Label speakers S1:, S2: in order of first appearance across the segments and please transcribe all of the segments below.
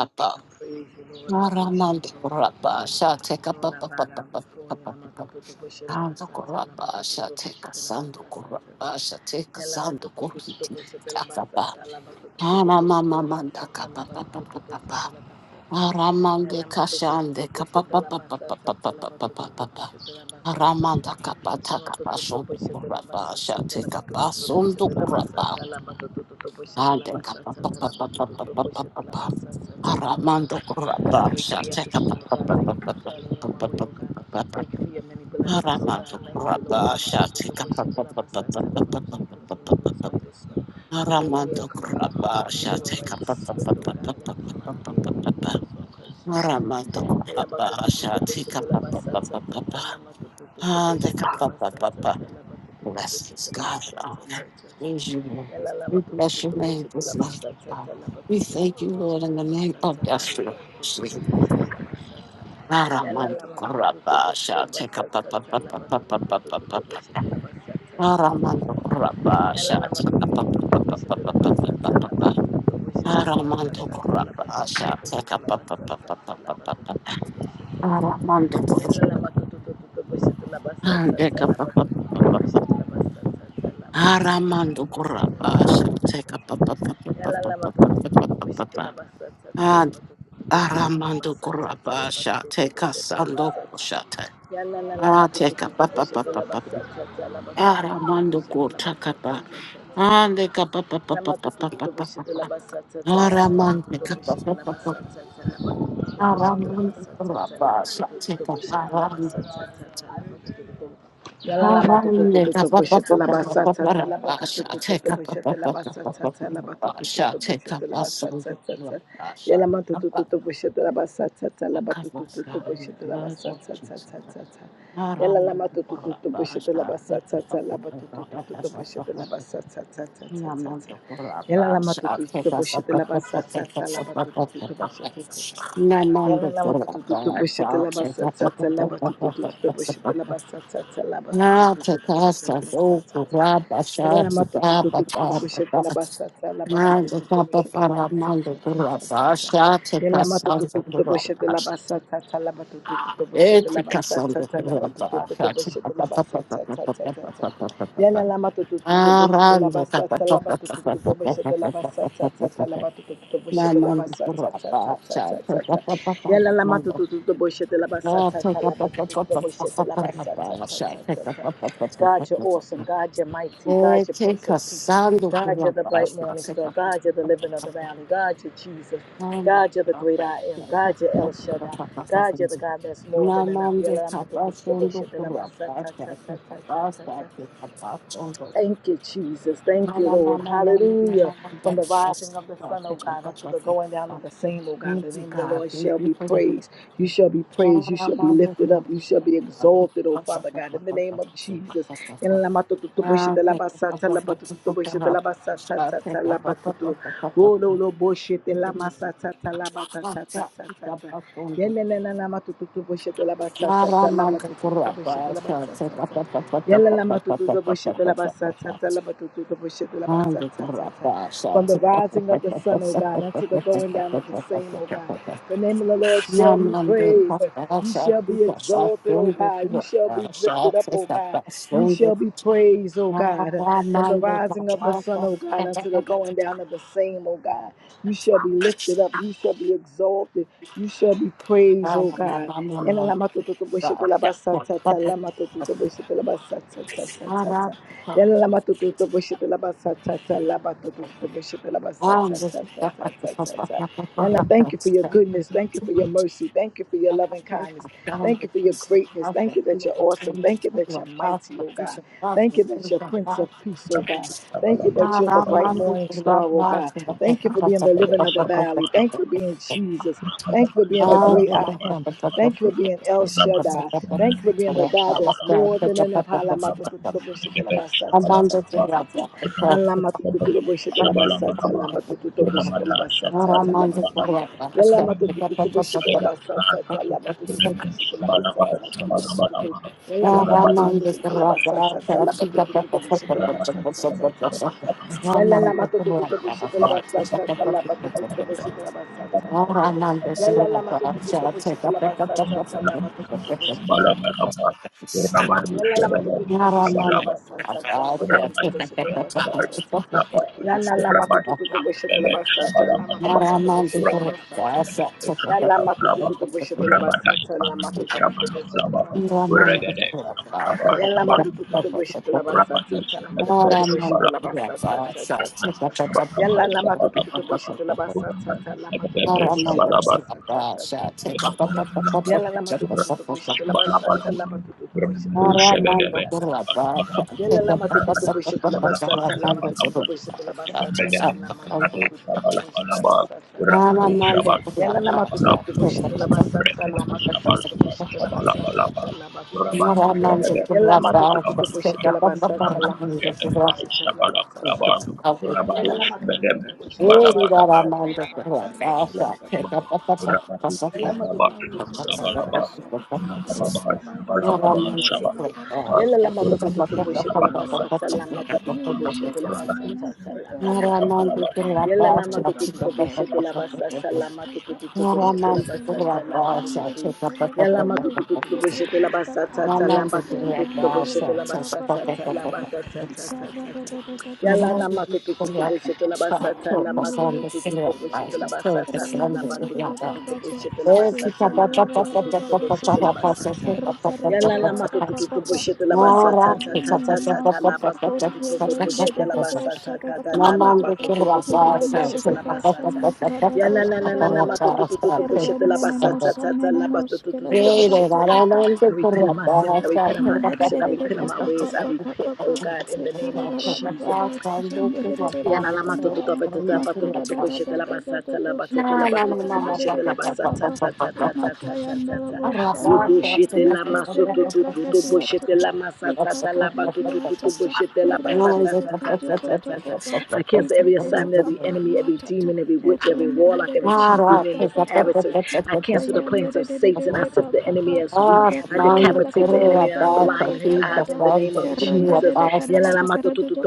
S1: Lord, I praise you, Lord. I worship you, Lord. I adore you. Lord, I bow down before you. Lamatoto Boshela Masata, Lamatoto Boshela Masata. Yala matoto kuto boshela basata, lamatoto kuto boshela basata, lamatoto boshela basata. Thank you for waking me up this morning, God. Thank you for shining on my way, oh God. Thank you for your many blessings, oh God. Thank you, Lord. I'm a to push it till I'm a sat till continue to yeah, yeah, come on, talk to the right spirit, oh God. Let the mind be in Jesus, oh Christ Jesus. Lama tu tu tu tu tu shit, lama sa sa sa sa, lama tu tu tu Yalla, lama tu tu tu tu bashita basa cha cha lama tu tu tu tu tu tu bashita lama cha cha cha Yalla, cha. Yala lama tu tu tu tu tu bashita lama cha lama tu tu tu bashita lama cha cha cha lama tu tu tu bashita lama cha cha cha lama tu tu tu tu bashita Yalla, lama tu tu tu tu tu bashita lama cha cha cha lama tu tu tu tu bashita lama cha cha cha lama tu tu tu bashita. Yala laba to to to to boshete laba sa sa sa boshete laba sa sa sa boshete laba sa Yala la laba to boshete laba sa sa sa boshete laba sa sa sa boshete laba sa sa sa boshete laba sa sa sa boshete laba sa sa sa boshete laba sa sa sa Yala la ma tu tu tu tu tu pochette la basa sa sa la ba tu tu tu tu tu pochette la basa sa sa la ba tu tu tu tu pochette la basa sa sa sa Yala ma tu tu tu tu pochette la basa sa sa la ba tu tu tu tu pochette la basa sa sa sa sa sa Yala la ma tu tu tu tu pochette la basa sa sa la ba tu tu tu tu tu pochette la basa sa sa sa sa sa sa Yala la ma tu tu tu tu pochette la basa sa sa la ba tu tu tu tu pochette Yala lava tu tu tu tu bushete lava sa sa sa lava tu tu tu tu bushete lava sa lava tu tu tu tu bushete lava satsa Ela ma tu tu tu tu tu tu bushete la basata la ba tu tu tu tu bushete la basata ta ta ta ta. Ela ma tu tu tu tu bushete la basata ta la ba tu tu tu tu bushete la basata ta la ba tu tu tu tu bushete la basata ta ta ta ta. Ela la ma tu tu tu tu bushete la basata la ba tu tu tu tu bushete la basata ta ta la ba tu tu tu tu bushete la basata ta ta ta ta ta ta. Ela la ma tu tu tu tu bushete la basata ta la ba tu tu tu tu bushete la basata ta ta ta ta. God, you're awesome. God, you're mighty. God, you're Prince of Peace. God, you're the bright morning star. God, you're the living of the valley. God, you're Jesus. God, you're the great I am. God, you're El Shaddai. God, you're the God that's more than enough. Thank you, Jesus. Thank you, Lord. Hallelujah. From the rising of the sun, O God, unto the going down of the same, O God, the name of the Lord shall be praised. You shall be praised. You shall be lifted up. You shall be exalted, O Father God, in the name of Jesus. In la ma tu tu tu bo shi te la ba sa ta la ba tu tu tu bo shi te la ba sa ta ta ta la ba tu tu. Wo lo lo bo shi te la ma sa ta ta la ba ta ta ta ta ta ta. Ye ne ne na na ma tu tu tu bo shi te la ba sa ta ta la ba tu tu tu bo shi te la ba sa ta ta. Yala la ma tu tu la ba la ba tu tu la ba From the rising of the sun, O God, unto the going down of the same, O God. The name of the Lord shall be praised. You shall be exalted, O God. You shall be lifted up, O God. You shall be praised, O God. From the rising of the sun, O God, unto the going down of the same, O God. You shall be lifted up. You shall be exalted. You shall be praised, O God. Yana lama to to to boshi to la basa ta ta lama to to to boshi to la basa ta ta ta ta ta. Yana lama to to to boshi to la basa ta ta lama to to to to boshi to la basa ta ta ta ta ta ta ta. Yana, thank you for your goodness. Thank you for your mercy. Thank you for your loving kindness. Thank you for your greatness. Thank you that you're awesome. Thank you that you're mighty, oh God. Thank you that you're Prince of Peace, oh God.
S2: Shabalaba,
S1: Thank you
S2: shabalaba,
S1: that you're the bright
S2: shabalaba.
S1: morning star, oh God.
S2: Yes,
S1: Thank you for being the
S2: shabalaba,
S1: living of the valley.
S2: shabalaba.
S1: Thank you for being Jesus. Thank you for being the great I am. Thank you for being El Shaddai. Thank you for being the God that's more than enough.
S2: Berapa
S1: Yalla la ma to to la ba la ba to to
S2: Sabala balaba, Rabadu
S1: Yalla la
S2: Shabalaba,
S1: matututu to boshete la
S2: Sabalaba.
S1: basa tsa tsa la matututu to
S2: burabadi,
S1: boshete la basa
S2: sabah
S1: tsa tsa tsa.
S2: burabadi,
S1: Yalla la
S2: burabadi,
S1: matututu to boshete la
S2: beden
S1: basa
S2: sabah
S1: tsa la
S2: ama sabah
S1: matututu to boshete
S2: burak,
S1: la basa tsa tsa.
S2: beden
S1: Yalla
S2: sabah burabah,
S1: matututu to boshete la
S2: burabadi,
S1: basa tsa la
S2: ifanın üstü
S1: matututu
S2: sabah
S1: to
S2: ama
S1: boshete la
S2: burabah,
S1: basa tsa tsa
S2: burakede,
S1: tsa tsa
S2: sabah
S1: tsa.
S2: burabah,
S1: Yalla
S2: sabah
S1: matututu
S2: burabah,
S1: to boshete la basa
S2: burabadi,
S1: tsa tsa la matututu
S2: beden
S1: to
S2: sabah
S1: boshete la basa tsa tsa tsa tsa tsa. Yalla la matututu
S2: burabah,
S1: to boshete la basa tsa tsa la
S2: burabadi,
S1: matututu
S2: beden
S1: to
S2: sabah
S1: boshete la
S2: burabah.
S1: basa tsa tsa tsa tsa
S2: Rabadu
S1: tsa. Yala lama tu tu tu tu push the laba
S2: Shabadab,
S1: sata lama tu tu tu push the
S2: Rabadu
S1: laba sata ta lama tu tu. Yala lama tu tu tu push the laba sata lama tu tu tu push the laba sata ta lama tu tu tu tu push the laba sata ta ta ta. Yala lama tu tu tu push the laba sata lama tu tu tu push the laba sata ta lama tu tu tu tu Yala lama tu tu tu tu push the laba sata lama tu tu tu push the laba sata ta.
S2: Shabadab,
S3: Thank
S2: Rabadu
S1: Yala lama tu tu tu push the laba
S2: Shabadab,
S1: sata lama tu tu tu tu push it to
S2: Laba-laba, berabadu
S1: Lama tu tu tu tu tu la basta, lama tu tu tu tu tu la basta, lama tu tu tu. Yalla lama tu tu tu tu tu la
S3: you, Lord
S1: basta, lama tu
S3: Jesus.
S1: tu tu tu tu la basta, lama tu tu tu tu.
S3: Thank you,
S1: Yalla lama
S3: Lokoto
S1: tu tu tu tu
S3: Bragada,
S1: tu la
S3: Doskente
S1: basta, lama tu tu
S3: Praskita,
S1: tu tu tu la
S3: Erte
S1: basta,
S3: Veloska
S1: lama tu tu
S3: Brande,
S1: tu.
S3: Tekele
S1: Yalla lama tu
S3: Brande,
S1: tu tu
S3: Shade
S1: tu tu la basta,
S3: Doskataya,
S1: lama tu tu tu
S3: Errande de
S1: tu la
S3: Baba
S1: basta, lama
S3: Baba
S1: ta ta ta ta ta ta. Yala
S3: Baba,
S1: lama tu tu tu tu boshete la basata
S3: we
S1: lama tu tu tu
S3: worship
S1: tu tu
S3: you,
S1: boshete
S3: Lord.
S1: la basata lama tu tu tu tu tu
S3: Rinne-de-de-de-ba-ba-ba. ba
S1: boshete la basata
S3: ba
S1: lama
S3: ba
S1: tu tu
S3: ba
S1: tu tu
S3: ba,
S1: tu
S3: ba
S1: boshete la
S3: ba
S1: basata
S3: ba ba
S4: No,
S1: yala lama tu tu tu tu
S3: ba.
S1: boshete la
S3: Thank you
S1: basata
S3: for
S4: no,
S1: ta
S3: your
S1: ta ta
S3: many
S1: ta ta
S3: mercies.
S1: lama tu tu tu tu tu boshete la basata ta ta la lama
S3: Kordebrende-de-de-de-osatatakaratatatata.
S1: tu tu tu tu tu tu boshete la basata yala la la la lama tu
S3: Errende-de-de-bashando-bradadoskadadadata.
S1: tu tu tu tu boshete la basata ta ta lama tu tu tu tu tu boshete la ba-
S3: Errende-nenosanenenoskelebratakata.
S1: I repent of my sins I repent of my action I
S3: Hinderere
S1: repent
S3: ba
S1: of my
S3: ba ba
S1: ways I
S3: ba ba ba
S1: repent
S3: ba
S1: oh God in the name of
S3: rekarara ba ba
S1: Jesus
S3: ba shanderere bo
S1: Yana la matoto to
S3: shandaya
S1: betata batoto
S3: makara
S1: to
S3: da da
S1: boshete
S3: da
S1: la
S3: da da da
S1: basata la
S3: do
S1: batata la
S3: shakata
S1: batoto to
S4: no,
S1: boshete la
S3: yanderere ba ba
S1: basata
S3: ba
S1: ta
S4: no,
S1: ta ta ta
S4: no.
S1: ta
S3: rimakaya
S1: ta ta
S3: ndara
S1: ta
S3: bo
S4: It's a
S1: robo
S3: shandaya
S1: shete la
S3: le
S1: masoto to to
S3: braga
S1: to
S3: dua
S1: boshete la
S3: tata
S1: masata ta
S3: ikaka
S1: la
S3: da
S1: batoto
S3: dua
S1: to to
S3: tata
S1: boshete la basata ta
S3: ratete
S1: ta ta
S3: kaduko
S1: ta ta
S3: toko
S1: ta
S3: ba
S1: I cancel every
S3: itete
S1: assignment of the
S3: lukapa
S1: enemy,
S3: dua
S1: every
S3: tata
S1: demon, every witch, every
S3: erandere
S1: warlock, every
S3: ba
S1: chief
S3: ba
S1: demon and
S3: ba
S1: his
S3: ba ba
S1: adversary. I cancel the
S3: Kayan de
S1: plans
S3: de
S1: of
S3: de de de
S1: Satan. I
S3: de ba
S1: sift the
S3: ba ba
S1: enemy as wheat. I
S3: Rekarada
S1: decapitate the enemy and I blind his eyes in the name of
S3: Erranda
S1: Jesus.
S3: de Karada Karadu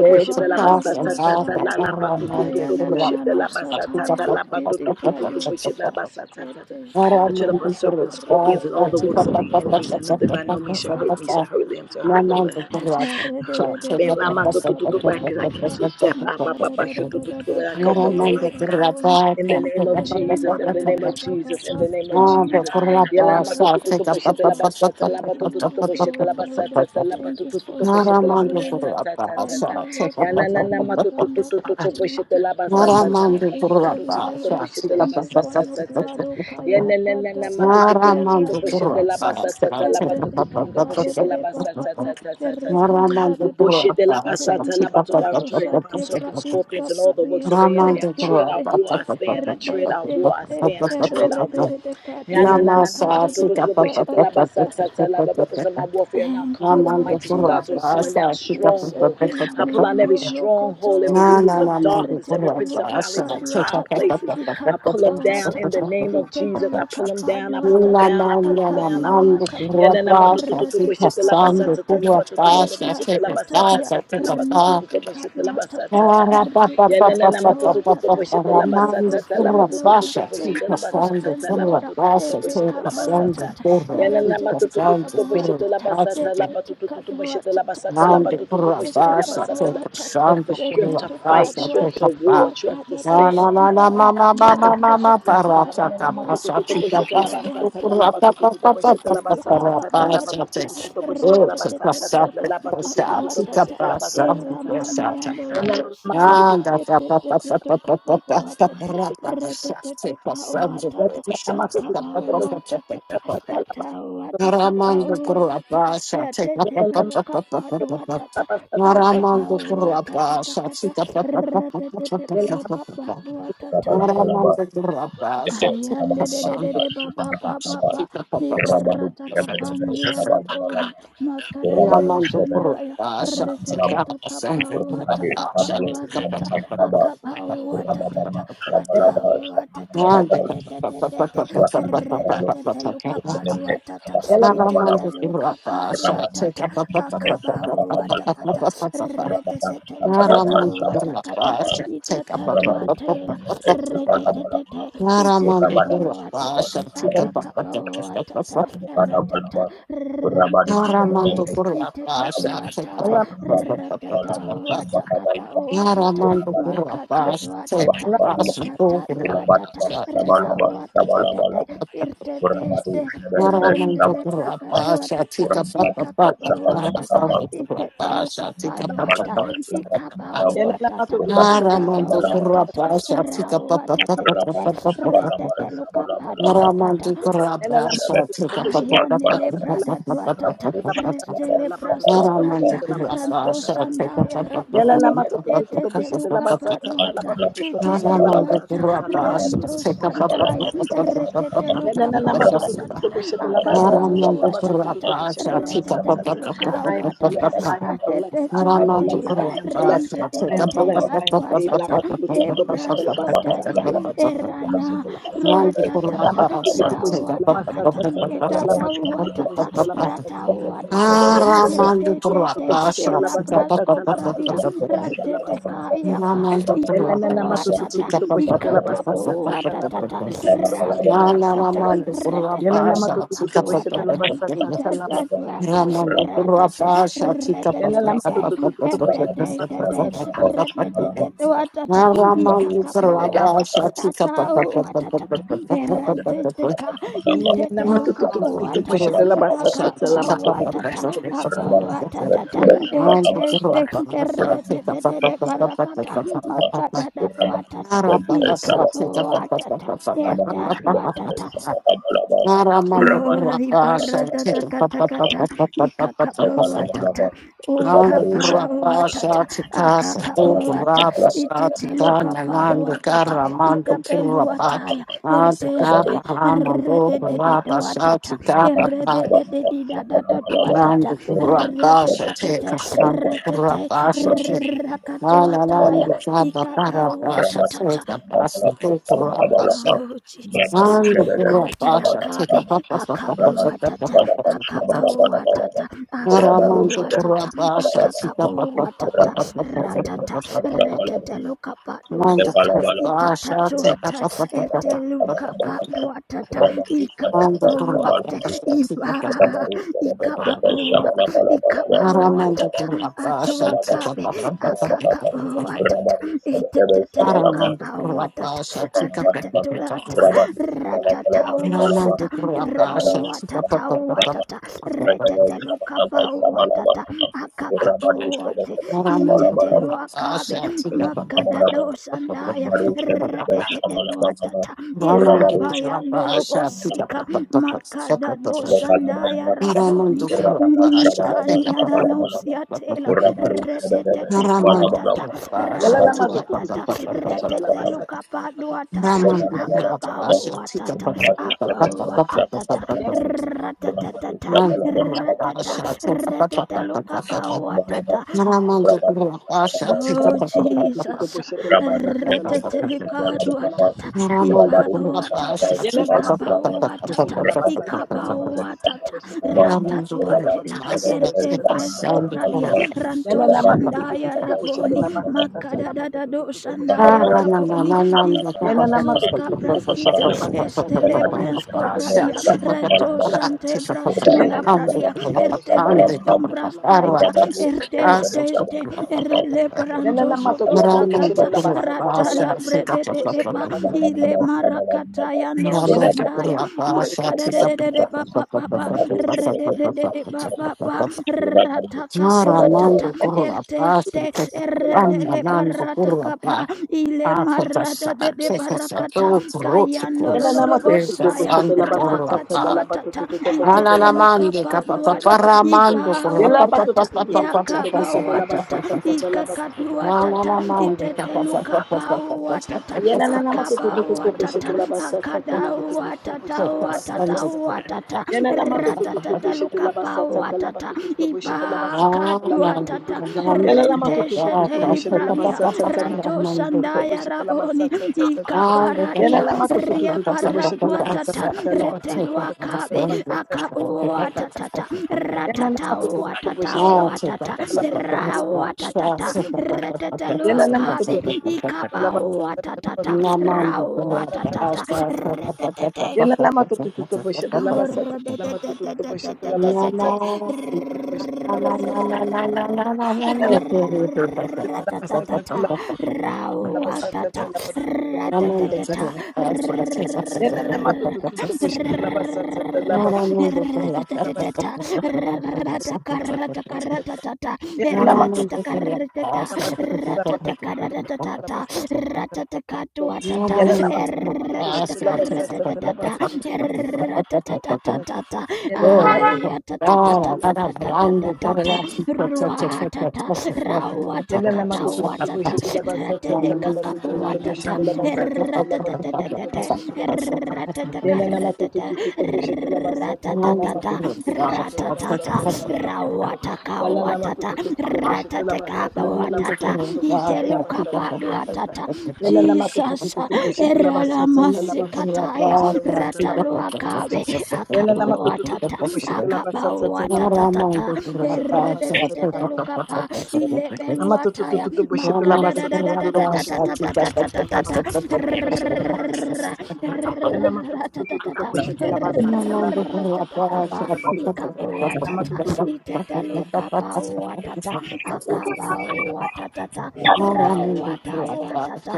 S4: pass and pass, a
S3: Kapandurubosaya
S4: paramount, a
S3: Kayana
S4: poor
S3: Nano
S4: pass, a pizza,
S3: Sataya
S4: a pass, a pass, a
S3: Ridikadu
S4: pass, a
S3: Hatata
S4: pass,
S3: Ertesh
S1: I
S3: Day
S1: tread
S4: Paramount, a
S1: upon serpents,
S4: pass,
S1: scorpions, and
S4: a
S1: all the
S4: pizza,
S3: Day
S4: a
S1: works of the
S3: Papa
S4: pass,
S1: enemies,
S3: Papa
S4: a
S1: and
S4: pass,
S1: nothing by
S3: Papa
S4: a
S1: no means
S4: pass,
S1: shall
S3: Papa
S4: a
S1: hurt me, shall
S4: pass,
S1: hurt them, shall
S4: No
S1: hurt all
S4: man the
S3: we
S1: Lord.
S3: give
S4: corrupt
S3: you
S4: shall
S1: my
S4: take
S1: family.
S4: up a
S1: I'm out to do
S4: person for the
S1: because I
S4: purpose
S1: cancel
S4: of the
S1: death. I'm out to
S4: person. a person.
S1: to to to to I call
S4: No
S1: for
S4: man the
S1: life, God.
S4: corrupt
S1: In the
S4: shall
S1: name
S4: take
S1: of
S4: up a
S1: Jesus,
S4: person
S1: in
S4: for
S1: the
S4: the
S1: name of
S4: person.
S1: Jesus, in the name of
S4: No the
S1: Jesus. Yela
S4: corrupt
S1: ama to
S4: shall
S1: to to to
S4: take up a
S1: boshe de la
S4: person
S1: basa ta
S4: for
S1: la ba to to to to boshe de la
S3: glory,
S1: basa
S3: Lord.
S4: the
S1: ta ta la
S4: person.
S1: ba
S3: Thank
S1: to
S3: you
S1: to to
S3: for
S1: to boshe
S4: No
S1: de la
S4: man the
S1: basa
S3: prevailing.
S1: ta ta ta
S4: corrupt
S1: ta
S3: Thank
S1: ta.
S3: you,
S4: shall
S3: Lord,
S4: take
S1: Ya
S4: up
S3: for
S1: na
S4: a
S1: na
S4: person for
S1: ma
S3: turning
S4: the
S1: to to
S3: around
S1: to
S3: our
S1: to to to
S4: person.
S1: boshe de
S3: captivity.
S1: la basa
S3: Thank
S4: No
S1: ta
S3: you
S1: ta
S4: man
S3: for
S1: la
S4: the
S1: ba to to
S4: corrupt
S3: victory,
S1: to to to to
S3: Lord.
S4: shall
S1: boshe
S4: take
S1: la
S4: up
S3: Thank you
S4: a
S1: basa
S3: for
S1: ta
S4: person
S3: your
S1: ta
S4: for
S1: ta
S3: blood,
S1: ta.
S3: O
S4: the
S1: Ya
S3: Kaya
S4: person.
S1: na na
S3: da
S1: na
S3: da
S1: ma
S3: da,
S1: to
S4: No
S1: to to to to
S4: man
S1: to
S4: the
S3: Erada
S1: boshe
S4: corrupt
S1: la
S4: shall
S1: basa
S3: katata,
S1: ta ta la
S4: take
S1: ba to
S4: up
S1: to
S3: Erede
S1: to to to
S4: a
S3: Kada
S1: boshe
S4: person
S1: la
S3: de
S4: for
S1: basa
S4: the
S3: Baba.
S1: ta ta ta
S3: Thank
S1: ta ta.
S4: Ramanda
S1: We bullshit The
S4: Purata,
S1: labasata
S3: you,
S1: labato. I
S3: Father.
S1: tread upon
S3: Shate
S1: serpents,
S3: Pratis
S1: scorpions, and all the
S3: Capradia,
S1: works of the enemy. I
S4: Ramanda
S1: tread out
S4: Purata,
S1: war, I
S3: Erdesteste,
S1: stand. I tread out war, I
S3: Erdesteste,
S1: stand. I tread out war. Yeah,
S3: Erdedecade,
S1: na na na na.
S4: Namasa,
S3: Decade,
S1: matototo,
S4: Sita Papa,
S1: ruboshete
S3: Tata,
S1: labasata, ta, la, ba, ba, ba, so My warfare not
S3: Thank you,
S1: carnal, but
S4: Namanda
S3: Lord
S1: mighty to God, to
S3: Jesus. Uh,
S1: pulling down
S4: Purata, Sita
S3: Blessed
S1: stronghold.
S3: be your
S1: I pull pull
S3: name,
S1: on every
S3: O
S4: Papa,
S3: Lokoto
S1: stronghold, every
S4: Nana
S1: rulers
S3: Lokapa,
S1: of
S4: Namanda
S1: darkness, every
S3: Retete
S4: Purata,
S1: principalities
S3: Lukapa
S1: in high
S3: Duatata,
S1: places. I pull
S3: Ikakaba
S1: them
S4: Sita
S1: down in the
S3: Watata,
S1: name of
S3: Itete
S1: Jesus. I
S4: Papa,
S1: pull them
S3: Lukapa
S1: down. I
S4: Na
S1: pull them
S3: Duatata,
S1: down. I
S4: na
S1: pull them
S4: na
S3: Akaba
S4: na
S1: down. I pull them.
S4: mando kurwa
S3: Watatata,
S1: Yanana
S4: pasa,
S1: matututu
S4: chica
S3: Retete
S1: bushete
S3: Kaba
S1: la
S4: sando
S1: basata la
S3: Watata,
S4: kurwa
S1: batututu
S4: pasa,
S1: bushete la
S4: chica
S1: basata
S3: Lepraskotalia,
S4: pasa,
S1: la
S4: chica pasa.
S1: batututu
S3: Rentete
S1: bushete la
S3: Kaduatata,
S1: basata.
S4: Para pa pa
S3: Retete
S4: pa pa
S1: Yanana
S4: pa
S3: Kakaba
S4: pa pa
S1: matototo
S4: pa
S3: Watata.
S1: boshete
S4: para
S1: la
S3: Thank you for
S4: mando
S1: basata ta la
S4: kurwa
S3: strength, Lord.
S1: batototo
S4: pasa,
S3: Thank
S1: boshete
S4: chica
S1: la
S3: you for
S4: sando
S1: basata
S3: strength,
S1: ta la
S4: kurwa
S3: Lord.
S1: batototo
S4: pasa,
S3: Tete
S1: boshete
S3: Kaba
S4: chica
S1: la
S4: sando
S1: basata.
S3: Watata,
S4: kurwa,
S1: Yanana
S4: chica
S3: Retete
S1: matototo
S3: Kaba
S4: sando kurwa
S1: boshete
S3: Watata.
S1: la basata
S4: pasa,
S1: la
S3: Akabawatata,
S1: batototo boshete la basata la
S4: Nandi
S1: batototo boshete la
S4: Kurabasa take
S1: basata. la-
S4: a
S1: Thank you for
S4: shandu
S1: strength to fight,
S4: Kurabasa take
S1: strength to
S4: a ba.
S1: war, strength to
S4: Na
S1: stand.
S4: na na na ma ma ma
S1: I
S4: ma
S1: thank you
S4: ma
S1: for
S4: ma
S1: strength, God.
S4: parasa
S1: Yanana
S4: kapasa
S1: matototo
S4: chika
S1: boshete la
S4: basa
S1: basata ta la
S4: kurata pa
S1: batototo
S4: pa pa
S1: boshete
S4: pa
S1: la
S4: pa
S1: basata ta ta la
S4: parasa take.
S1: batototo
S4: Oh,
S1: boshete la
S4: it's a
S1: basata
S4: pasa
S1: ta la
S4: pasa
S1: batototo
S4: chika
S1: boshete la
S4: basa
S1: basata ta ta ta.
S4: pasa.
S1: Yana na matoto
S4: Nanda
S1: toto
S4: pa pa pa pa pa pa pa pa pa parasa take a shandu pasa pa pa pa pa pa pa pa pa. Ramanda
S3: atawatakatatawatata
S4: Kurabasa
S3: the
S4: take a
S3: tete
S4: pa pa pa
S3: peluka
S4: pa pa pa pa
S3: paduatata
S4: Aramando
S3: akabauata
S4: Kurapa,
S3: katakata
S4: Satsika Papa,
S3: rata tete luka paduatata
S4: Aramando Kurapa, Satsika
S3: Ayande de de de
S4: Sandu
S3: de ba ba ba
S4: Papa,
S3: ba ba
S4: Satsika
S3: ni
S4: Papa,
S3: barata kapandi arabone makada da
S2: Rabadu
S3: do
S4: Aramando
S2: Shabada
S3: shandaya
S4: Kurapa,
S2: Shabalama
S3: retete
S2: Lama
S3: tu
S4: Satsika
S3: kapa
S4: Sandu Kurapa,
S3: wata
S2: Urmakade
S3: kapa
S2: Pamalo
S3: wata
S4: Satsika Papa, Aramando Kurapa, Satsika
S3: ta
S2: Shabalama
S4: Papa,
S2: Lama
S3: akapa wata ta
S2: Rabababa,
S3: ta
S2: Shabalaba, Shabalabalaba,
S4: Papa, Papa,
S2: Ratanabaralo,
S3: retete luka pa du
S2: Rumene,
S3: wata ta
S1: Yelena
S3: itete
S2: Shabalabalaba,
S3: luka pa du
S2: Rabani,
S3: wata ta akapa
S4: Papa,
S3: wata
S2: Shabalabalaba,
S3: kata
S4: Papa, Papa.
S2: Rabata,
S3: retete te luka
S2: Shabalaba,
S3: pa
S4: Take
S3: wata kata
S2: Shabalabalaba,
S3: itete tu
S2: Rabari,
S3: ate
S2: Shabalabalaba,
S3: Re-te-te-te-te.
S2: Rabadaba,
S3: Itekabuatata.
S2: Shabalabalaba,
S3: Akakabuatata.
S2: laba
S3: Ratata.
S2: Lekalabalaba, Rabadu laba
S3: Rentetekete.
S2: laba
S3: Iteteduatai.
S2: Rabadu Shabalaba,
S4: up
S2: Shabalabalaba,
S3: Ratatahuatakatahuatata.
S2: Rabadu
S3: Makataduatata.
S2: Shabalabre, Shabalabalaba,
S3: Itataduatata.
S2: Rabadaba, Shabalaba,
S3: Rawatatatete.
S2: Shabalabalaba, Rabadu
S3: Irteteste.
S2: Shabalabre, Shabalabalaba,
S3: Rendelebrakaduatata.
S2: Rabadaba,
S3: Ikakabuatata.
S2: Shabalabalaba, Rabba
S3: Itetelukapaduata. Ikabahuatata
S1: mato tutu tutu boshi
S3: akaba
S4: Naramanto
S1: tela.
S3: watata
S4: kurapa shatika pa
S3: rawa
S4: pa pa
S3: tete
S4: pa pa
S3: tete
S4: pa pa pa pa pa pa.
S3: retete luka panu watata
S4: Naramanto
S1: I am
S4: kurapa shatika pa
S1: blessed. I am
S4: pa
S1: blessed.
S4: pa pa
S3: Kayanele
S4: pa pa pa pa pa
S3: pradaduatata
S4: pa pa pa pa pa.
S3: restele prasko
S4: Naramanto
S3: pradia
S4: kurapa
S3: ranto
S4: shatika pa pa
S3: sandaya
S4: pa pa
S3: raboni
S4: pa pa
S3: etete luka
S2: sama
S3: paduata
S1: I
S2: sama
S3: etete
S2: nama lama,
S4: Naramanto
S3: duata
S4: kurapa
S2: Ramadhan
S3: ranto
S2: sama
S4: shatika pa
S2: nama
S4: pa pa
S3: sandaya
S4: pa pa
S3: retete
S4: pa pa
S3: luka pauatata
S4: Naramanto
S3: akabauatata
S4: kurapa shatika pa
S3: retete
S4: pa pa pa
S3: luka uatata
S1: am
S3: atete
S1: blessed. I am blessed.
S3: tuatela
S1: I
S3: rente dekete ya tuatata e
S1: am
S3: prasko
S1: blessed. I
S3: talia
S1: am
S2: nama
S3: Erana
S1: favored. La
S2: nama
S3: Ruatatata,
S1: bato to
S2: nama
S1: to boisha la basa
S3: Rawatakata,
S1: sa sa sa sa
S2: baba
S1: La
S3: Etata
S1: bato to to
S3: Watata,
S1: boisha la basa
S3: Rata
S1: sa sa
S3: Watakata, Irtete,
S1: sa sa
S3: Elabrasco
S1: La bato
S3: Pradia,
S1: to to to boisha
S4: Ramando
S3: Rantete Kayaka, Ikabuatata,
S1: la basa sa sa La
S3: Ikakabuatata,
S1: bato to to
S2: baba
S1: boisha
S2: baba
S1: la basa
S3: Ratuatata,
S1: sa
S2: baba you.
S1: sa sa La la La
S3: Reteteluka
S1: bato
S2: Rabadu
S1: to to to boisha la
S3: Paduatata,
S2: Sabada
S1: basa sa sa
S2: Sabada
S1: sa La
S3: Itata
S1: bato
S2: Kumalaba
S1: to to to
S3: Duata,
S4: Ramando
S2: Rabadu
S3: Ratata,
S4: Kurapa
S2: Sabada
S4: Shatika
S2: Sabada
S4: Ramando
S2: Kumalaba
S3: Reteteka Watata,
S4: Kurapa
S2: Rabadu Sabada
S4: Shatika
S2: Malaba Samalaba Malaba Rabadu
S4: Ramando
S2: Sabada
S3: Ikakabo,
S1: boisha
S3: Wata,
S4: Kurapa
S2: Sabada
S4: Shatika Ramando Kurapa Shatika
S1: la
S3: Ata,
S2: Malaba
S3: Watata,
S2: Rabadu
S1: Lama
S2: Sabada
S3: Eranteka,
S2: Sabada
S1: Yalala
S2: Malaba
S3: Itetelukapo,
S2: Rabadu
S3: Watata,
S2: Sabada Malaba
S3: Akaba,
S2: Samalaba Malaba
S3: Watata, Aba,
S2: Rabadu
S3: Watata,
S2: Sabada Sabada Malaba
S3: Erteste,
S2: Rabadu
S3: Erredele,
S2: Sabada
S3: Barakata,
S2: Sabada
S3: Makadada,
S2: Rabadu Sabada Sabada
S3: Watata, Ikabo, Watata,
S2: Rabadu
S3: Ertad,
S2: Sabada
S3: Watata,
S2: Sabada
S4: Ramando
S3: Oh,
S2: Rabat
S3: ribaradata
S4: Kurapa
S3: katakata,
S4: Shatika
S3: ikakabawatata,
S2: Labalaba,
S4: Nanga
S2: Rabado
S4: Kurapa
S3: ukapawatata,
S2: Shabalabalaba,
S4: Shatika Sato
S2: Rabado
S3: akakabawata,
S4: Kurapa
S2: Shabalabalaba,
S4: Shatika Nananga
S2: Rabado
S3: itetelukapaduatata,
S4: Karamando
S2: Shabalabalaba, Rabado
S4: Kurapa
S3: itapeluataya,
S2: Shabalabalaba,
S4: Nanga
S2: Rabado
S3: erteste,
S4: Kapa
S2: Shabalabalaba,
S4: Ramando
S2: Shabalabalaba,
S4: Kurapa
S3: errededededewatata,
S4: Shatika
S2: Rabado
S4: Papa
S2: Shabalabalaba, Rabado Shabalabalaba,
S3: errededededidadadaduatata,
S4: Nanga
S2: Rabadu
S4: Kurapa Shatika
S3: erretetetete,
S4: Santa
S2: Sabalabalaba,
S3: erretete,
S4: Kurapa
S2: Sabalabalaba,
S4: Shatika
S2: Rabadu
S3: rakatuataya,
S4: Nananga Kapa
S3: ikabo
S4: Karapa
S3: atata,
S4: Shatika Pasanto Kurapa Shatika
S3: Oh Jesus,
S4: Nanga Kurapa Shatika
S3: Ardiakabe,
S4: Papa Papa
S2: Shabalabalaba, Sabalabalaba,
S4: Papa
S2: Rabadu
S4: Papa
S3: Akabuatata,
S4: Papa
S2: Sabalabalaba,
S4: Papa Papa
S2: Sabalabalaba,
S3: Akabuatata,
S4: Ramanda
S3: Akabuatata,
S4: Kurabasha, Sita Papa Papa
S3: Akakabuatata,
S4: Papa Papa Papa
S3: Ratata,
S4: Papa Papa
S3: Reteteluka
S4: Ramanda
S3: Paduatata, Itata
S4: Kurabasha, Sita
S3: Duata,
S4: Papa Papa Papa
S3: Eteluka
S4: Papa
S3: Paduatata,
S4: Papa Ramanda
S3: Ikakabuate,
S4: Kurabasha, Sita Papa
S3: Iba,
S4: Papa Papa
S3: Ikababua,
S4: Ramanda
S3: Ikabuatata,
S4: Kurabasha, Sita
S3: Atuakabe,
S4: Papa Papa Papa Papa
S3: Akakabuatata,
S2: Rabba
S3: Iteteluka
S4: Ramanda
S3: paduatata.
S4: Kurabasha,
S2: Shabalaba,
S4: Sita Papa Papa
S3: Atatatulata,
S4: Papa
S3: ratata,
S4: Papa
S3: watata,
S4: Ramanda Kurabasha, Sita
S3: rawatata,
S4: Papa Papa Papa
S3: watata,
S4: Papa
S3: retetelukapa, watata,
S4: Papa
S3: akakawate,
S4: Ramandu
S3: inteteluakabe, makadadosandaya, retetetetwatata, irabayandolobosika, makadadosandaya raboni,
S2: Shabalaba,
S3: nikaniananausiatela, retetetetwatata,
S2: Shabalaba,
S3: rawatata, retete
S2: Shabalaba,
S3: lukapadu atata
S2: Urabadu sama
S3: akabau atata abau atatata reteteta reteta retete lukabau atata
S4: Thank
S1: Yana
S3: Oh
S2: sama
S3: Jesus, retetelikadu
S2: sama
S3: atata, iba atata, ikaba atata, ikaba atata, ratadu atela, erte fresco pradia, ranto shandaya
S4: you.
S3: raboni,
S2: Rabadu
S3: makadadadado
S2: Bana
S3: shandaya
S2: baya ba.
S3: raboni,
S2: Rata ta ta
S3: iprasos
S2: para tu sana para
S3: kapraskita,
S2: lo. Sampai
S3: estele
S2: kadu sana
S3: brensco
S2: nama
S3: pradia,
S2: sama nama
S3: ranto
S2: lama lama.
S3: shante
S2: Berbama
S3: braskila
S2: tu sama
S3: pradia,
S2: nama
S1: Yellow
S3: erte
S2: sama lama
S3: fresco
S2: lama.
S3: braskaita,
S2: Berbama tu sama nama
S3: erte
S2: dari sama
S3: steste
S2: nama nama.
S3: erele
S2: Berbama
S3: branto
S2: tu
S3: soto
S2: sama nama nama.
S4: Ramando
S3: prakata
S4: por la
S3: rata la
S4: pasa, se
S3: brede
S4: capa
S3: de
S4: pa
S3: de
S4: pa pa
S3: ba
S4: pa
S2: Berbama
S4: pa
S3: ile
S2: tu
S4: pa.
S2: sama nama
S3: marakata
S2: nama.
S3: yando
S2: Berbama
S4: Ramando
S2: tu
S4: por
S3: sandaya
S4: la pasa,
S3: makada
S4: se
S3: de de
S4: capa
S3: de de
S4: pa
S3: ba
S4: pa
S3: ba
S4: pa pa
S3: ba
S4: pa
S3: ba
S4: pa pa
S3: rede de de
S4: pa pa pa pa pa
S3: de ba ba
S4: pa pa
S3: ba
S4: pa
S3: rata
S4: pa.
S3: katua tata
S4: Ramando por la pasa,
S3: erteste
S4: se capa
S3: erele
S4: andando
S3: barata
S4: por la
S3: kapa
S4: pasa.
S3: ile
S4: Pasa
S3: marada
S4: pasa,
S3: de de
S4: se pasa
S3: barakata
S4: todo por otro
S3: kayando lo
S4: cosa.
S3: lo lo
S4: Se
S3: bosaya
S4: pasando por la paz.
S3: rakatuatata itetelukapaduata ibawatata yakabawatata ikakaduatata itetelukapauatata
S1: Yana na na ma to to to to to boshete
S3: akabawatata
S1: la ba sa sa sa la ba to to to to
S3: akadawatata
S1: boshete la ba sa sa
S3: watata
S1: sa sa la.
S3: watata
S1: Yana na ma to to to to boshete la ba sa sa sa la ba
S3: ratatatalukapawatata
S1: to to to boshete la ba sa sa sa la ba to to to
S3: ibakaduatata
S1: to. Yana na ma to to to to to boshete la ba
S3: renteshetelibradia
S1: sa sa sa la ba to to to to to
S3: rantosandaya
S1: boshete la ba sa
S3: raboni
S1: sa sa sa sa sa. Yana
S3: ikaparadia
S1: na ma to to to to to to boshete la ba sa
S3: riaparatuatata
S1: sa sa la ba to to to to boshete la
S3: reteluakabe
S1: ba sa sa sa sa sa sa.
S3: akabuatatata
S1: Yana na ma to to to to boshete la
S4: Oh,
S1: ba sa
S4: take up
S3: ratatauatatauatata
S1: sa
S4: the
S1: sa la ba to to to to boshete
S3: rauatatata
S1: la ba sa sa sa. Yana
S3: reteteluakabe ikaba watata, rauatatata retetete
S4: Thank you. Thank you.
S1: La pasta la batuta la pasta Yana la batuta pushita la pasta la
S3: Ratata
S1: batuta la pasta
S3: Ratatatatata.
S1: yana la
S3: Ay,
S1: batuta pushita la
S3: atatatatatatatatata. Ruatata.
S1: pasta Yana nama
S3: Rawatakata
S1: tu tu tu
S3: watata.
S1: boshi tu la basa tsa tsa la ba tu
S3: Ratelekakapo
S1: tu tu tu boshi
S3: watata.
S1: la basa tsa tsa la ba tu tu tu tu
S3: Ratatatatata.
S1: boshi la basa tsa. Yana nama tu tu
S3: Ratatakaratata.
S1: tu tu tu boshi la basa tsa tsa la ma
S3: Ratatata.
S1: tu tu tu boshi la basa
S3: Ratatata.
S1: tsa tsa la ba tu tu tu.
S3: Rawataka
S1: Yana nama tu
S3: watata.
S1: tu tu tu tu boshi la basa
S4: Thank
S3: Ratatakapa
S1: tsa tsa la ba tu
S3: watata.
S1: tu
S4: you.
S1: tu boshi tu la basa tsa
S3: Itelukapa
S1: tsa tsa tsa.
S3: watata.
S1: Yana nama tu tu tu
S3: Jesus.
S1: tu tu boshi la basa tsa tsa la ba tu tu tu tu
S3: Eralamasikataya
S1: boshi la basa tsa la ba
S3: akabo
S1: tu tu tu boshi. Yana
S3: akabo
S1: nama tu tu tu tu
S3: watata,
S1: tu boshi la basa tsa
S3: akabo
S1: tsa la ba tu tu tu
S3: watatata
S1: tu tu boshi la basa tsa la ba.
S3: eredetete lukapa ile belua taya
S1: Amatutututu boshete la
S3: Makada da
S1: basa
S3: da da
S1: tata
S3: da
S1: do
S3: da da
S1: boshete
S3: da
S1: la basa
S3: da
S1: tata la batutututu boshete la basa tata. Ela matutututu
S3: da
S1: boshete la basa tata la batutututu
S3: ratatakapa
S1: la basa tata.
S3: ikabawatata
S1: Amatututu
S3: itetelukapa watata akabawatata
S4: Thank you.
S3: rawatawatata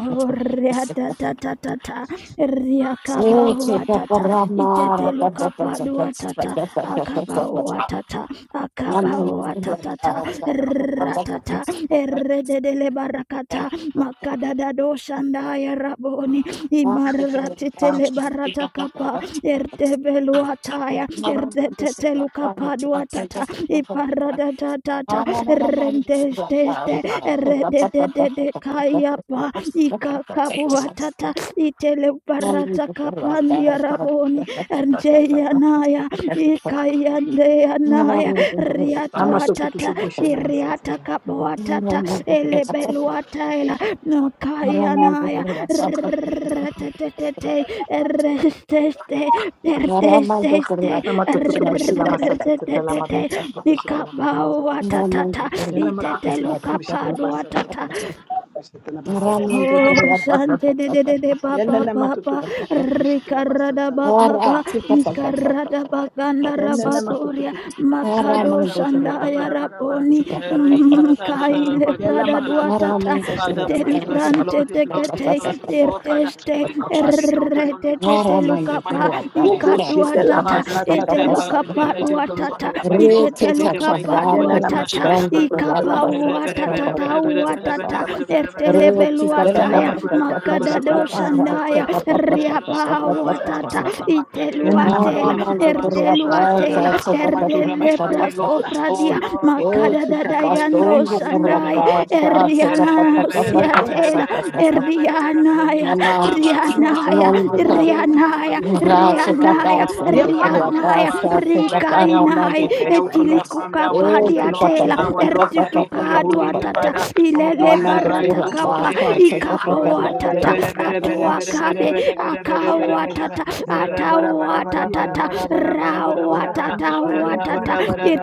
S3: Oh, ratatata, riakaba watata, iteteluka Oriatatatata, riakabaoatata, itetelukapaduatata, akabaoatata, akabaoatatata, ratata, erededelebarakata, makadadadoshandaya raboni, imaratitelebarataka, erteveluataya, ertetetelukapaduatata, iparadadadata, rentesteste, eredededekayapa, ikakabuatata iteleuparata
S4: Ramandokurapa,
S3: kapandiaraboni ndeyanaya ikayandeyanaya riatuatata
S1: amatututu boshete la basa tata.
S3: iriatakabuatata elebeluataela nokayanaya rtetetete eresteste ertesteste
S1: Lamatututu bushe lamasatata
S3: rtetetete
S1: lamatututu bushe lamasatata
S3: ikabauatatata
S1: lamatututu bushe lamasatata
S3: itetelukapaduatata
S1: lamatututu bushe lamasatata
S3: Oh, Shante de
S1: lamatututu
S3: de de de ba
S1: yana
S3: ba ba ba,
S1: lamatututu bushe
S3: Rikarada
S1: lamasatata
S3: ba ba ba,
S1: lamatututu bushe
S3: Nikarada
S1: lamasatata
S3: ba ganda
S1: yana
S3: raba boria,
S1: lamatututu bushe
S5: Father,
S3: Makado
S1: lamasatata
S3: shandaya
S1: lamatututu
S3: raboni,
S1: bushe
S3: mm,
S1: lamasatata
S4: Thank
S3: Kaile
S1: yana
S3: brada
S1: lamatututu
S3: duatata,
S1: bushe
S5: we declare the
S1: lamasatata
S3: Telibrante
S5: blood, the
S1: lamatututu
S5: blood, the blood
S3: tekete,
S1: bushe lamasatata
S5: of God, Father.
S3: Irteste,
S5: We
S1: lamatututu
S5: command it down to
S1: bushe
S5: lonely place, O
S3: Erretete
S5: God, in the
S1: lamasatata
S5: mighty
S3: lukapa,
S5: name of Jesus,
S1: Robo
S5: O God.
S1: shete la
S3: Ikatuatata,
S5: Father,
S1: masa
S5: we
S3: Ite
S5: step
S1: la
S5: back and
S1: bato
S5: they
S1: to
S3: lukapa
S1: to
S5: let it down by
S3: duatata,
S5: his
S1: la
S5: play,
S1: basa
S5: Lord,
S3: Ite
S1: tata
S5: in the mighty
S3: lukapa
S5: name of
S1: Yana la
S5: Jesus.
S1: mato
S3: duatata,
S1: to to
S5: Shaddai, Adonai,
S1: la
S3: Ikapa
S1: basa
S5: Cover
S1: la bato
S3: uatata
S1: to to
S3: uatata,
S1: la basa tata Yana la
S3: ertelebeluataya
S1: mato to to la basa
S3: makadadoshandaya
S1: la bato to to la basa
S3: riabawatata
S1: tata
S4: you.
S1: Yana la
S4: Oh,
S1: mato
S3: iteluatela
S1: to to la basa
S3: erteluatela
S5: My children, my family, Lord. Oh
S3: erdelebraskopradia
S5: Lord, in the
S1: What?
S5: name of
S4: kita
S5: Jesus, in the
S4: pastor,
S5: name
S4: yo
S5: of Jesus,
S4: por
S5: in
S4: la
S5: the
S3: makadadadayandoshandai
S5: name of Jesus.
S4: casa, se tapa pa pa
S1: They in
S4: pa
S1: your
S4: pa
S1: thing,
S4: pa
S1: your
S4: pa
S3: erianosiatela
S4: pa
S1: cupboard.
S4: pa pa.
S1: Yeah,
S3: erdianaya
S1: I'm on-
S4: Mamá,
S1: I never took them
S3: rianaya
S6: I
S1: out.
S4: mando
S1: I never
S4: con.
S1: took them out.
S5: Rabba,
S3: rianaya
S1: She wants to come
S4: Ora
S1: out
S4: se
S1: what day?
S3: rianaya
S1: Yeah, I'm coming. I'm
S3: rianaya
S1: coming.
S5: Father, we commit our day
S3: rikainai
S4: ramando
S5: into your hand. We commit our family, our
S1: It's
S4: Eh,
S1: in
S5: children,
S1: the
S5: Lord,
S3: etilikukapaadiatela
S1: cupboard.
S5: our loved one into your holy hand,
S3: ertitukaaduatata
S5: Father. Oh
S1: Yeah,
S5: Lord,
S1: Taylor.
S5: arise, O
S1: I'm
S5: God,
S3: ilelebaratakaapa
S5: I
S1: coming.
S5: am the
S1: That's
S5: King
S1: why.
S5: of
S1: Did you
S5: glory.
S1: see remember your
S3: ikabawatata
S1: movie yesterday?
S3: atuakabe
S1: Um, yeah. Did you see their
S3: akawatata
S1: Did you see their video? Yeah, yeah,
S3: atawatatata
S1: no, the children. I was like, I, I'm surprised you ain't sent it
S3: rawatatatawatata
S1: to me. I said,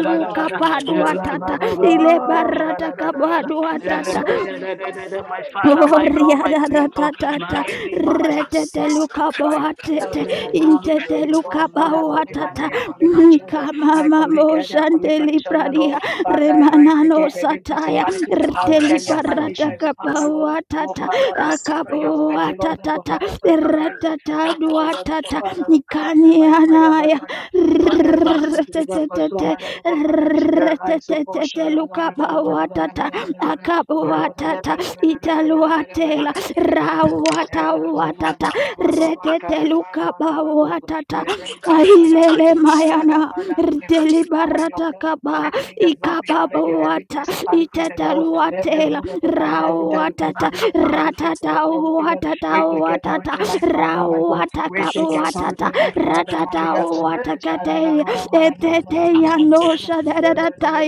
S1: if I don't have you on my neck, you remember. That. Oh,
S3: ilebaratakabadu
S1: I said, I'm Yeah,
S3: atata
S1: surprised you ain't sent it to me.
S5: My
S1: downstairs.
S5: Father,
S3: Oh,
S1: They
S5: my
S1: don't
S5: God,
S3: ria
S5: my
S1: know
S3: da da
S5: Creator,
S3: da
S1: anything
S3: da da,
S5: my
S1: except
S5: Redeemer, my
S1: about the
S3: rete de
S5: Sustainer.
S1: science.
S3: luka
S1: stuff.
S5: Provide, Father,
S1: That
S3: boatete,
S5: I
S1: means you
S5: come
S1: don't look
S3: inte
S5: before
S3: de
S1: your,
S5: you, Lord.
S3: luka
S1: you don't
S5: Father, I
S1: look your
S5: commit
S1: body,
S5: my
S3: boatata,
S1: you
S5: day, I
S1: just
S5: commit my
S1: do it.
S5: children,
S3: kama
S5: I commit
S3: mamo
S5: Gedi, I commit
S3: shande
S5: petitioner,
S3: pradia,
S5: Lord. Father, I rise
S3: remanano
S5: again every
S3: sataya,
S5: principality, the
S3: rete
S5: power, and the
S6: felt
S3: libarata
S5: foundation, every power, Lord. No,
S3: kaboatata,
S5: Father, from Peter, your friends, Lord, and go,
S3: akaboatata,
S5: Father, for the rise.
S3: rete da
S5: Whether we have the
S3: duatata,
S5: Father, we cast them
S3: nikani
S5: by fire, but
S3: anaya,
S5: Father, Lord, their lives and
S3: rete
S5: deliver
S3: te
S5: them from
S3: te
S5: so
S3: te,
S5: many to go, Father, their
S3: rete
S5: lives to
S3: te te
S5: portion,
S3: te
S5: and one
S3: luka
S5: another, one another, one
S3: boatata,
S5: another, one another. Their Lord, their Lord,
S3: akaboatata,
S5: their Lord, their Lord, their Lord, their Lord,
S3: italuatela
S5: their Lord, their Lord, their Lord,
S3: rawata
S5: their Lord. Their Lord, their Lord,
S3: watata
S5: ba, ba, ba, ba, ba, ka, ra,
S3: reteteluka
S5: ba, ba,
S3: ba
S5: ba, do.
S3: watata
S5: Their name, ba, ba, ba, ba,
S3: ailele
S5: do, sha, ra, ra,
S3: mayana
S5: Father, we invoke the power in your
S3: delibarata
S5: blood.
S3: kaba
S5: We bring the blood, we
S3: ikaba
S5: come again, every
S3: wata
S5: principality, set our every
S3: iteteluatela
S5: rulers of darkness, every territory,
S3: rawatata
S5: leaders, Father, we take our
S3: ratata
S5: authority
S3: watata
S5: Retake
S3: watata
S5: authority, my Father, my God.
S3: rawata kaba
S5: Retake
S3: watata
S5: authority, my Father, my
S3: ratata
S5: God. Eh,
S3: watakate etete yanosha dadataya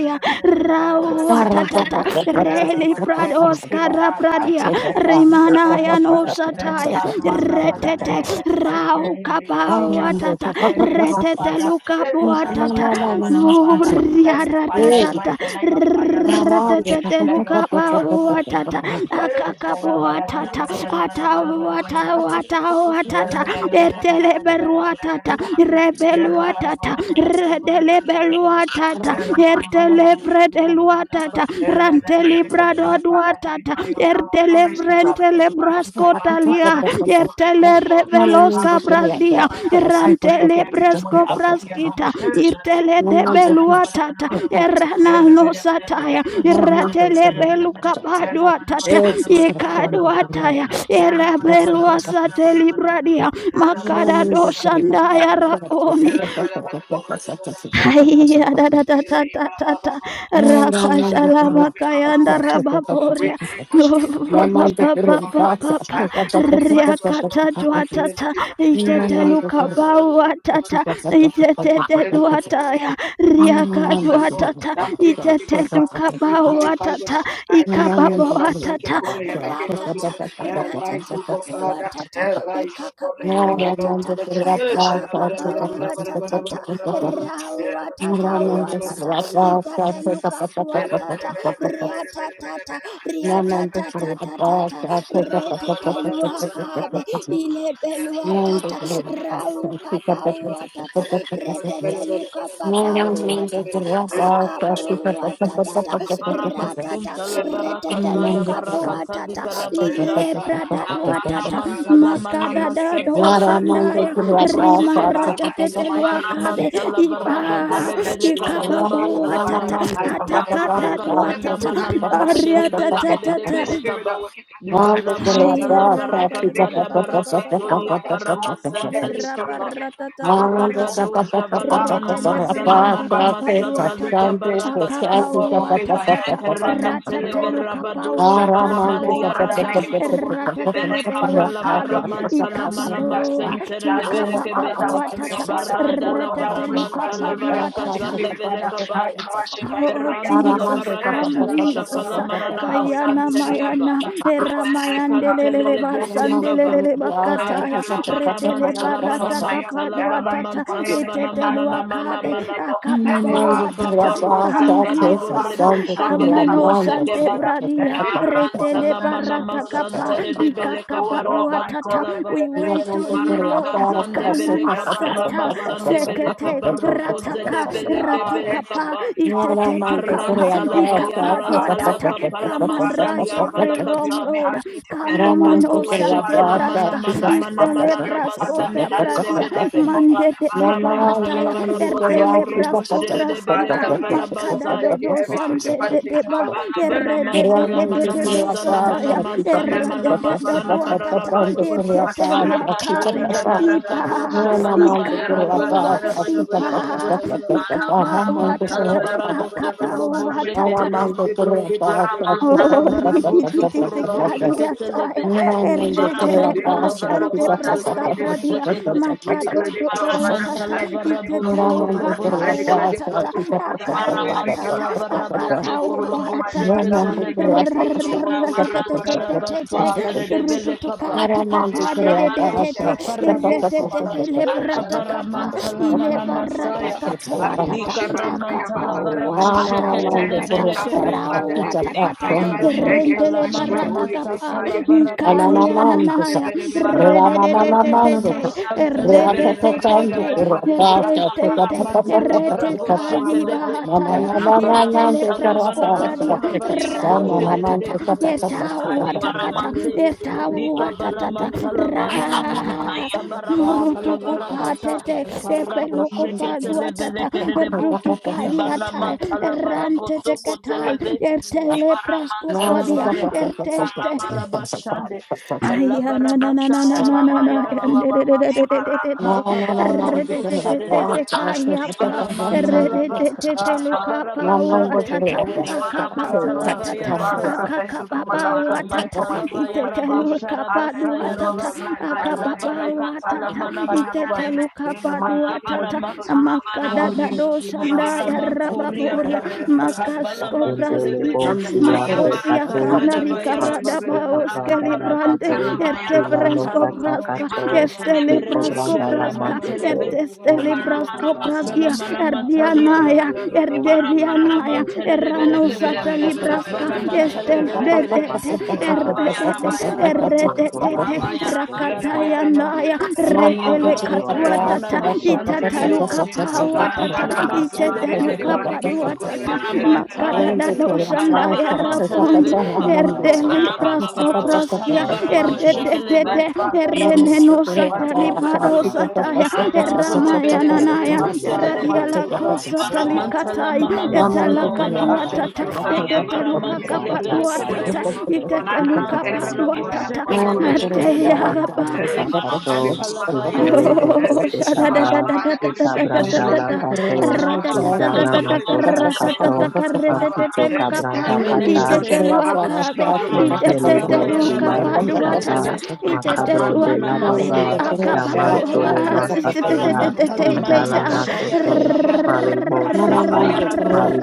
S4: Thank you.
S3: Rawatata Reli
S5: Every
S3: Prados
S5: spirit that life
S3: Karapradia
S5: and where every spirit that
S3: Rimanaya
S5: almost
S3: no
S5: father, and it
S3: Sataya
S5: has
S6: absolutely
S5: master father,
S6: the
S3: Retete
S5: every sacrifice here
S3: Rau
S5: in this, I think
S3: Kapawatata
S5: and lift up,
S3: Retete
S5: Father. Eh, shada,
S3: Lukapuatata
S5: bada, bada, bada, bada, Father, let your fire
S3: Uriaratatata
S5: rest and let your fire descend to them.
S3: Retete
S5: Let your fire crush them,
S3: Lukapawatata
S5: Father. Eh,
S3: Akakapuatata Atawata wata
S5: Father,
S3: watata
S5: we
S3: erteleberuatata rebeluatata redelebeluatata ertelebredeluatata rantelibradoduatata
S5: deploy your power. Restore ourselves. Worship my family, my
S3: ertelebrentelebraskotalia
S5: dwelling people. Oh, God,
S4: Raman
S5: Father, Rama, children, oh,
S3: ertelereveloskabradia
S5: Father, I pray again with money. I will see
S3: rantelebreskopraskita irteledebeluatata eranalosataya iratelebelukabadu atata yekadwataya
S5: alone. Father, we come
S3: elemeluasatelibradia makadadosandaya raboni Haiya da da da da da da da. Rakashalama
S5: out
S3: kayanda
S5: blessing. We
S3: rababoria.
S5: pray for
S3: No,
S5: strength. I
S3: ba
S5: pray
S3: ba
S5: for strength. I pray
S3: ba
S5: for
S3: ba
S5: revival.
S3: ba ba.
S5: I pray for divine judgment
S3: Riakata
S5: in the mighty name of
S3: duatata.
S5: Jesus.
S4: Thank
S3: Itete
S4: you.
S3: luka bauatata. Itete duataya. Riaka
S5: Father Lord,
S3: duatata.
S5: I pray for the
S3: Itete
S5: divine power, I
S3: luka
S5: pray for revival,
S3: bauatata.
S5: Lord. I pray for the divine church, O
S3: Ikababoatata.
S5: God, have a king of
S3: Ratata.
S5: glory, arise,
S3: Ratata
S5: O God, Father,
S3: kabuatata.
S5: arise, O God, have a king of
S3: Ikakabuatata.
S5: glory. Eh,
S3: Akakababauatata.
S5: shalabarabarabarabarabarabarabarabarabara. Eh,
S3: Rawatata watata.
S5: rabarabarabarabarabarabarabarabarabar.
S3: Itata look up
S5: Eh,
S3: watata. Riatatata.
S5: rabarabarabarabarabarabarabarabarabar.
S3: Riatatatatata.
S5: Father,
S3: Reteteluakabe.
S4: Thank you.
S3: Ilebeluatata. Raukapa watata. Retetelukapa watata. Akapa watata. Ratata.
S7: masunta la baraka zanda
S3: Retetelukapa
S7: baraka
S3: watata.
S7: talika rabashande
S3: Ilebrada
S7: lazana
S3: watata.
S7: mantala mana
S3: Makadada
S7: masatara rabo
S3: dosandaya.
S7: sokoro boshekete
S5: in the mighty
S7: ibara
S5: name of
S3: Rimaratateteluakabe.
S5: Jesus,
S7: mantala
S3: Iba
S5: God,
S7: baraka
S5: now your message,
S7: delevere
S5: your
S7: kadara
S5: message, people,
S3: ikababo
S5: oh
S7: mantala
S5: Father,
S3: watata
S7: vaya
S5: I command
S7: la
S5: every
S3: atakata
S5: close to
S7: baraka
S5: every
S7: zanda
S3: watata
S5: door that
S7: mana
S5: the enemy has
S7: mantere
S5: shut
S7: de
S5: before me.
S7: beleke de de
S5: And the
S3: ariatatata
S7: beleka
S5: spirit that
S7: ba
S5: working after his song
S3: Ratata
S7: libara
S5: says something to
S7: mantala
S5: be for me,
S7: baraka
S5: making me
S7: zada
S5: to lose
S7: baraka
S5: things, oh God,
S7: tolia
S5: Father. Oh Lord, and the
S7: paramasenteli
S5: spirit
S7: pa.
S5: working through me, through through me,
S4: Aramante
S7: araka
S5: oh my
S7: dosha
S5: Lord,
S7: vala
S5: ah,
S7: mana
S5: from foundation,
S7: masana
S5: from
S7: mana
S5: Father, building from the roof
S7: masatalika
S5: of the sea, oh
S7: barakataya
S5: God, from faith to hear, oh God, Father,
S7: Kerementele
S5: Lord, making me to
S7: verabado
S5: lose things, oh
S7: shavala
S5: God, oh
S7: mandia
S5: Father, making me
S7: radaya.
S5: to go through difficult things,
S7: Bereka
S5: Father. I
S7: palavara
S5: bind that spirit,
S7: mantala
S5: I
S7: mana
S5: rebuke that spirit,
S7: masentere de
S5: that demon,
S7: belekebe.
S5: Father, that following, oh Father,
S7: Barada
S5: oh
S7: la
S5: Lord, that
S7: varamanta
S5: witchcraft
S7: la
S5: spirit, that
S7: varaka
S5: haunting
S7: zanda
S5: spirit, Father, I
S7: velekabaya.
S5: crush it by
S3: Oh,
S5: fire,
S7: Beranta
S5: oh
S7: la
S5: Lord.
S3: Jesus,
S7: varaka
S3: come,
S5: Father,
S7: tosha
S5: Father, Father,
S3: Jesus.
S5: Father, Father,
S7: manana
S5: I will not
S3: Kayana
S5: lose my place,
S7: masanteriaba.
S3: mayana,
S5: Father, because of my good heart, oh
S7: Rekantere
S5: God,
S3: eramayandele
S7: de
S5: Father, in the name of
S7: bosekaba.
S5: Jesus.
S3: basandelele
S5: Oh God, I have a
S3: bakataya,
S5: king of glory,
S3: retele
S5: arise
S7: Mantala
S5: instead of
S7: vana
S3: barata
S5: my help,
S7: mantala vana
S5: arise, oh
S3: kapaduatata,
S5: God, any
S7: mantala vana
S5: attack,
S7: mana na
S5: Father, for
S7: mana
S3: iteteluakabe,
S5: any
S7: mana ma.
S5: labor,
S4: Ramon
S5: any arm, oh
S7: Nikaba
S3: akababoatata.
S5: God, Father,
S7: barosa
S3: Come,
S5: say, I
S7: kada
S5: will
S7: borre
S3: Jesus,
S5: bound up, I
S7: boshe
S5: will
S3: come,
S7: kede
S3: no
S5: disappointment,
S7: bose
S5: oh God,
S3: sante
S7: keve.
S5: Father,
S3: bradia,
S5: anything, oh God,
S3: retele
S5: Father,
S7: Yarantala
S5: that
S7: mana
S5: shall
S3: barata
S5: follow me,
S3: kapa,
S5: Lord
S7: masanta de
S5: Jesus.
S7: debele
S5: Oh
S7: kabara
S5: Lord, my God,
S3: ikakabaduatata.
S5: the
S7: kantala va.
S3: We
S5: better, better, better,
S3: wait
S5: better,
S3: on you,
S5: better, better,
S3: Lord.
S5: better,
S7: Kazande
S5: better,
S3: Come
S7: vele
S3: and
S7: kapara
S3: sata,
S7: masande vele
S3: sekete,
S7: kabaroko
S3: rataka
S7: zede vele
S5: better, any
S7: kebele
S3: ratukapa
S7: kapa.
S5: spirit, Father. Father, in the name of
S3: itetetukapa
S5: Jesus,
S7: Arantala
S5: oh God,
S7: vaya
S5: um, that
S7: ratala
S3: ikapaduatata
S5: wicked rule,
S7: kapala
S3: come and
S5: Father, to
S3: right
S7: masalia
S5: cause
S3: every
S5: difficulty
S3: wrong
S7: palakata.
S5: for me,
S3: lord
S5: hardship for me,
S3: come
S5: oh
S3: on
S5: Lord,
S3: oh
S7: Rekato
S5: my
S3: sante
S5: Father,
S7: shavala
S5: my
S7: mana
S5: Maker,
S3: braska
S7: mana
S5: I,
S7: mana
S5: Father,
S3: istele
S7: mana
S5: Spirit, Father,
S7: namasane
S3: braskota
S7: de
S5: I
S7: de de
S3: bradia
S5: crush that
S7: belebe.
S5: demon,
S3: mande
S5: Father,
S3: de de
S4: La
S5: in the
S4: la
S5: name
S4: la
S5: of
S7: Amantala
S4: la
S3: bahataya
S5: Jesus, we go to him
S7: Varaboso
S3: erdele
S5: again,
S7: Kurobo
S5: oh
S3: brasko
S5: God,
S7: Shere de
S5: Father,
S3: braskita
S7: Beleka
S5: that night, oh God,
S3: makada
S7: Barabasai.
S5: Father, in
S3: dodo
S5: every
S3: sande de
S5: principality
S3: de ba
S7: Vana
S3: erre de de
S7: Mantala
S3: de de de do
S7: Manamasana
S3: sataya
S7: Manamasana
S3: erra de de de
S7: Manamasana
S3: duatata
S7: Manalabaya.
S3: irtete luakabe
S7: Sunda Baraka
S3: iba
S7: Dosha Valabaya
S3: ikababoa
S7: Rabosaya.
S5: and
S3: ipa
S5: power,
S4: la
S5: God,
S7: Amantala Varaboso Kurobo
S5: the
S7: Shekedeve. Abaraboso
S4: la
S7: Kurobo Sheketeleve.
S4: Mira,
S5: Jesus.
S4: amigo,
S5: Jesus.
S4: por la
S5: They They're
S7: Amantala
S5: blow
S4: paz,
S5: to
S4: la
S5: God,
S4: pizza, ta,
S5: Father,
S7: Varaboso
S4: ta, ta,
S5: in the
S4: ta,
S7: Kurobo
S5: name of
S4: ta, ta, ta,
S5: Jesus.
S4: ta,
S7: Shekete.
S4: ta,
S5: We
S4: ta, ta,
S5: declare the blood,
S4: ta, ta,
S5: Father.
S4: ta,
S5: I
S7: Amantala
S5: declare the
S4: Thank
S5: blood to
S7: Varaboso
S5: God, Father.
S7: Kurobo
S5: I declare
S7: Shekete.
S5: the blood to God, Father. Every drinking
S7: Mantala
S5: blood to God, Father.
S7: varaboso
S5: Oh Lord,
S7: korobo
S5: my Father, my
S7: sheketeleve.
S5: Maker, my Creator, what
S7: Lika
S5: a wicked Lord,
S7: varantara
S5: Shaddai.
S7: basun
S5: Father, in the name
S7: terebele
S5: of Jesus,
S7: kapa.
S5: from every spirit and any
S7: Varabado
S5: identity,
S7: shakaraboho.
S5: Father, Every shadow, I
S7: Avaramantala mana masaya. Lika
S5: worship by fire, but
S7: ramantala
S5: sometimes it's
S7: varabo
S5: so many
S3: akapawatata
S5: and
S7: sheketeleve
S3: watata
S5: attack
S7: lekebe.
S5: people, Father, against my
S3: rawatakata
S5: prayer life, against
S7: Abaramantala
S3: rentele
S5: my
S4: you.
S7: mana
S5: strength,
S3: barata
S5: Holy Ghost
S3: kapa
S7: masatala
S5: fire in the name of Jesus.
S7: varakotolobo.
S4: Ananamandasa,
S3: nkanayananaya
S7: Talamana
S4: Ramamamamandasa,
S3: redededetete
S7: mashanteleve
S3: erdetetete
S4: Rapapapandasa,
S7: lekapalava.
S4: Rapasa,
S3: ertestete
S7: Amantala varabo
S4: Papapapapapapapa,
S7: shekeleve.
S3: eretekayibahataya irtele
S4: Mamanananandasa,
S7: Baramantala
S4: Rapasa,
S3: praskopradia
S7: Vanamantalavaya
S4: Pakasana,
S7: Raboshe de de
S3: rawatata
S7: de.
S4: Namandasa, Papapapapapapa.
S3: ertawatakata
S7: Adibaramante,
S3: ertawatatata
S7: Likabaramanta Lavaya,
S3: ra
S7: Ayabaramanta
S3: Rutuku
S7: Lavarakata,
S3: patete
S7: Karabo
S3: epeluku
S7: televele Levele
S3: paduatata
S7: Kedebo,
S3: rutukadi atai
S7: Dibaramanta Lavarabo
S3: erante de
S7: Soko
S3: katai
S7: Televe,
S3: ertele
S4: Ramamamandasa,
S3: prasco
S7: Dibaramanta
S3: pradia
S7: Lavaya, Alabarabashande,
S3: Aya na na na na na
S7: Alabarabasanta
S3: na na
S7: Lavaya
S3: na
S7: rabu, Rabo,
S3: ande de de de de de de de
S4: No,
S3: de
S7: Dibaraka
S4: no, no, no,
S3: re
S4: the
S3: de
S7: Babarado
S3: de
S4: great
S3: de de
S4: God,
S7: Shedede,
S3: de
S4: touch me,
S3: kaya
S4: touch me,
S3: pa
S4: touch me, no,
S3: re
S4: the
S3: de
S7: Libaramantalaba,
S4: great
S3: de de
S4: God.
S3: de
S5: Yeah, Father,
S3: luka pa
S4: No,
S5: in the
S3: o
S4: no,
S5: name
S4: the
S5: of
S7: Kalabarabashande,
S5: Jesus,
S4: great
S3: atata
S5: we
S4: God,
S5: worship
S3: akaba
S4: touch
S5: you,
S4: me,
S3: o
S5: Adonai.
S4: touch me,
S7: lavaya
S3: atata
S4: no,
S5: Father,
S4: the
S5: I
S7: rakata.
S5: thank
S3: akaka
S5: you for my
S3: baba
S5: life
S3: o
S5: and the
S4: great
S5: life
S3: atata
S5: of my
S4: God.
S7: Amantalava
S5: children, my
S3: itete
S7: Yarabo
S5: family.
S3: luka
S5: I
S3: pa
S7: Sharabasa
S5: thank
S3: du
S5: you,
S4: No, no,
S5: Lord,
S4: no, the
S3: atata
S7: Yaraba
S5: for my
S4: great God, touch me,
S5: life, my
S3: akaba
S4: touch
S5: enemy,
S3: o
S5: Lord,
S4: me, no,
S7: Alabarakatala
S5: Father,
S4: the
S3: atata
S5: to triumph
S4: great
S5: over
S3: itete
S5: me.
S7: Manamantaleve
S3: luka
S5: In the
S3: pa du
S5: mighty name of
S3: atata
S5: Jesus, in the
S4: God.
S5: mighty name
S4: No,
S3: makada
S7: Alabaramantalavaraba
S5: of
S3: da
S5: Jesus,
S4: no, the
S3: do
S4: great God, touch
S3: shanda ya
S4: me,
S5: in the
S7: Libaramantoriapa
S3: rababoria
S7: Kavala
S3: makasko
S8: Indelebo
S3: praskita
S8: suyande
S3: Makosia
S8: katoin.
S7: Ayabarakazada
S3: Kanari
S4: touch
S7: Bayaraba
S8: Masato
S3: Karadabaos
S8: kabranda la
S3: Kelibrande
S8: babe.
S7: Lakabaramantalava
S8: Inano
S7: Yarakata
S3: Ertefrensko
S8: sata
S3: Braska
S8: kato.
S4: me,
S7: Libaranteleve
S3: Estele
S8: Iko
S7: Rebo
S3: Brasko
S8: branda la
S7: Sherre
S3: Braska
S8: matete.
S7: Manteleve
S3: Ertestele
S8: Ole di
S3: Brasko
S4: no,
S8: kabranda
S7: Karamanamasala
S8: la
S3: Pradia
S4: the
S8: baba.
S7: Manamantaliaba
S3: Erdianaya
S5: mighty name
S8: Indelebo
S5: of Jesus.
S3: Erdelianaya
S8: suyande kato.
S3: Erano
S5: Father,
S4: Thank
S7: Mantelebelekebe,
S3: Satali
S8: Masato ke
S3: Braska
S8: na
S3: de
S8: kato ya.
S7: Valamantelebelekede,
S3: de
S8: Masano branda la
S7: Kabayaraba
S3: de
S8: ba.
S7: Yaraba,
S8: Lendo
S3: erededede
S8: la nato
S7: Kabayaraba
S8: tete
S5: in the
S4: you.
S7: Dara
S8: na.
S5: mighty name
S7: Yaraba,
S5: of Jesus,
S3: rakatayanaya
S8: Iko
S5: I
S4: Thank
S5: know you
S8: branda
S5: so
S4: you.
S8: ya.
S5: Lord,
S8: Tole
S7: Ayabarantala
S5: and
S8: de
S5: I'm
S3: retelekatuatata
S5: so God,
S8: kanato
S5: Father, in the
S7: Mashantelia,
S8: taya.
S5: name of Jesus,
S8: Ole
S5: I
S8: di
S5: shall
S3: itatalukapauatata
S8: kabranda
S5: Adonai,
S8: la
S5: let your
S7: Anamaselebeleka,
S8: babe.
S5: divine King of glory,
S3: itetelukapaduatata
S8: Ikelebo
S7: Ibaramantai,
S8: siyande kato
S3: makadadadosandaya raboni
S7: Alabaramantelebe,
S8: matokulu
S5: my father, my
S8: brakaya
S3: Erdeli
S8: baba
S5: maker,
S3: prasko
S8: kato
S5: my father, my
S3: praskia. erdelipraskopraskia
S7: Alababaramantalambarabo
S8: lengelebo
S5: maker, my
S7: Shekelebe,
S3: erdededede
S8: siyanda
S5: father, my
S8: kato
S5: maker, my
S8: ikabro
S5: father, my
S8: kayan
S5: maker,
S8: kala
S3: erenenosatalibarosataya
S8: baba ba o
S3: eramayananaya
S7: Mantolebelekerebo
S5: my
S8: kumima
S5: father, my
S8: yande
S7: Shederebo,
S5: maker.
S8: kumasaka
S7: Mantala
S5: Oh,
S3: radialakosatalikatai
S7: mana
S5: Father, oh
S7: mantala
S8: ikumaso
S5: Lord,
S7: mana
S8: tula
S5: I
S7: ma.
S5: thank
S3: etalakatuatata
S5: you, Father,
S8: masakaya
S5: for you have
S7: Ayabara
S5: blessed me, and my
S7: mantele
S8: ibranda
S5: children,
S7: vele
S5: for
S7: kerele
S8: kano
S5: waking
S3: etetelukakapaduatata
S5: me
S7: bu.
S5: up,
S8: sete
S5: for not allowing my
S3: ikataluka
S5: enemy
S8: ikona
S7: Karantara
S5: to
S7: rabu
S3: padua
S8: baba
S5: triumph
S3: tata
S5: for me,
S7: şekele
S5: for
S8: kato
S7: vele
S5: destroying
S7: kerele
S5: every
S7: bu.
S3: ateya
S5: weapon,
S8: ibranda
S3: ba
S8: la
S5: every
S8: baba
S7: Ibara
S5: blood,
S8: kato
S5: every
S7: mantala
S5: blood of the
S7: vayara
S5: enemy,
S7: ba.
S8: indelebo
S3: Oh,
S5: every
S8: sete
S3: shada da
S8: kaba
S5: distraction,
S3: da da
S7: Kalavara
S3: da
S5: Father,
S7: bu
S3: da
S5: every
S3: da
S5: way
S3: da da
S5: to
S4: Thank
S7: şekele
S3: da
S8: ikabranda
S7: ve.
S3: da
S5: distract
S8: la
S3: da.
S5: every voice voice of
S3: Ra da
S5: destruction,
S3: da da
S5: Father.
S7: Karamantala
S3: da
S8: Indala
S3: da
S7: vara
S3: da
S5: Eh,
S3: ka
S5: Father,
S8: Nasota
S3: ra
S7: mantele
S3: da
S5: Father,
S7: ve.
S3: da
S8: Kato
S5: Father,
S3: da
S5: Father,
S3: ka
S5: Father,
S3: re
S5: Father,
S3: te te
S5: Father.
S8: Masito
S7: Kabara
S3: te lu
S5: Any
S3: ka
S7: mantele
S3: pa.
S8: Kabranda
S5: arrow of
S7: vele
S3: I
S8: Kata
S3: te
S5: destruction,
S7: kete.
S3: te
S5: every
S3: lu a
S5: arrow of
S3: ka be.
S5: destruction,
S3: I
S5: Father,
S3: te
S8: Lempele
S5: we
S3: te te
S7: Rabaya
S5: crush
S3: lu
S8: bosi
S5: it
S3: ka
S5: by
S3: pa
S7: Rabado
S8: yande
S3: du
S5: fire,
S3: a
S5: by
S3: ta ta.
S5: thunder.
S8: kapat
S7: Shedebe,
S3: I
S5: We
S3: te te tu
S8: makabron
S5: dismantle
S3: a
S8: de
S5: it
S7: Kalamana
S5: by
S8: la
S3: ka be.
S5: fire, by
S7: Masaya
S8: baba
S3: A
S5: thunder.
S7: Rabo
S3: ka pa
S5: Eh,
S3: po
S5: Father,
S7: Shekete,
S3: a
S8: yamantole
S5: Father, Father,
S3: a si
S5: Father, Father,
S3: si te te
S5: Father,
S3: te
S8: masatea
S5: Father, Father,
S3: te
S7: Mantala
S3: te te
S5: Father,
S7: Manama
S3: ta.
S8: indalana
S5: Father, Father,
S7: Shaya
S5: Father.
S8: sote
S5: Eh,
S7: Rakaba,
S5: Father,
S8: mali
S5: Father, Father, Father, Father,
S8: boske pa
S5: Father, Father,
S7: Kalabaya Rabado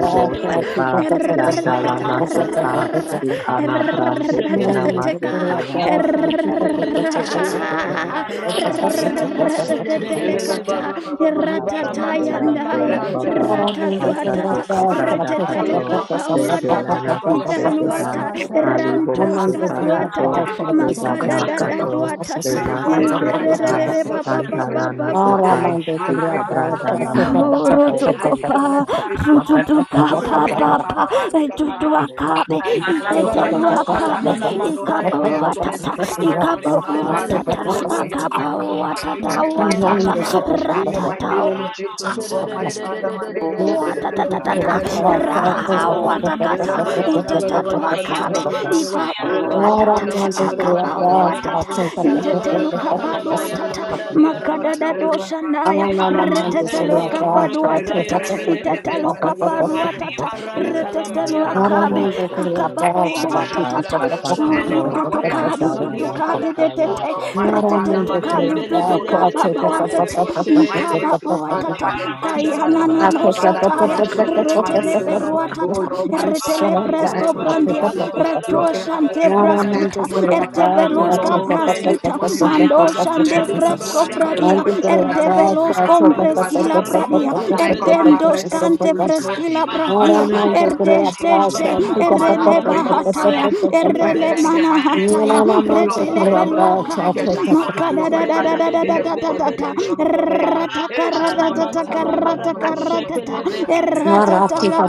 S5: Father, Father, Father, Father, Father. Eh, Father, Father, Father, Father, Father,
S8: boske
S7: Shekeleve,
S8: pa yandalana sota
S7: Talaba,
S5: Father, Father,
S8: ikana
S5: Father, Father,
S7: Kabarabo
S5: Father.
S8: brande
S3: Ra ta
S5: I
S8: kena
S3: ta
S7: Shekeleve,
S3: ta ka.
S8: masetea
S7: Ayabaran
S8: ikabron
S7: Telebele
S8: kapa
S7: Kerebo,
S8: katea
S7: Ranta
S8: mandelele
S7: Yarabo
S8: boske te kapa
S7: Shedebeleve,
S3: Ratatelekata,
S7: Libara
S8: ikabron ke
S7: Mantala
S3: ratatayandaya,
S8: yantola
S4: Ramanda
S8: baba
S7: Manamantalava,
S8: masato
S3: ratatuatata,
S7: Kalibara
S8: kabranda
S5: pleaded,
S8: kato
S5: Lord,
S7: Montaleve,
S5: I pray,
S3: retetelukapawatata,
S5: Father,
S8: lendelana
S5: for Prophet
S8: sute
S5: Joe and wife
S8: keba,
S7: Shakara
S5: and
S3: italuata,
S5: his children.
S7: Mantalava.
S5: Father,
S8: Malibos
S5: as
S8: de
S5: we start their day
S3: rantoskaduatata,
S5: in
S8: Pacato,
S5: the name of
S8: Le
S5: Jesus, may you show
S7: Asunteleve
S5: there your
S8: Babacato,
S5: glory.
S3: makadadadaduatata,
S8: Le
S5: May you go
S8: Master
S5: ahead of them. I declare
S8: Tekeba,
S7: Antarada
S3: irererere
S5: Isaiah
S3: baba
S5: 33,
S7: Boshente
S5: verse
S3: baba
S8: Mandala
S5: 15
S3: baba
S5: over their life.
S8: Nasota,
S5: I pray for Pastor
S8: Vicabranda
S5: Vic,
S7: Alamana
S5: Master
S8: Laba,
S5: Father.
S8: Holy
S5: I
S7: Mashandede
S3: Horotokopa,
S5: declare
S8: Vicaba,
S5: that decree, God, Father.
S3: Sututuka,
S5: Oh,
S8: Le
S7: Abosokoteleve
S5: Almighty
S3: Papa,
S5: Father,
S8: Ponema,
S5: my mega Father.
S8: Tekeyende,
S3: Tutuakabe,
S5: I declare your
S8: Inizola
S5: word, to God,
S7: Avaramantala
S5: Father.
S3: Iteteluakabe,
S8: Masote,
S7: Mana
S5: Oh Lord, your
S3: Ikabo
S7: Masaya
S8: Vicabra
S5: prayer to this
S3: Watata,
S5: great word to
S8: Pacato,
S3: Ikabo
S5: it now,
S7: Aramantulevele
S5: Father.
S8: Indele
S3: Watata,
S5: Oh
S7: Kerebo
S5: Lord, your
S3: Akaba
S5: word
S8: Pesian
S5: to go before and make
S3: Watata,
S8: Pacato,
S5: every
S7: Aramantala
S5: wicked path
S3: Watata,
S7: Manama
S5: straight,
S8: Malibos
S5: Lord.
S8: de
S5: In the mighty
S3: Ratata.
S5: name of Jesus, oh God,
S8: Mandala
S5: my Father, my
S8: Nasota,
S4: Thank
S5: maker.
S8: Keba,
S7: Shedededededededededededede
S3: Watatata,
S8: Malibos de
S3: raha
S7: Dibaramantala
S8: Pacato,
S7: Mana
S3: watakata,
S7: Masaya
S3: itatatu akabe, ipa
S7: Ayababarakaya
S3: watata,
S7: Rabashande
S3: akapa watata,
S7: Dibarama
S3: intetelu kapadu
S7: Salavarakapalava
S3: watata,
S7: Yarabadali arabado.
S3: makadada dosha naya, retetelu
S7: Libaramantelia
S3: kapadu
S7: parakazaya
S3: watata,
S5: and the
S7: rebelekebe.
S3: itatelu kapadu watata,
S4: you.
S7: Libarantala
S3: retetelu akabe,
S7: rakazaya.
S3: akababu watatata,
S7: Libaranto shavalaka
S5: power and the
S3: urututukadi
S5: force is to
S7: palamasalia
S5: go, Father.
S3: ututukadi
S7: palakata.
S5: Oh
S3: detete,
S5: Lord, my Father, my
S3: retetetukadi
S5: leader. Oh Lord, for it,
S3: ututukababa
S5: my
S8: Ibrahim
S7: Belebelebelebelebelebelebele
S5: obey,
S3: watate,
S5: my
S7: bosherere.
S5: breakthrough,
S3: mkababu
S8: we
S5: Father,
S3: watata,
S5: my
S8: come off the
S5: elevation,
S7: Libaramandara
S5: my
S3: Kayana
S5: laughter.
S8: command
S7: bara
S4: Thank
S8: by
S3: nano
S7: bara bara
S8: the
S5: Father,
S7: bara
S3: sataya.
S8: Holy
S5: crush that
S8: Ghost
S5: this man
S7: bara
S8: in
S5: to
S3: Retele
S8: the
S5: the
S7: bara
S5: Lord.
S7: bara.
S8: name of
S3: beruatata.
S5: Oh Lord,
S8: Jesus.
S5: my
S3: Retele
S5: Father,
S8: My
S5: in the
S7: Mantala
S5: name
S3: bresco
S5: of
S8: pastor,
S7: bara
S8: my
S5: Jesus,
S3: brandia.
S7: bara bara
S5: Lord,
S7: bara
S8: pastor,
S3: Reto
S5: block
S7: bara
S5: him, I
S7: bara
S3: shante
S5: open
S8: my
S5: my
S7: bara bara.
S8: healing,
S3: braskita.
S8: my
S5: testimony,
S8: healing,
S5: Father.
S8: my
S5: Oh
S7: Ramana
S8: healing,
S3: Erteveloska
S8: my
S5: Lord, and
S7: masaya.
S5: this
S8: pastor.
S3: braskita.
S5: one is
S8: We
S5: you,
S8: come
S3: Mando
S5: Father.
S8: down
S7: Ayabaraka
S8: to
S3: shande
S5: Every
S8: the
S7: zarara
S5: evil
S7: bara
S3: bresco
S8: mercy
S5: eye
S7: bara
S5: blind.
S8: and
S5: You're
S7: bara
S5: like,
S3: bradia.
S8: the
S5: Holy
S7: bara
S5: Spirit,
S7: bara.
S8: holy
S5: I release
S3: Ertevelos
S8: violence,
S5: spiritual blindness,
S7: Rabado
S8: we
S5: Father.
S3: compreskila
S8: will
S7: sharara
S8: come
S5: Yo,
S3: bradia.
S8: down
S5: Father, I
S8: to the
S5: command my
S7: mantele
S3: Erdendos
S8: people
S5: blessing
S8: that
S5: to be
S3: cante
S5: released, Lord.
S8: in the
S3: freskila
S5: I
S8: name of
S5: command
S8: the
S5: that
S3: bradia
S7: Kadibarabashaya,
S8: Holy
S5: financial blessing
S8: Ghost.
S5: to be
S8: Your
S3: erdeshteshte
S5: released.
S8: phone
S5: I
S8: and
S5: command that
S8: my
S3: erele
S7: Baramantalamanamana
S5: open
S8: pastor,
S5: door,
S8: my
S5: Father,
S3: bahataya
S7: Masaya,
S5: to be
S8: brother,
S3: erele
S5: permanent in
S7: Libeleke
S5: the
S8: my
S5: mighty name of
S3: manahataya
S5: Jesus.
S7: Verekoba,
S8: pastor,
S7: Baba
S5: Lord,
S8: in
S3: retele
S8: the
S7: Baba
S5: open
S8: name
S5: door
S8: of
S7: Baba,
S5: that
S8: the
S5: no man can
S3: beluakabe
S5: shut
S8: Holy
S4: you.
S5: according to
S3: makada
S5: your
S8: Ghost.
S7: Libarante,
S3: da,
S5: word,
S7: bele bele
S8: Your
S5: Father. In
S8: brother,
S5: the book
S8: my
S5: of
S3: eremanahataya
S8: pastor,
S7: Libarantelebelebelebelebe,
S3: retelebeluakabe
S5: Revelation, of
S8: my
S5: God, amen.
S8: pastor,
S3: makadadadadadadadadadadata
S5: It is-
S8: Ibrande Corona,
S7: Namantalavarabo
S3: ratakaratatakaratakaratata
S8: Beyonce
S7: Shekeleve,
S4: Ramandegrappa,
S8: Katana,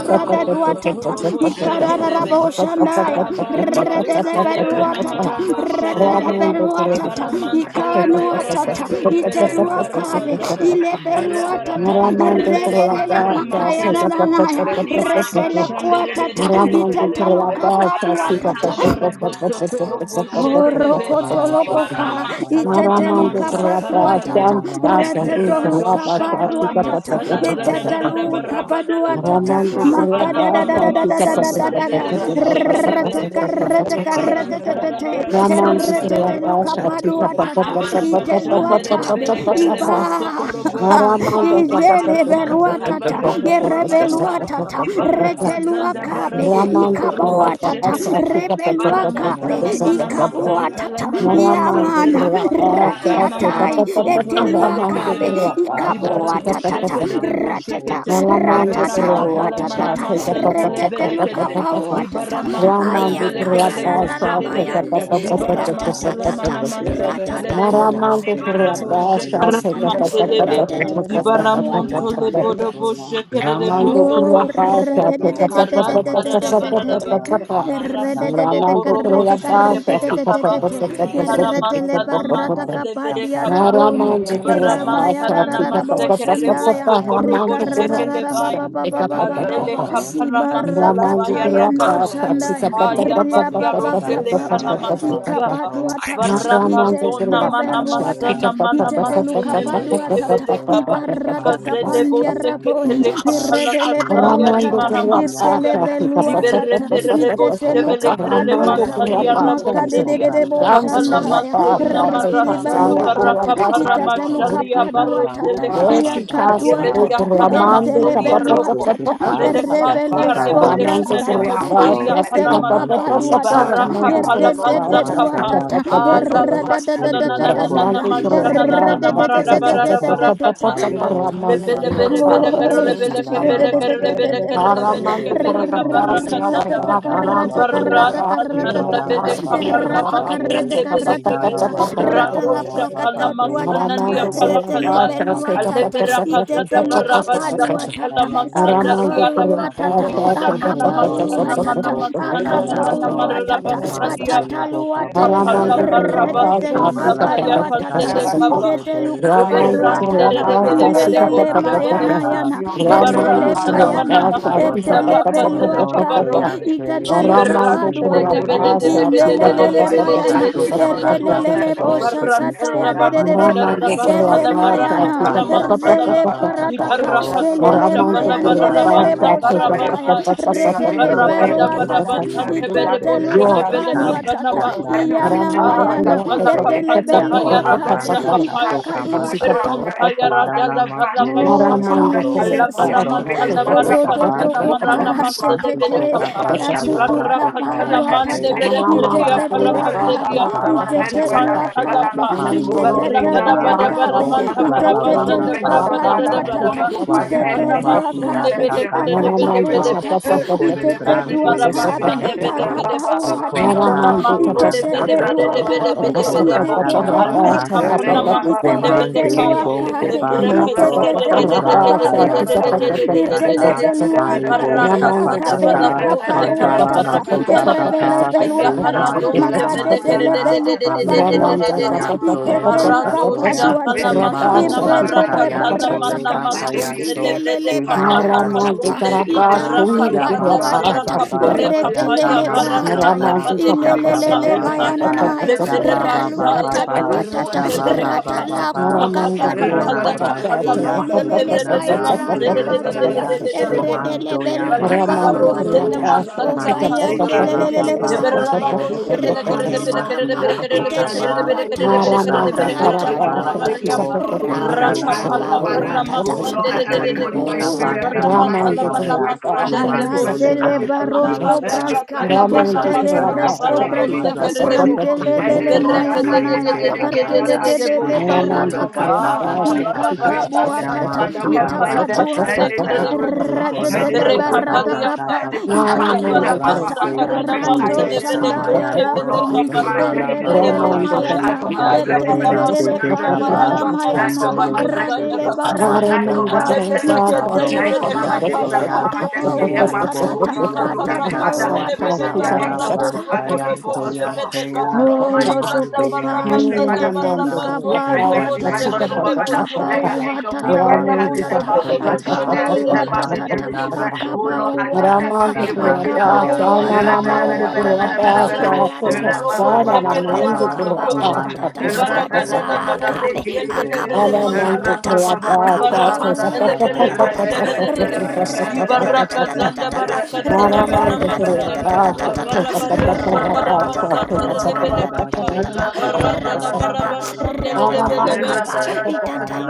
S7: Arabo Sokorobo
S8: Kataka,
S7: Shekeleve,
S3: Rabo
S8: Labinda
S3: Shandaya,
S5: Father,
S8: Katana
S5: in the name
S7: Rabalia
S5: of
S8: Kataka,
S7: Roseleka
S5: Jesus.
S3: Redeleberuatata,
S5: Father,
S8: Mandolana
S7: Namarado Sherede,
S8: Kataka,
S3: Redeleberuatata,
S8: Ibrande
S7: Libaramantalavaya
S3: Ikanuatata,
S8: Kataka,
S7: Rakazelevele
S8: Uma
S3: Iteluakabe,
S7: Kabarakazaha,
S8: Beyonce Kuman
S3: Ilebeluatata,
S8: Beyonce,
S7: Alabaramantelebele
S8: Ukana
S3: Irelele
S5: let it be a
S3: Makayana
S5: deliverance,
S7: Kaparamanteleve,
S8: Beyonce
S5: Lord.
S3: Nanaya,
S5: Let it be a
S8: Katana,
S5: deliverance, Lord. Let
S8: Mekuto
S5: it be a
S3: Retelekuatata,
S5: deliverance,
S8: Kabranda
S5: Lord.
S7: Bashanderebele
S5: Let it
S8: Katola,
S5: be a deliverance, let it be a
S3: Itatalukapaduatata,
S5: shifting,
S8: Beyonce
S7: Talabaraboso
S5: Father.
S8: Kataka
S5: Oh,
S7: korobo
S5: Lord,
S8: Katola,
S5: my
S7: shekeleve
S8: Ala Sota
S3: Orokotolokopa
S5: God.
S8: Labranda
S5: Thank
S7: talamana
S8: Katola,
S3: itetelukapa
S7: masatarakade
S3: duatata
S8: Indola maso cheke
S7: verado
S8: baka
S3: retetolukapa
S8: so,
S7: shapala
S3: duatata
S8: yoko granta la patea,
S3: itetelukapa
S7: masadadadadadadabarababalaba
S3: duatata
S8: uman
S4: Ramando
S8: sole de
S4: Kurapa,
S7: amana
S8: tata,
S4: Satika
S8: tu
S4: Pasaka,
S8: granta
S3: makadadadadadadadadadada
S8: la
S7: masanterelebo
S4: Pasaka,
S8: pata
S4: Pasaka,
S8: so,
S7: shekelevedebo
S4: Pasaka,
S8: maso tu
S4: Pasaka,
S8: granta la
S3: retekaretekaretetetete
S8: pata,
S4: Ramando
S8: imo
S7: rantarabarabarabarabaraba
S8: se
S4: Kurapa,
S3: eretetelukapa
S8: an
S4: Satika
S8: sole
S3: duatata
S8: de,
S4: Pasaka,
S8: usana
S4: Pasaka,
S8: granta
S3: iteluakabe
S4: Pasaka,
S8: si
S7: barabashanderebelekerebo
S8: sola,
S4: Pasaka,
S3: iba
S7: sokorobo
S8: indola maso
S4: Ramando Kurapa,
S8: yente
S4: Satika
S8: kaman
S4: Pasaka, Ramando
S7: Ramantala
S4: Kurapa,
S3: izeleberuatata
S8: salam
S4: Satika
S8: so,
S7: Varanto
S4: Pasaka,
S7: Shapa,
S8: Iko
S3: irebeluatata
S8: man
S4: Pasaka,
S7: the
S8: sole basi
S7: Barakazanda
S8: yante
S3: reteluakabe
S8: se
S7: Baraboso
S8: man
S4: Ramando
S8: se la
S7: Korobo
S4: Kurapa,
S3: ikaboatata
S7: Shekete,
S8: basa
S7: the
S8: sa,
S4: Satika
S8: masano
S3: rebeluakabe
S7: Baramantala
S8: maso
S7: Manama
S8: cheke se,
S7: Santala
S3: ikaboatata
S5: you.
S7: Manama
S8: lendola
S5: Thank
S3: yamana
S8: maso
S7: Santeleve,
S8: chaka sa
S7: Kalamana
S8: sa
S3: ratiatai
S7: Masonto
S4: Pasaka,
S8: Yando la
S4: Ramando
S3: eteluakabe
S8: branda
S7: Lebelekedebo,
S8: casa
S4: Kurapa,
S8: papaya,
S7: Dibarabo
S4: Satika
S5: you.
S3: ikaboatatata
S8: your
S4: Pasaka,
S8: mouth
S7: Shekedebo
S3: ratata
S8: before
S7: Shekete,
S5: Thank
S8: Saba
S4: Ramando
S3: Ratata.
S4: Kurata
S7: Dibaramantala
S8: Sapasaki,
S4: Asha
S3: ratatauatatata
S7: Manama
S4: take a
S8: Ali
S4: papa
S8: Bo
S4: papa
S8: Saba
S7: Santelevekete,
S4: papa papa.
S3: retetelukapauatata
S8: Sapasaka,
S7: Libaramanto
S4: Ramando
S8: Sabra
S4: Kurata
S7: Levelekedebo
S8: Sayan
S4: Asha
S8: Pele
S4: take a
S7: Shedede,
S8: de
S4: papa
S3: ayakayararabayane
S4: papa papa
S8: Sapasaka,
S7: Libaramantala
S3: ratatatata
S4: papa
S7: Manama
S4: papa.
S8: Endele Bo
S7: Santele.
S3: ratatatata
S8: Siyan
S4: Ramando
S8: de
S4: Kurata
S8: Kaman
S4: Asha
S8: Sayan
S4: take
S8: Se,
S4: a
S3: ratatakabwatata
S8: yanto,
S4: papa papa
S7: Ramanteleve,
S3: Rete
S8: Sabra
S3: luka
S4: papa
S8: Sayan
S4: papa
S3: padua
S4: papa
S8: Sola
S3: tata.
S7: Dibaramontole
S4: papa.
S7: Borobo
S8: Bacasoya,
S7: Shekerebo
S8: Ali
S4: Ramando
S8: Bo
S3: Oh,
S4: Kurata Asha take a
S8: Sapaso,
S4: papa
S7: Karan
S4: papa
S8: Lama
S7: tarara barara
S4: papa
S8: Sosala
S7: ba.
S4: papa papa.
S8: Branda, La
S7: Karamon soko
S8: Casoca
S4: Ramando
S7: robo
S8: Branda
S4: Kurata Asha take a
S7: bele
S8: Caso,
S4: papa
S7: kaba.
S4: papa
S8: Endele Bo
S7: Ikaraman
S4: papa papa papa
S7: talaman
S8: Sapasaka,
S4: papa.
S5: you.
S8: papa
S7: televere
S5: Thank
S8: Rapano
S7: kapa.
S8: Basa
S4: Ramando
S7: Dibaraman
S8: Pasato,
S4: Kurabasa,
S7: tanana
S4: pick
S8: Eva
S4: up a
S7: maseke
S8: Basa
S7: rebo soko
S8: Tokata,
S7: robo
S4: Ramando
S7: sheke
S8: Nebrasa
S4: Kurabasa,
S7: levaya.
S4: pick up a
S8: Yantola
S7: Kazele
S8: Basato,
S7: kapana masala
S8: Yendele
S4: Ramando
S7: vaya
S8: Bosi
S7: rakato.
S4: Kurabasa, pick up a Ramando Kurabasa,
S8: Yande
S4: pick up a
S8: Kato,
S7: Kaya
S4: Ramando
S7: valia
S8: Yoko
S7: rosele
S8: Branda La
S7: kana
S4: Kurabasa,
S8: Baba
S4: pick up a
S7: maseliaba.
S8: Kato,
S7: Varaka
S8: Matito
S4: Ramando
S7: zona
S4: Kurabasa,
S8: Kemasa
S7: mana
S8: Kaya,
S7: masana mana
S4: Ramando
S8: Labrasa
S7: masune meleke
S8: Yantolo
S7: bele kaba.
S8: Dea,
S3: Ibarata
S8: Mani Bosi
S7: Kazedebo
S3: Kapandia
S5: you.
S7: seke
S5: Oh,
S3: Raboni
S8: Yantola
S7: peleka
S8: Ba,
S7: palaka
S3: iredele
S8: Yendele
S3: beruatata
S8: Bosi
S7: rimana
S3: irtele
S7: maselia.
S8: Yande Kato,
S3: beluatata
S7: Liberende rebo
S8: Yendele Bo
S3: iteteluka
S7: shebele kerele
S8: Kamantola
S3: paduatata
S7: mansalia
S8: Be, Yoko
S7: ramoselia.
S3: makadedede
S8: Branda
S7: Kabala
S8: Katola
S3: boshandaya
S8: Ba
S7: masona
S8: be,
S3: rdili
S7: marasala
S8: Mandola
S4: Kurabasa,
S8: la
S3: beluatata
S7: varaka
S8: soka
S4: pick up
S8: pato,
S3: iteteluka
S7: paramashalia
S8: la
S3: paduatata
S8: branda la
S5: Father,
S7: baroseleka.
S8: ba
S4: Esi
S8: ba
S5: the
S8: ba
S4: casa,
S5: wicked
S4: do
S5: cause
S8: ba,
S7: Ayebelia
S3: iakaduatata
S5: and
S7: kana
S5: blockage
S4: curamande,
S8: yakano
S5: of
S3: erdele
S7: maselia
S8: masu
S5: potential
S7: roko.
S5: for the
S3: beluatata
S8: sokipa,
S5: passion
S4: capapapapapapapa.
S5: go.
S8: yako
S7: Avelekatia
S5: Father,
S8: branda
S5: right
S7: rebele
S8: la
S4: Ramante
S8: ba
S7: kanene
S8: ba
S3: errevelescobranskata
S4: curapa,
S8: kato,
S7: moselia
S8: le
S4: chastica,
S3: isteteluka
S7: panamasa.
S8: mantele
S4: papapapapa,
S8: bo
S3: paduatata
S5: we
S7: Baraka
S4: ramante
S8: ba,
S5: ask,
S8: le
S5: Lord,
S4: curapa,
S5: for
S7: palavasa
S5: the
S8: branda
S5: divine
S4: chastica,
S7: kapa.
S3: erdedededuatata
S5: direction.
S8: yantole
S5: Lord,
S7: Ala
S8: de,
S5: for
S4: papapapapa.
S5: us,
S7: satana na
S5: to
S7: na
S8: indele
S5: you,
S7: na na
S8: bo
S5: the
S7: na
S3: erradadadadadadada
S4: Ramante
S5: Lord.
S7: mashana
S5: Thank
S8: siyando
S7: na na
S4: curapa,
S7: na
S8: kamanto
S7: marara barara
S4: chastica,
S8: yamba,
S7: baraka
S3: erradadadadadadadada
S7: zalava.
S4: papapapapapa,
S8: alibo
S4: ramante
S8: soka
S7: Lebele bele
S8: pato
S4: curapa,
S3: Oh,
S7: bele
S8: ya,
S7: karele
S4: chastica,
S7: bele
S8: indala
S4: papapapa.
S7: kebele karele
S8: masu
S7: bele karele
S8: yendele
S7: bele
S4: Ramante
S8: bede,
S7: kebele
S4: curapa,
S8: holy
S7: kabara
S8: de
S7: kazada ba.
S4: chastica,
S8: kabranda la ba
S4: ramante
S8: ba
S7: Dibara
S8: ya,
S7: satara
S8: imala
S7: bele
S8: ba ba la ba
S7: kabara
S8: ba
S4: curapa,
S8: be,
S7: masunde bele
S4: chastica,
S7: kebe.
S8: Indala baba la
S4: papapapapa.
S7: Rado
S8: baba
S7: shapala
S8: baba be
S3: Ratalaprakaduatata,
S7: masanani
S4: Ramando
S7: apala
S4: Korea
S8: amosi
S7: kazaya.
S4: Basha,
S8: anja
S4: Kata Pata
S3: Retelebeluatata,
S8: kamosi
S7: Alebera
S4: Pata
S8: tete
S7: kazada
S8: te
S4: Pata
S7: baraba
S4: Pata Pata.
S8: abrasa
S7: shakapala
S3: Itetelukapaduatata,
S8: yanto la
S4: Ramando
S7: masadaria
S8: masa
S3: akabau
S4: Korea
S7: daba.
S3: atata
S4: Basha,
S8: sakato
S7: Dikada
S4: Kata
S7: mana
S4: Pata Pata
S8: limon
S3: akabau
S7: masana
S8: tele
S7: mana
S3: atata
S8: boke
S4: Pata
S7: masana mana
S3: akabau
S8: tayanto
S7: namarala
S3: atata
S4: Pata
S8: liman
S5: you.
S4: Pata.
S7: basalia
S8: tele
S3: atata
S7: ba.
S5: My
S8: boka
S5: help,
S8: man
S3: luatela
S5: Lord.
S7: Kapala
S4: Ramando Korea
S5: Father,
S8: tayanto
S7: baraba
S3: retete
S4: Basha,
S7: sunda
S4: Kata
S8: imala
S3: lukapadu
S7: baya
S4: Pata
S8: brasa
S3: atata
S7: kazele
S4: Pata
S8: yanto
S4: Pata.
S7: kaba.
S3: itete
S8: lebe
S3: lukapadu
S4: Ramando
S8: ibranda
S4: Korea
S7: Iberrandere
S3: atata
S8: la
S5: as
S8: ba
S7: rebere
S5: I
S4: Basha, Kata
S7: bere
S5: start
S8: kato
S5: this
S3: ilelele
S4: Pata
S5: day,
S7: boşa
S5: Lord, I
S4: Pata
S8: kamasa
S7: bele
S5: want
S3: mayana
S4: Pata.
S8: ta
S5: to
S7: baha.
S5: see
S3: yana
S5: your glory.
S8: moli ba
S3: erele
S4: Ramando
S5: Father, I
S7: Dibarrantana
S4: Korea
S8: kano
S5: want to
S7: mana
S3: mayana
S5: see
S8: sata
S5: your
S4: Basha,
S8: la
S4: Kata
S8: ba
S5: glory.
S7: masunda
S4: Pata
S3: ertele
S5: I
S7: baka
S5: want
S4: Pata
S3: belu
S5: to
S7: zile
S5: see
S8: lebron
S4: Pata
S5: your
S8: ke
S3: akabe
S4: Pata.
S7: kabarose.
S5: glory.
S8: yante
S5: Your
S3: itata
S5: glory,
S8: lebe
S5: Father,
S4: Ramando
S5: show
S3: lukapadu
S5: me
S7: Diberrantere
S5: your
S4: Korea
S8: indele
S3: atata
S5: glory,
S7: rebere de
S8: bobo
S5: Father.
S4: Basha,
S7: de de
S5: Oh,
S4: Kata
S8: kaba
S7: de
S5: Lord,
S4: Pata
S7: de
S3: ilelele
S5: my
S7: bede
S5: God,
S7: de de de bede de
S5: I
S7: de
S3: mayana
S8: Isato
S7: de
S5: pray
S7: de
S4: Pata
S5: for
S7: de
S4: Pata
S5: that
S7: de
S5: to
S8: kabranda
S4: Pata
S7: ba.
S5: God
S3: erelele
S8: kato,
S5: testimony
S4: Pata
S5: to be
S4: Pata.
S5: open.
S7: Dibarrantara
S3: bosakata ya
S8: lutone
S7: raba
S5: That to God
S7: şandara
S8: masita
S3: derereba
S4: Ramando
S7: raba
S5: testimony,
S8: kato,
S5: my
S3: ele
S7: sala
S4: Kurapa,
S5: Father.
S7: baraka
S3: mayana
S8: ibaba
S5: That
S4: Satika,
S5: to
S4: Papa,
S7: palama
S5: God
S8: kato
S5: pray
S7: salaba
S4: Papa,
S5: to
S7: ba.
S3: Rele
S4: Papa,
S5: Father.
S8: kabranda
S4: Papa.
S3: barataka
S8: kato,
S7: Dibaraka
S3: helele
S7: toşa
S8: masito
S4: Ramando
S7: bala bara
S5: Father,
S8: kabranda
S7: raba
S5: may
S4: Kurapa,
S3: mayandelele
S5: your
S7: saka
S5: angel
S4: Satika,
S5: go
S8: lababe,
S7: raba
S5: ahead,
S4: Papa,
S3: boshataya
S4: Papa,
S5: go.
S7: saya.
S4: Papa,
S5: May your
S4: Papa,
S3: retele
S5: angel
S4: Papa,
S5: go
S7: Dibaraba
S5: ahead
S3: belu
S5: and
S7: da
S8: Lepone
S5: go,
S4: Papa,
S5: Father.
S7: baraba
S3: atata
S5: Every
S8: Masiam
S7: sante
S5: door that
S7: bere
S5: the
S8: Bekele
S3: itatelu
S5: enemy has
S4: Your
S7: boşeke
S5: shut
S7: bele
S5: before
S8: Basata,
S5: me.
S4: name.
S7: kapana
S5: So, oh, any
S7: masaya.
S8: Yabranta La
S3: iyana
S5: witches and
S4: Ramando
S7: Ah,
S8: Baba
S5: waste
S8: La
S5: of
S3: mayana
S7: ya
S5: money
S4: Kurapa,
S7: bala
S5: for me.
S4: Papa,
S8: Babe,
S3: etele
S4: Papa,
S5: Oh,
S7: kapanda ba
S3: belu
S5: God,
S4: Papa,
S7: ya
S8: Yakoni
S5: Father,
S4: Papa,
S5: any
S3: akabe
S7: rabasa
S8: Branta
S7: kapaya.
S5: witchcraft
S8: Kato
S4: Papa,
S5: spirit,
S4: Satika,
S5: witchcraft
S8: Kamasato,
S4: Papa,
S5: prayer.
S7: Liberonta
S4: Papa,
S7: yara
S4: Papa.
S5: Father, we
S8: Indala
S7: della
S5: crash it this
S8: Masien
S3: Oh
S5: morning. We
S8: de
S7: barabashane.
S4: Ramando
S5: arrest it
S8: Kato,
S5: this
S4: Kurapa,
S7: Alla
S3: Jesus
S5: morning.
S8: Ibron
S4: Satika,
S5: With
S8: de
S7: baramanta
S5: this
S7: la
S5: matter,
S8: Lebe
S5: we
S4: Papa,
S5: command
S7: barakata
S5: them
S8: Kaba
S4: Papa,
S5: to
S7: na
S5: go
S3: Orototokopa
S5: down. to
S7: marana
S8: Kato,
S4: Papa,
S5: Witchcraft,
S7: masele
S5: come
S3: tetete
S5: on.
S7: vede
S8: Masito
S4: Papa,
S7: kapa.
S4: Papa,
S5: Witchcraft,
S8: Kabranta
S7: Di
S5: cattle,
S8: La
S4: Papa,
S5: God,
S4: Papa.
S5: Father.
S8: Nasuta
S7: barakata
S5: Let
S8: La
S7: la
S5: the heaven
S7: mande
S3: ratutukapaduatata
S8: Babe,
S5: live
S4: Thank
S7: vede
S5: over,
S8: Ima
S7: kerdia
S5: Father.
S8: Koya
S3: itetetuakabe
S7: parakazelia
S8: Masuta
S7: pa.
S8: La
S7: Di
S5: Anywhere I can
S7: panta
S5: cut
S7: la
S8: Nasuyande,
S5: a
S3: iteteduakabe
S5: lot,
S7: paha.
S5: oh
S8: Malibo
S5: Lord, we charge
S7: Barabada
S8: Sita
S7: bada
S5: against us,
S3: iteteteduakabe
S5: oh
S8: Kato,
S7: baramanta
S5: Father. Oh Lord, we
S8: Rababala
S7: barabazanda
S5: break out
S8: Ba
S5: that
S7: barabada da
S5: Father.
S7: da
S8: Kataya,
S3: itetetelukapaduatata
S5: Holy
S7: baraba.
S5: Ghost
S7: Di
S5: fire,
S8: Wandala
S7: bana
S5: anything that
S8: Masiam
S7: maskunde
S5: protected
S3: iteteduakabe
S5: in the
S7: bele
S5: realm
S7: kede
S5: of
S8: Takano
S7: de
S5: the spirit, Lord.
S7: bele
S8: O
S3: akababuatata
S5: Eh, de- be-
S8: koni
S5: de- be- de- be-
S8: brande
S5: de- be- de- be-
S7: Adibarama
S5: de- de.
S3: iteteduakabe
S7: sande
S8: yamasu
S5: Eh,
S7: vele
S8: te,
S5: ba- ba-
S7: kedeba.
S5: ba-
S8: me
S5: ba- ba-
S8: koni
S5: ba- ba-
S3: akababuatatata
S7: Dikarama
S5: ba-
S8: baso
S5: ba- ba.
S7: tole
S8: yanda
S5: Eh,
S7: vele
S5: ra-
S7: vele
S8: kato,
S7: de
S5: ba- ba-
S7: vele
S5: ba-
S3: iteteteduakabe
S8: me
S5: ba-
S7: vele
S5: ba-
S8: ko
S5: ba- ba.
S7: vele ba.
S5: Oh,
S8: branda
S5: sha-
S8: la
S5: da- da-
S8: baba
S7: Alika
S5: Eh,
S3: iteteteduakabe
S8: kato,
S5: re-
S7: panama
S5: ba- ba-
S8: le
S5: ba-
S7: sande
S5: ba- de-
S7: vele
S5: de-
S8: mande le
S5: de- de-
S7: kaya.
S8: bo
S5: de- de- de.
S7: Le
S3: iteteteluakabe
S8: ba
S5: Eh,
S7: vereke
S8: kato,
S5: ra- ba-
S7: tere
S5: ba- ba-
S7: de
S5: ba-
S8: ibraska
S7: de de
S5: ba- ba-
S7: de
S5: ba-
S7: de
S5: sha-
S7: de
S5: da-
S7: de
S5: da-
S7: de
S8: yanto
S3: itetetelukapaduatata
S7: de de
S8: le
S7: de de
S8: be
S5: Eh,
S7: de
S5: re-
S7: de
S8: kata,
S7: de
S5: ke-
S7: de.
S5: da-
S4: you.
S5: be- de- be-
S8: mali
S5: de- be- de-
S3: irtelebeluakabe
S5: be- de-
S8: boska
S7: Dibaraka
S5: be-
S4: Ramon
S7: zada
S8: pakata,
S7: vala
S5: Eh, ra-
S7: bo
S5: ba- da- ba-
S7: seka
S5: da- ba-
S8: mandala
S3: akabelukaparuatata
S5: da- ba-
S8: naso
S7: babaraka
S5: da-
S7: talava.
S8: tatata,
S5: ba-
S8: e
S5: da- ba- da. We
S3: erebelebeluatata
S7: Ayabara
S5: come
S8: mande
S7: doshe vele kere
S8: yamaseya,
S7: de de de de de de
S3: makadedelebelukapa
S8: mali
S7: de de de de
S3: duatata
S7: de.
S8: yanto le
S7: Dibarado
S8: masatoya,
S7: shavala
S8: e
S3: itetelukapaduatata
S5: down,
S8: malo
S5: Lord
S7: masana
S5: God, Father,
S8: braska
S5: for
S7: maraka
S5: your
S7: tala
S8: yanto
S5: teaching.
S8: le
S7: mana
S3: irererebarataka
S8: baka
S5: Let it
S7: masun
S5: be a
S8: yanto,
S7: tele
S5: deliverance, Lord
S7: vele
S8: e
S3: ilelele
S5: Father,
S7: kapala
S3: barata
S5: deliver
S8: makano
S5: us soul.
S8: se
S3: kapa
S8: te
S7: kazunde
S8: ke
S5: Deliver the
S8: ba
S5: soul of our
S3: italuka
S8: Ya
S5: children, our
S8: ba
S7: Rakazada
S8: ba
S3: padua
S5: family,
S8: ba
S5: Lord.
S8: ba
S3: tata
S7: baraka
S8: ba.
S7: pole
S5: Deliver the
S8: Ya
S5: soul of
S8: ta
S7: kapaya
S5: our
S3: retelele
S8: na
S5: brother
S8: ma
S5: and
S8: sa
S5: sister,
S3: bahataya
S7: varasada
S5: my
S8: ta.
S5: father,
S7: vale
S5: my
S8: Ya
S5: maker.
S8: ba
S7: kapana
S8: ba
S3: ilelelele
S8: ba ba
S7: masaya.
S8: ba.
S3: mayananaya
S8: Ya ba
S7: Levereba
S8: ba ba
S3: ralua
S8: ba
S7: shaya
S8: ba.
S7: vale
S3: tatua tata
S8: Ya
S7: konde
S8: ba
S7: vele
S8: ba ba ba
S7: kapaya.
S3: ratala
S8: ba.
S7: Kapala
S4: de
S8: Ya ta
S4: Korea,
S3: kukapadua
S8: na
S7: katala
S8: bra
S3: tata
S8: so
S7: kapala
S8: yan te
S7: vasele
S8: te
S3: ilelelele
S8: na
S7: vele
S8: ba su
S7: bante de levante
S3: bayarada
S7: de
S8: yen
S7: de de
S8: te
S7: de
S8: ya.
S3: hataya
S7: de de de de
S8: Iman
S7: boche.
S8: do
S3: eredelebe
S8: ya ma
S5: Everybody,
S7: Bali
S8: ka
S5: Oh,
S8: to
S4: Ramando
S8: le
S3: lukapaua
S5: Father,
S8: bi
S7: barosele
S3: tata
S8: ya.
S4: Kriapasha,
S8: Ma
S7: masalia
S8: ri
S4: Tika
S8: so ta la
S7: kandi
S8: ba
S3: okayandelelelele
S8: ba ka
S3: bahataya
S7: Neberabado
S8: to. Le
S7: Sevilla
S8: ko ni ma si
S3: retetelukapa
S7: Kerabarabayapa
S8: yan de ka ba.
S5: Lord, by your
S8: Le ko
S3: iteteduataya
S5: precious
S8: bran
S5: blood,
S8: da
S4: Maramanda
S8: la
S5: we
S8: ba
S5: plead the
S8: ba
S3: ratadua
S5: blood,
S8: ka
S4: Sarabasa,
S5: we
S3: tata
S8: to.
S5: plead the
S4: Tika
S5: blood to
S8: Len da
S5: blind the
S8: la
S5: eye
S8: bro
S5: to go,
S7: Rakapala
S8: se
S5: Father.
S8: yan
S7: Varlama
S3: raukapauatata
S8: te.
S5: Oh, Lord, and every
S8: Mori di
S3: akakabo
S7: Sanderebo
S5: monitoring
S8: ka ban
S5: spirit,
S8: da
S5: every
S3: watata
S8: la
S5: device,
S8: ba
S4: Ramanda
S8: ba
S5: Lord,
S7: Libaramatalamana
S8: ya.
S5: we crush every device
S8: Imandole
S7: Masandereboshe
S5: that
S3: Aracele
S5: is on of you,
S3: baronsko
S8: nasutalaba
S5: every
S3: branska
S5: plan, every
S7: Libarakatalamana
S5: voice,
S8: rikobras
S3: estele
S5: Father, we
S7: Masala
S3: bresko
S5: silence
S8: gayantola
S5: every
S3: pradia
S7: Varabose
S5: evil voice,
S8: mazato
S7: Kerebo
S5: Lord,
S3: rantele
S5: any
S3: lele
S8: indele
S5: door that
S7: Libereke de
S5: crying in
S7: de
S5: the
S3: mayananaya
S7: de
S5: night,
S8: basuyende
S7: de
S5: any
S7: de de
S5: care
S7: de
S5: that
S7: de
S3: artele
S8: kataya
S7: de
S5: crying in
S7: de
S5: the
S3: dedele
S5: night.
S7: Boshe de de
S8: indola
S5: Oh,
S7: de
S3: barata
S5: Lord, my
S8: nasata
S3: kapa
S5: Father,
S7: Ah
S5: my
S8: kata
S5: maker,
S7: Yabala
S8: kata
S5: we
S3: ikakabu
S5: silence them,
S3: atata
S7: Barabashaya
S5: Father. Father, we
S8: yamantola
S5: arise
S7: Kapala
S5: there,
S3: itakadu
S8: bakata
S7: Katele
S5: any
S3: atata
S8: kata
S5: territory
S7: Kerebonte
S4: Kriapasha,
S5: ruler,
S8: ikona
S5: any
S3: ratetele
S5: territory
S8: masata
S4: Tika
S3: barata
S5: power,
S8: kata
S7: Ibrekabaliapa,
S3: kapa
S5: any
S8: kata
S4: Ramon,
S3: ikadu
S5: principalities and
S8: lebras
S5: power,
S3: atata
S7: Ayabarabasa
S5: Father,
S7: Karana
S5: we
S8: gayantole
S3: ranto
S5: silence them,
S7: Mantelevede
S5: Father.
S3: shandaya
S7: Konde
S5: Oh
S8: bekamayanto
S7: Vede
S5: Lord, we
S3: raboni
S5: crash them
S8: imala
S7: Kabaroshe
S5: in the
S7: de
S5: name of
S3: erelelele
S8: babala
S5: Jesus.
S8: be
S7: Debosaya,
S5: I
S3: mayana
S5: command my blessing
S8: yandole
S5: from the
S7: Ayabalama
S3: ertelelele
S8: nasete
S5: supernatural
S7: Sunda
S5: to the
S8: kaba
S3: kayala
S5: natural.
S7: Baraka
S5: I
S3: mayana
S7: Balika
S5: command
S8: yandole
S5: my blessing
S7: Rabosaya
S5: to
S8: nasete
S3: radele
S5: God, Father.
S7: Rakato.
S3: barata
S5: I
S8: kamantoya
S5: command
S3: kapa
S5: my blessing to
S7: Alebereke
S5: God.
S8: makabros
S5: I
S3: itetelua
S7: zelebere
S5: command my
S3: kabe
S7: kapala
S5: deliverance. I
S8: gayantoya
S5: command my
S3: Akaba
S7: katosha
S5: destiny
S7: kapa.
S5: helper.
S3: watata
S8: Indelebo
S5: Oh Lord, to
S7: Lika
S5: look at
S8: siyanda
S5: me,
S7: paraka
S3: atata
S5: Father.
S8: kato,
S7: zonde
S5: We
S7: bele
S3: watata
S5: set your
S8: indala
S5: angel
S7: kaparako
S5: to
S3: watata
S5: God,
S8: brasta
S5: Father,
S7: zoko robo
S5: before
S8: toyantea
S5: us, Lord.
S7: shebele
S5: Oh
S7: kapa.
S8: yanteya,
S5: Lord, my God,
S7: Lika
S5: to
S7: da
S3: horotoko
S5: make
S8: imando
S5: the
S8: ya
S5: creation
S7: baraba
S5: straight,
S3: pante
S7: zada
S8: masato
S5: Father.
S7: baraba
S8: kata,
S3: tetelika
S5: We
S7: soko
S5: pray
S8: in
S5: for
S3: padu
S8: the
S5: your
S7: robo
S5: divine
S3: atata
S5: touch
S8: name
S7: shekere
S8: of
S5: over
S7: rebo
S5: Father.
S8: Jesus,
S3: ikapa
S5: Let
S7: sokute.
S8: ah,
S5: your angel go
S3: watata
S5: again there as
S7: Libarabo
S8: amasu
S5: they step
S3: watata
S7: soko
S5: out,
S8: yanto
S7: robo
S5: partition
S8: leba,
S5: there
S7: shekere
S3: akaba
S5: as they
S7: de de
S5: step
S7: de de
S5: out,
S7: de
S5: Satan
S8: imande
S5: and
S3: watata
S7: de
S5: the
S7: de
S8: la
S5: children.
S7: de
S5: Oh
S8: masote
S7: de de
S3: akaba
S5: Lord, as
S7: de.
S5: they
S8: keba,
S5: step
S3: watata
S5: out in
S4: Ramando
S8: la
S5: the mighty
S7: Libaraboso
S5: name
S8: brasta
S5: of
S4: Kurata,
S3: akaba
S5: Jesus.
S7: korobo
S8: yanto
S4: Sana
S8: la
S3: watata
S4: Ramando
S7: sakatalaba.
S8: masato,
S3: watata
S4: Kurata,
S7: Libaraboso
S8: mabroste
S3: ratata
S7: korobo
S8: yanto
S4: Sasara
S7: shekerebo
S4: Ramando Kurata, Ramando
S3: reteteluka pa
S7: sokote.
S4: Kurata,
S8: imala
S3: watata
S8: baba
S3: atwa
S8: bala
S7: Libarabadala varabo
S8: bade,
S3: akabe
S8: ito
S3: akaba
S8: la
S7: shekelevere
S5: Father, let it be a
S8: masata
S7: mantalava.
S3: watata
S8: kata kata,
S3: akaba
S7: Libaraban
S3: watata
S8: mandala
S7: televerebo
S8: nasi
S7: shedededede.
S8: yanto la masata,
S7: Libaraka zanda
S3: ratata
S7: baraka
S8: Rababakato,
S7: talama
S4: Ramando
S7: namasaya.
S8: Yemalababe,
S7: Avarabado
S8: Yemalababe,
S7: shakarabasa terebele kapa.
S8: Yemalababe,
S7: Varadala varaba
S8: Yemalababe,
S7: shandelebelebe.
S3: Ratatalukapa,
S8: Kamalakato,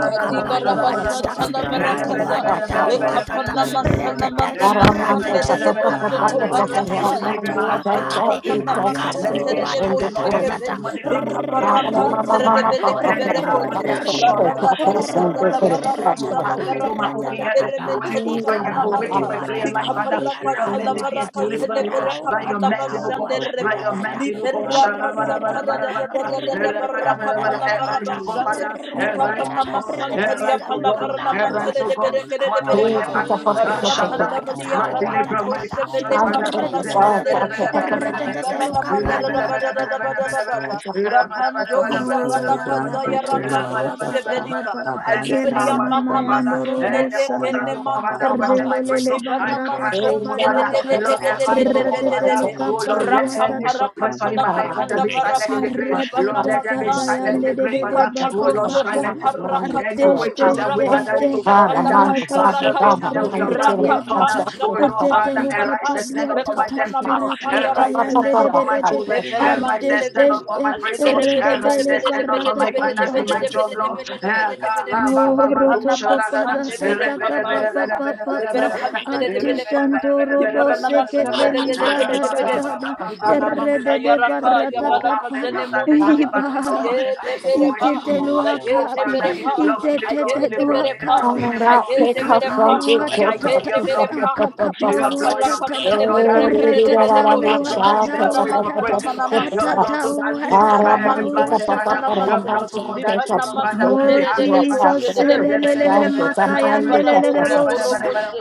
S7: Kadiba rabasata la
S4: Ramando
S7: barakaza.
S4: Kurata,
S7: Le
S8: Yabrantalabakato,
S7: kapana masala
S4: Aramando,
S7: maramashande
S8: Yandolanakoteba,
S7: redebo soko
S4: Ramando,
S7: barasaya
S5: I say,
S8: Yamandolemakotakato,
S5: oh
S7: avarika
S5: God, deliver
S7: pana
S5: us. let
S7: masonte
S5: it be a shift
S7: redebo
S5: in Lord,
S8: Inyandokumante,
S5: every
S7: shekeve
S5: demonic atmosphere, oh
S7: lekabarakante
S5: Lord, my God
S7: redebe
S5: call
S8: Itonemakiyandakato,
S5: any arrow
S7: lekeberekote
S5: they are shot, to block
S7: lavarabashada
S5: my
S8: Randokimanasatakato,
S5: blessing, to close
S7: lavarabasa
S3: ratata,
S5: my open door, my
S7: lavarakata
S5: open
S3: ratata,
S5: heaven.
S3: kapa,
S5: Holy
S7: lemeremente
S5: Ghost,
S8: Yuminisayantokinasato,
S5: fire to wicked
S7: likaparamanta
S5: my prayer
S3: ikababawatata
S5: life, Father. Lord,
S7: likabarakaza
S5: let it be a
S3: itataruatata
S7: lavarakaza
S5: deliverance, Lord, by your
S7: leverekapana
S5: mercy, Lord God,
S7: bashande
S5: by
S7: rebo
S5: your
S3: rawatatawatatata
S5: mercy, Lord God. Shara, bara, bara,
S7: da.
S5: bara,
S7: da da
S5: bara,
S7: da da
S5: bara. Bara,
S7: baraka
S5: bara, bara, bara.
S7: palavara
S5: Arise,
S3: ratatatatata
S5: Lord God,
S7: bashande.
S5: Father. Arise,
S7: Likapana
S5: Lord God.
S7: masantaria
S5: Arise,
S3: ratatata
S5: Lord God.
S7: palavara na
S5: Arise,
S7: mantere
S5: Lord
S7: de
S3: lukapaduatata
S5: God.
S7: bereke de
S5: What a wicked
S7: berekapa.
S5: Father, uh, shut
S7: Rapanda
S5: down
S7: valia
S5: my deliverer,
S7: pananto
S5: my
S3: atatawatatawatatawatatatata
S7: shevele
S5: deliverance, Father.
S7: kapala
S5: Zebere,
S3: ratatata
S5: bere, bere, bere,
S7: sanderiaba.
S5: bere, bere,
S7: Di
S5: bere.
S3: ratatata
S5: bere.
S7: barana
S5: Zebere,
S7: mandara
S3: lukapadu
S7: da
S5: bere,
S3: watata.
S7: bada
S5: bere,
S7: da
S5: bere,
S7: da
S5: bere,
S7: bada da
S5: bere, bere
S8: Mandolana
S7: bada.
S5: and the
S7: La
S5: powers
S7: pando
S3: Oh,
S8: Ikone
S3: ya
S7: shabalaka
S8: brande
S3: rada da
S8: ke
S3: ba
S7: zayaraka
S3: ba ba
S7: to
S3: ba ba
S8: namasata,
S3: ba
S7: shevelika.
S3: ba.
S8: Labranska
S3: Era
S7: Ayiberia
S5: of
S8: yanto
S3: mama
S7: mana
S5: God,
S3: ya
S5: Father,
S3: ndoro
S5: and
S7: masone
S8: lababa,
S5: the altar of
S3: bosaya.
S7: lekene
S4: Thank
S5: God,
S8: Lebaba
S5: Father,
S8: kate
S5: for
S7: mantalava.
S5: my
S8: kata,
S3: Erdelele
S5: breakthrough,
S7: Di
S5: I'm
S7: bana
S3: barata
S8: Tekone
S5: crashing,
S3: kapa
S5: God,
S7: masonte de
S5: Father,
S8: masata
S7: de de
S5: Lord,
S7: de
S3: duatata.
S8: kata,
S7: de de
S5: arise, oh
S7: de de de
S5: God,
S7: de
S3: Retete
S7: de
S5: Father,
S8: Labranska
S7: de.
S5: oh
S8: yanto
S5: Lord,
S7: Rapa
S5: let
S8: kata,
S5: every suppressor in my
S8: Yamanto
S5: life, Father,
S7: rapaparakapalakapanda
S5: be
S8: lebe
S5: silent in
S7: baraba
S8: kata,
S5: the grave,
S7: ribarna
S5: Lord, let them
S8: Labranska
S5: be silent
S8: yanto
S7: masante
S5: in
S3: Aratatakatayande
S5: the
S3: de
S5: grave,
S3: de
S8: lebe,
S3: de
S5: Father,
S3: ba
S5: oh
S3: ba
S5: Lord,
S3: ba ba.
S8: Yamanto
S7: likaparosoko
S5: silent the
S8: lebe
S5: Lord, and
S8: kata,
S5: the
S7: parakata
S3: Artesh
S5: witches
S3: tesh
S5: and wicked
S3: tesh
S8: Yamanto
S5: that
S3: te.
S5: need to
S7: rapadosha
S8: lebe
S5: fall down,
S8: kata,
S3: Arado
S5: Father,
S3: soko
S5: visit
S7: valakaparakata
S5: that
S8: Ibrahim
S5: we are
S3: brakada
S5: right,
S8: kata
S5: we are
S7: rakapa
S8: lababa,
S3: diatata.
S5: thunder, oh Lord,
S8: Ante
S7: sakapa
S3: Etete
S5: Father,
S8: lebe
S3: luka
S5: arise
S7: likapa
S5: and stand up for my
S8: kata,
S3: paduatata.
S7: lekapana
S5: destiny, Lord,
S8: Yamanto
S7: masaya
S5: arise and
S8: lebe
S3: Rakatayande
S5: stand up
S3: de
S7: rabadosha
S5: for
S3: de
S8: kata,
S5: my
S3: de de.
S5: children.
S7: alevere
S8: Yamanto
S5: Arise
S3: Artesh
S5: and stand
S3: tesh
S7: manteleve
S5: up for
S8: lebe
S3: te.
S5: my breakthrough.
S7: alevere
S8: my
S3: Erede de
S5: Arise
S3: le
S8: soul
S5: and
S8: is
S5: stand up
S8: delivered.
S5: for my
S3: barataka. pa
S5: finances, my
S8: Abraão
S5: job, Lord.
S8: caiu no
S5: Eh,
S8: sorão,
S7: belebedebedebedebedebedebedebedebedebedebedebedebedebe
S8: mas
S3: Oh,
S8: toda
S7: ribarna
S8: a
S3: rotoko
S8: nossa
S5: karabababadusharagada.
S7: masande
S8: fé,
S5: Eh,
S7: vere
S3: paratata
S8: e
S3: kapa
S8: braço
S3: pa
S7: kapaya
S8: de
S3: pa pa pa
S7: alevere
S8: sol,
S5: rebedebedebedebedebedebedebede.
S7: kante
S8: e
S7: Di Alika ramantosha
S5: Eh,
S8: pelo rosto
S3: artishanto
S8: do
S7: vanamante,
S3: robo
S8: sol,
S5: rebedebedebedebedebedebedebede.
S3: sekete
S8: ali por
S5: Eh,
S3: libra
S8: se
S3: da da da
S8: cairá,
S3: da
S7: di
S8: mas
S5: rababababababanda.
S8: na
S4: you.
S7: banama
S5: In
S3: erre
S5: the
S3: de
S5: name of
S8: nossa
S3: de
S5: Jesus,
S7: sayaraka
S8: fé,
S7: ya
S3: parata
S5: oh
S7: balaka
S3: kapa
S5: mountain
S8: e
S7: zene
S5: of that
S8: tem a
S7: bana
S5: little
S8: bronca
S5: valley,
S8: de
S5: Lord,
S7: masonde
S3: iba
S5: I
S7: de
S8: sol,
S5: so
S7: bere
S5: much to
S7: pa
S3: itete
S5: God.
S8: ali
S7: da
S8: por
S7: ye
S5: Oh
S8: se
S7: de
S3: luakabe
S5: Father,
S7: bere
S5: in the
S7: pa
S5: blood,
S8: cairá,
S5: in the
S3: itete
S5: blood,
S3: de
S8: mas
S7: aye
S5: in the
S8: na
S7: de
S5: blood,
S7: bere
S5: in the
S7: pa
S5: blood,
S3: luakabe
S5: in
S8: nossa
S5: the
S8: fé,
S5: blood,
S8: e
S7: aye de bere
S3: ikapa
S7: pa
S5: your blood,
S8: braço
S5: your
S8: da
S5: blood, your
S7: aye
S5: blood,
S3: watatata
S7: de
S5: your
S8: nossa
S7: bere
S5: blood, your
S7: pa
S8: fé,
S5: blood,
S7: di
S3: akakapa
S8: a
S5: your
S8: nossa
S5: blood,
S7: kapala
S8: fé,
S5: your
S8: a
S5: blood,
S3: watatata
S5: your
S7: katele
S5: blood,
S8: nossa
S5: Lord,
S7: bere
S5: everything
S7: kede
S5: to
S8: fé,
S7: de
S5: come
S3: ratata
S7: de
S5: over
S8: e
S5: to your
S7: boshe
S5: blood
S8: não
S5: that
S8: se
S7: di
S3: watata
S5: set up free
S7: barama
S5: for
S3: watata
S8: esqueça,
S5: praising,
S7: talamana
S5: Lord. Your
S8: Hallelujah.
S7: masaya
S5: blood
S3: atata
S5: will that
S7: ali
S5: deliver from
S3: watakapa
S5: every
S7: karamanto
S5: blinded father.
S3: watata
S7: shavana
S5: Your
S7: mante
S5: blood will go
S7: di
S5: that deliver
S7: banama
S5: father from every
S3: Oh
S7: sondere de
S5: hardship,
S7: de
S5: father. From
S7: boshe
S3: Jesus,
S7: de de bo.
S3: elelelele
S5: blindness,
S3: makaya
S7: Adibarabo
S3: nelelele bosha
S7: Sokoroboshe,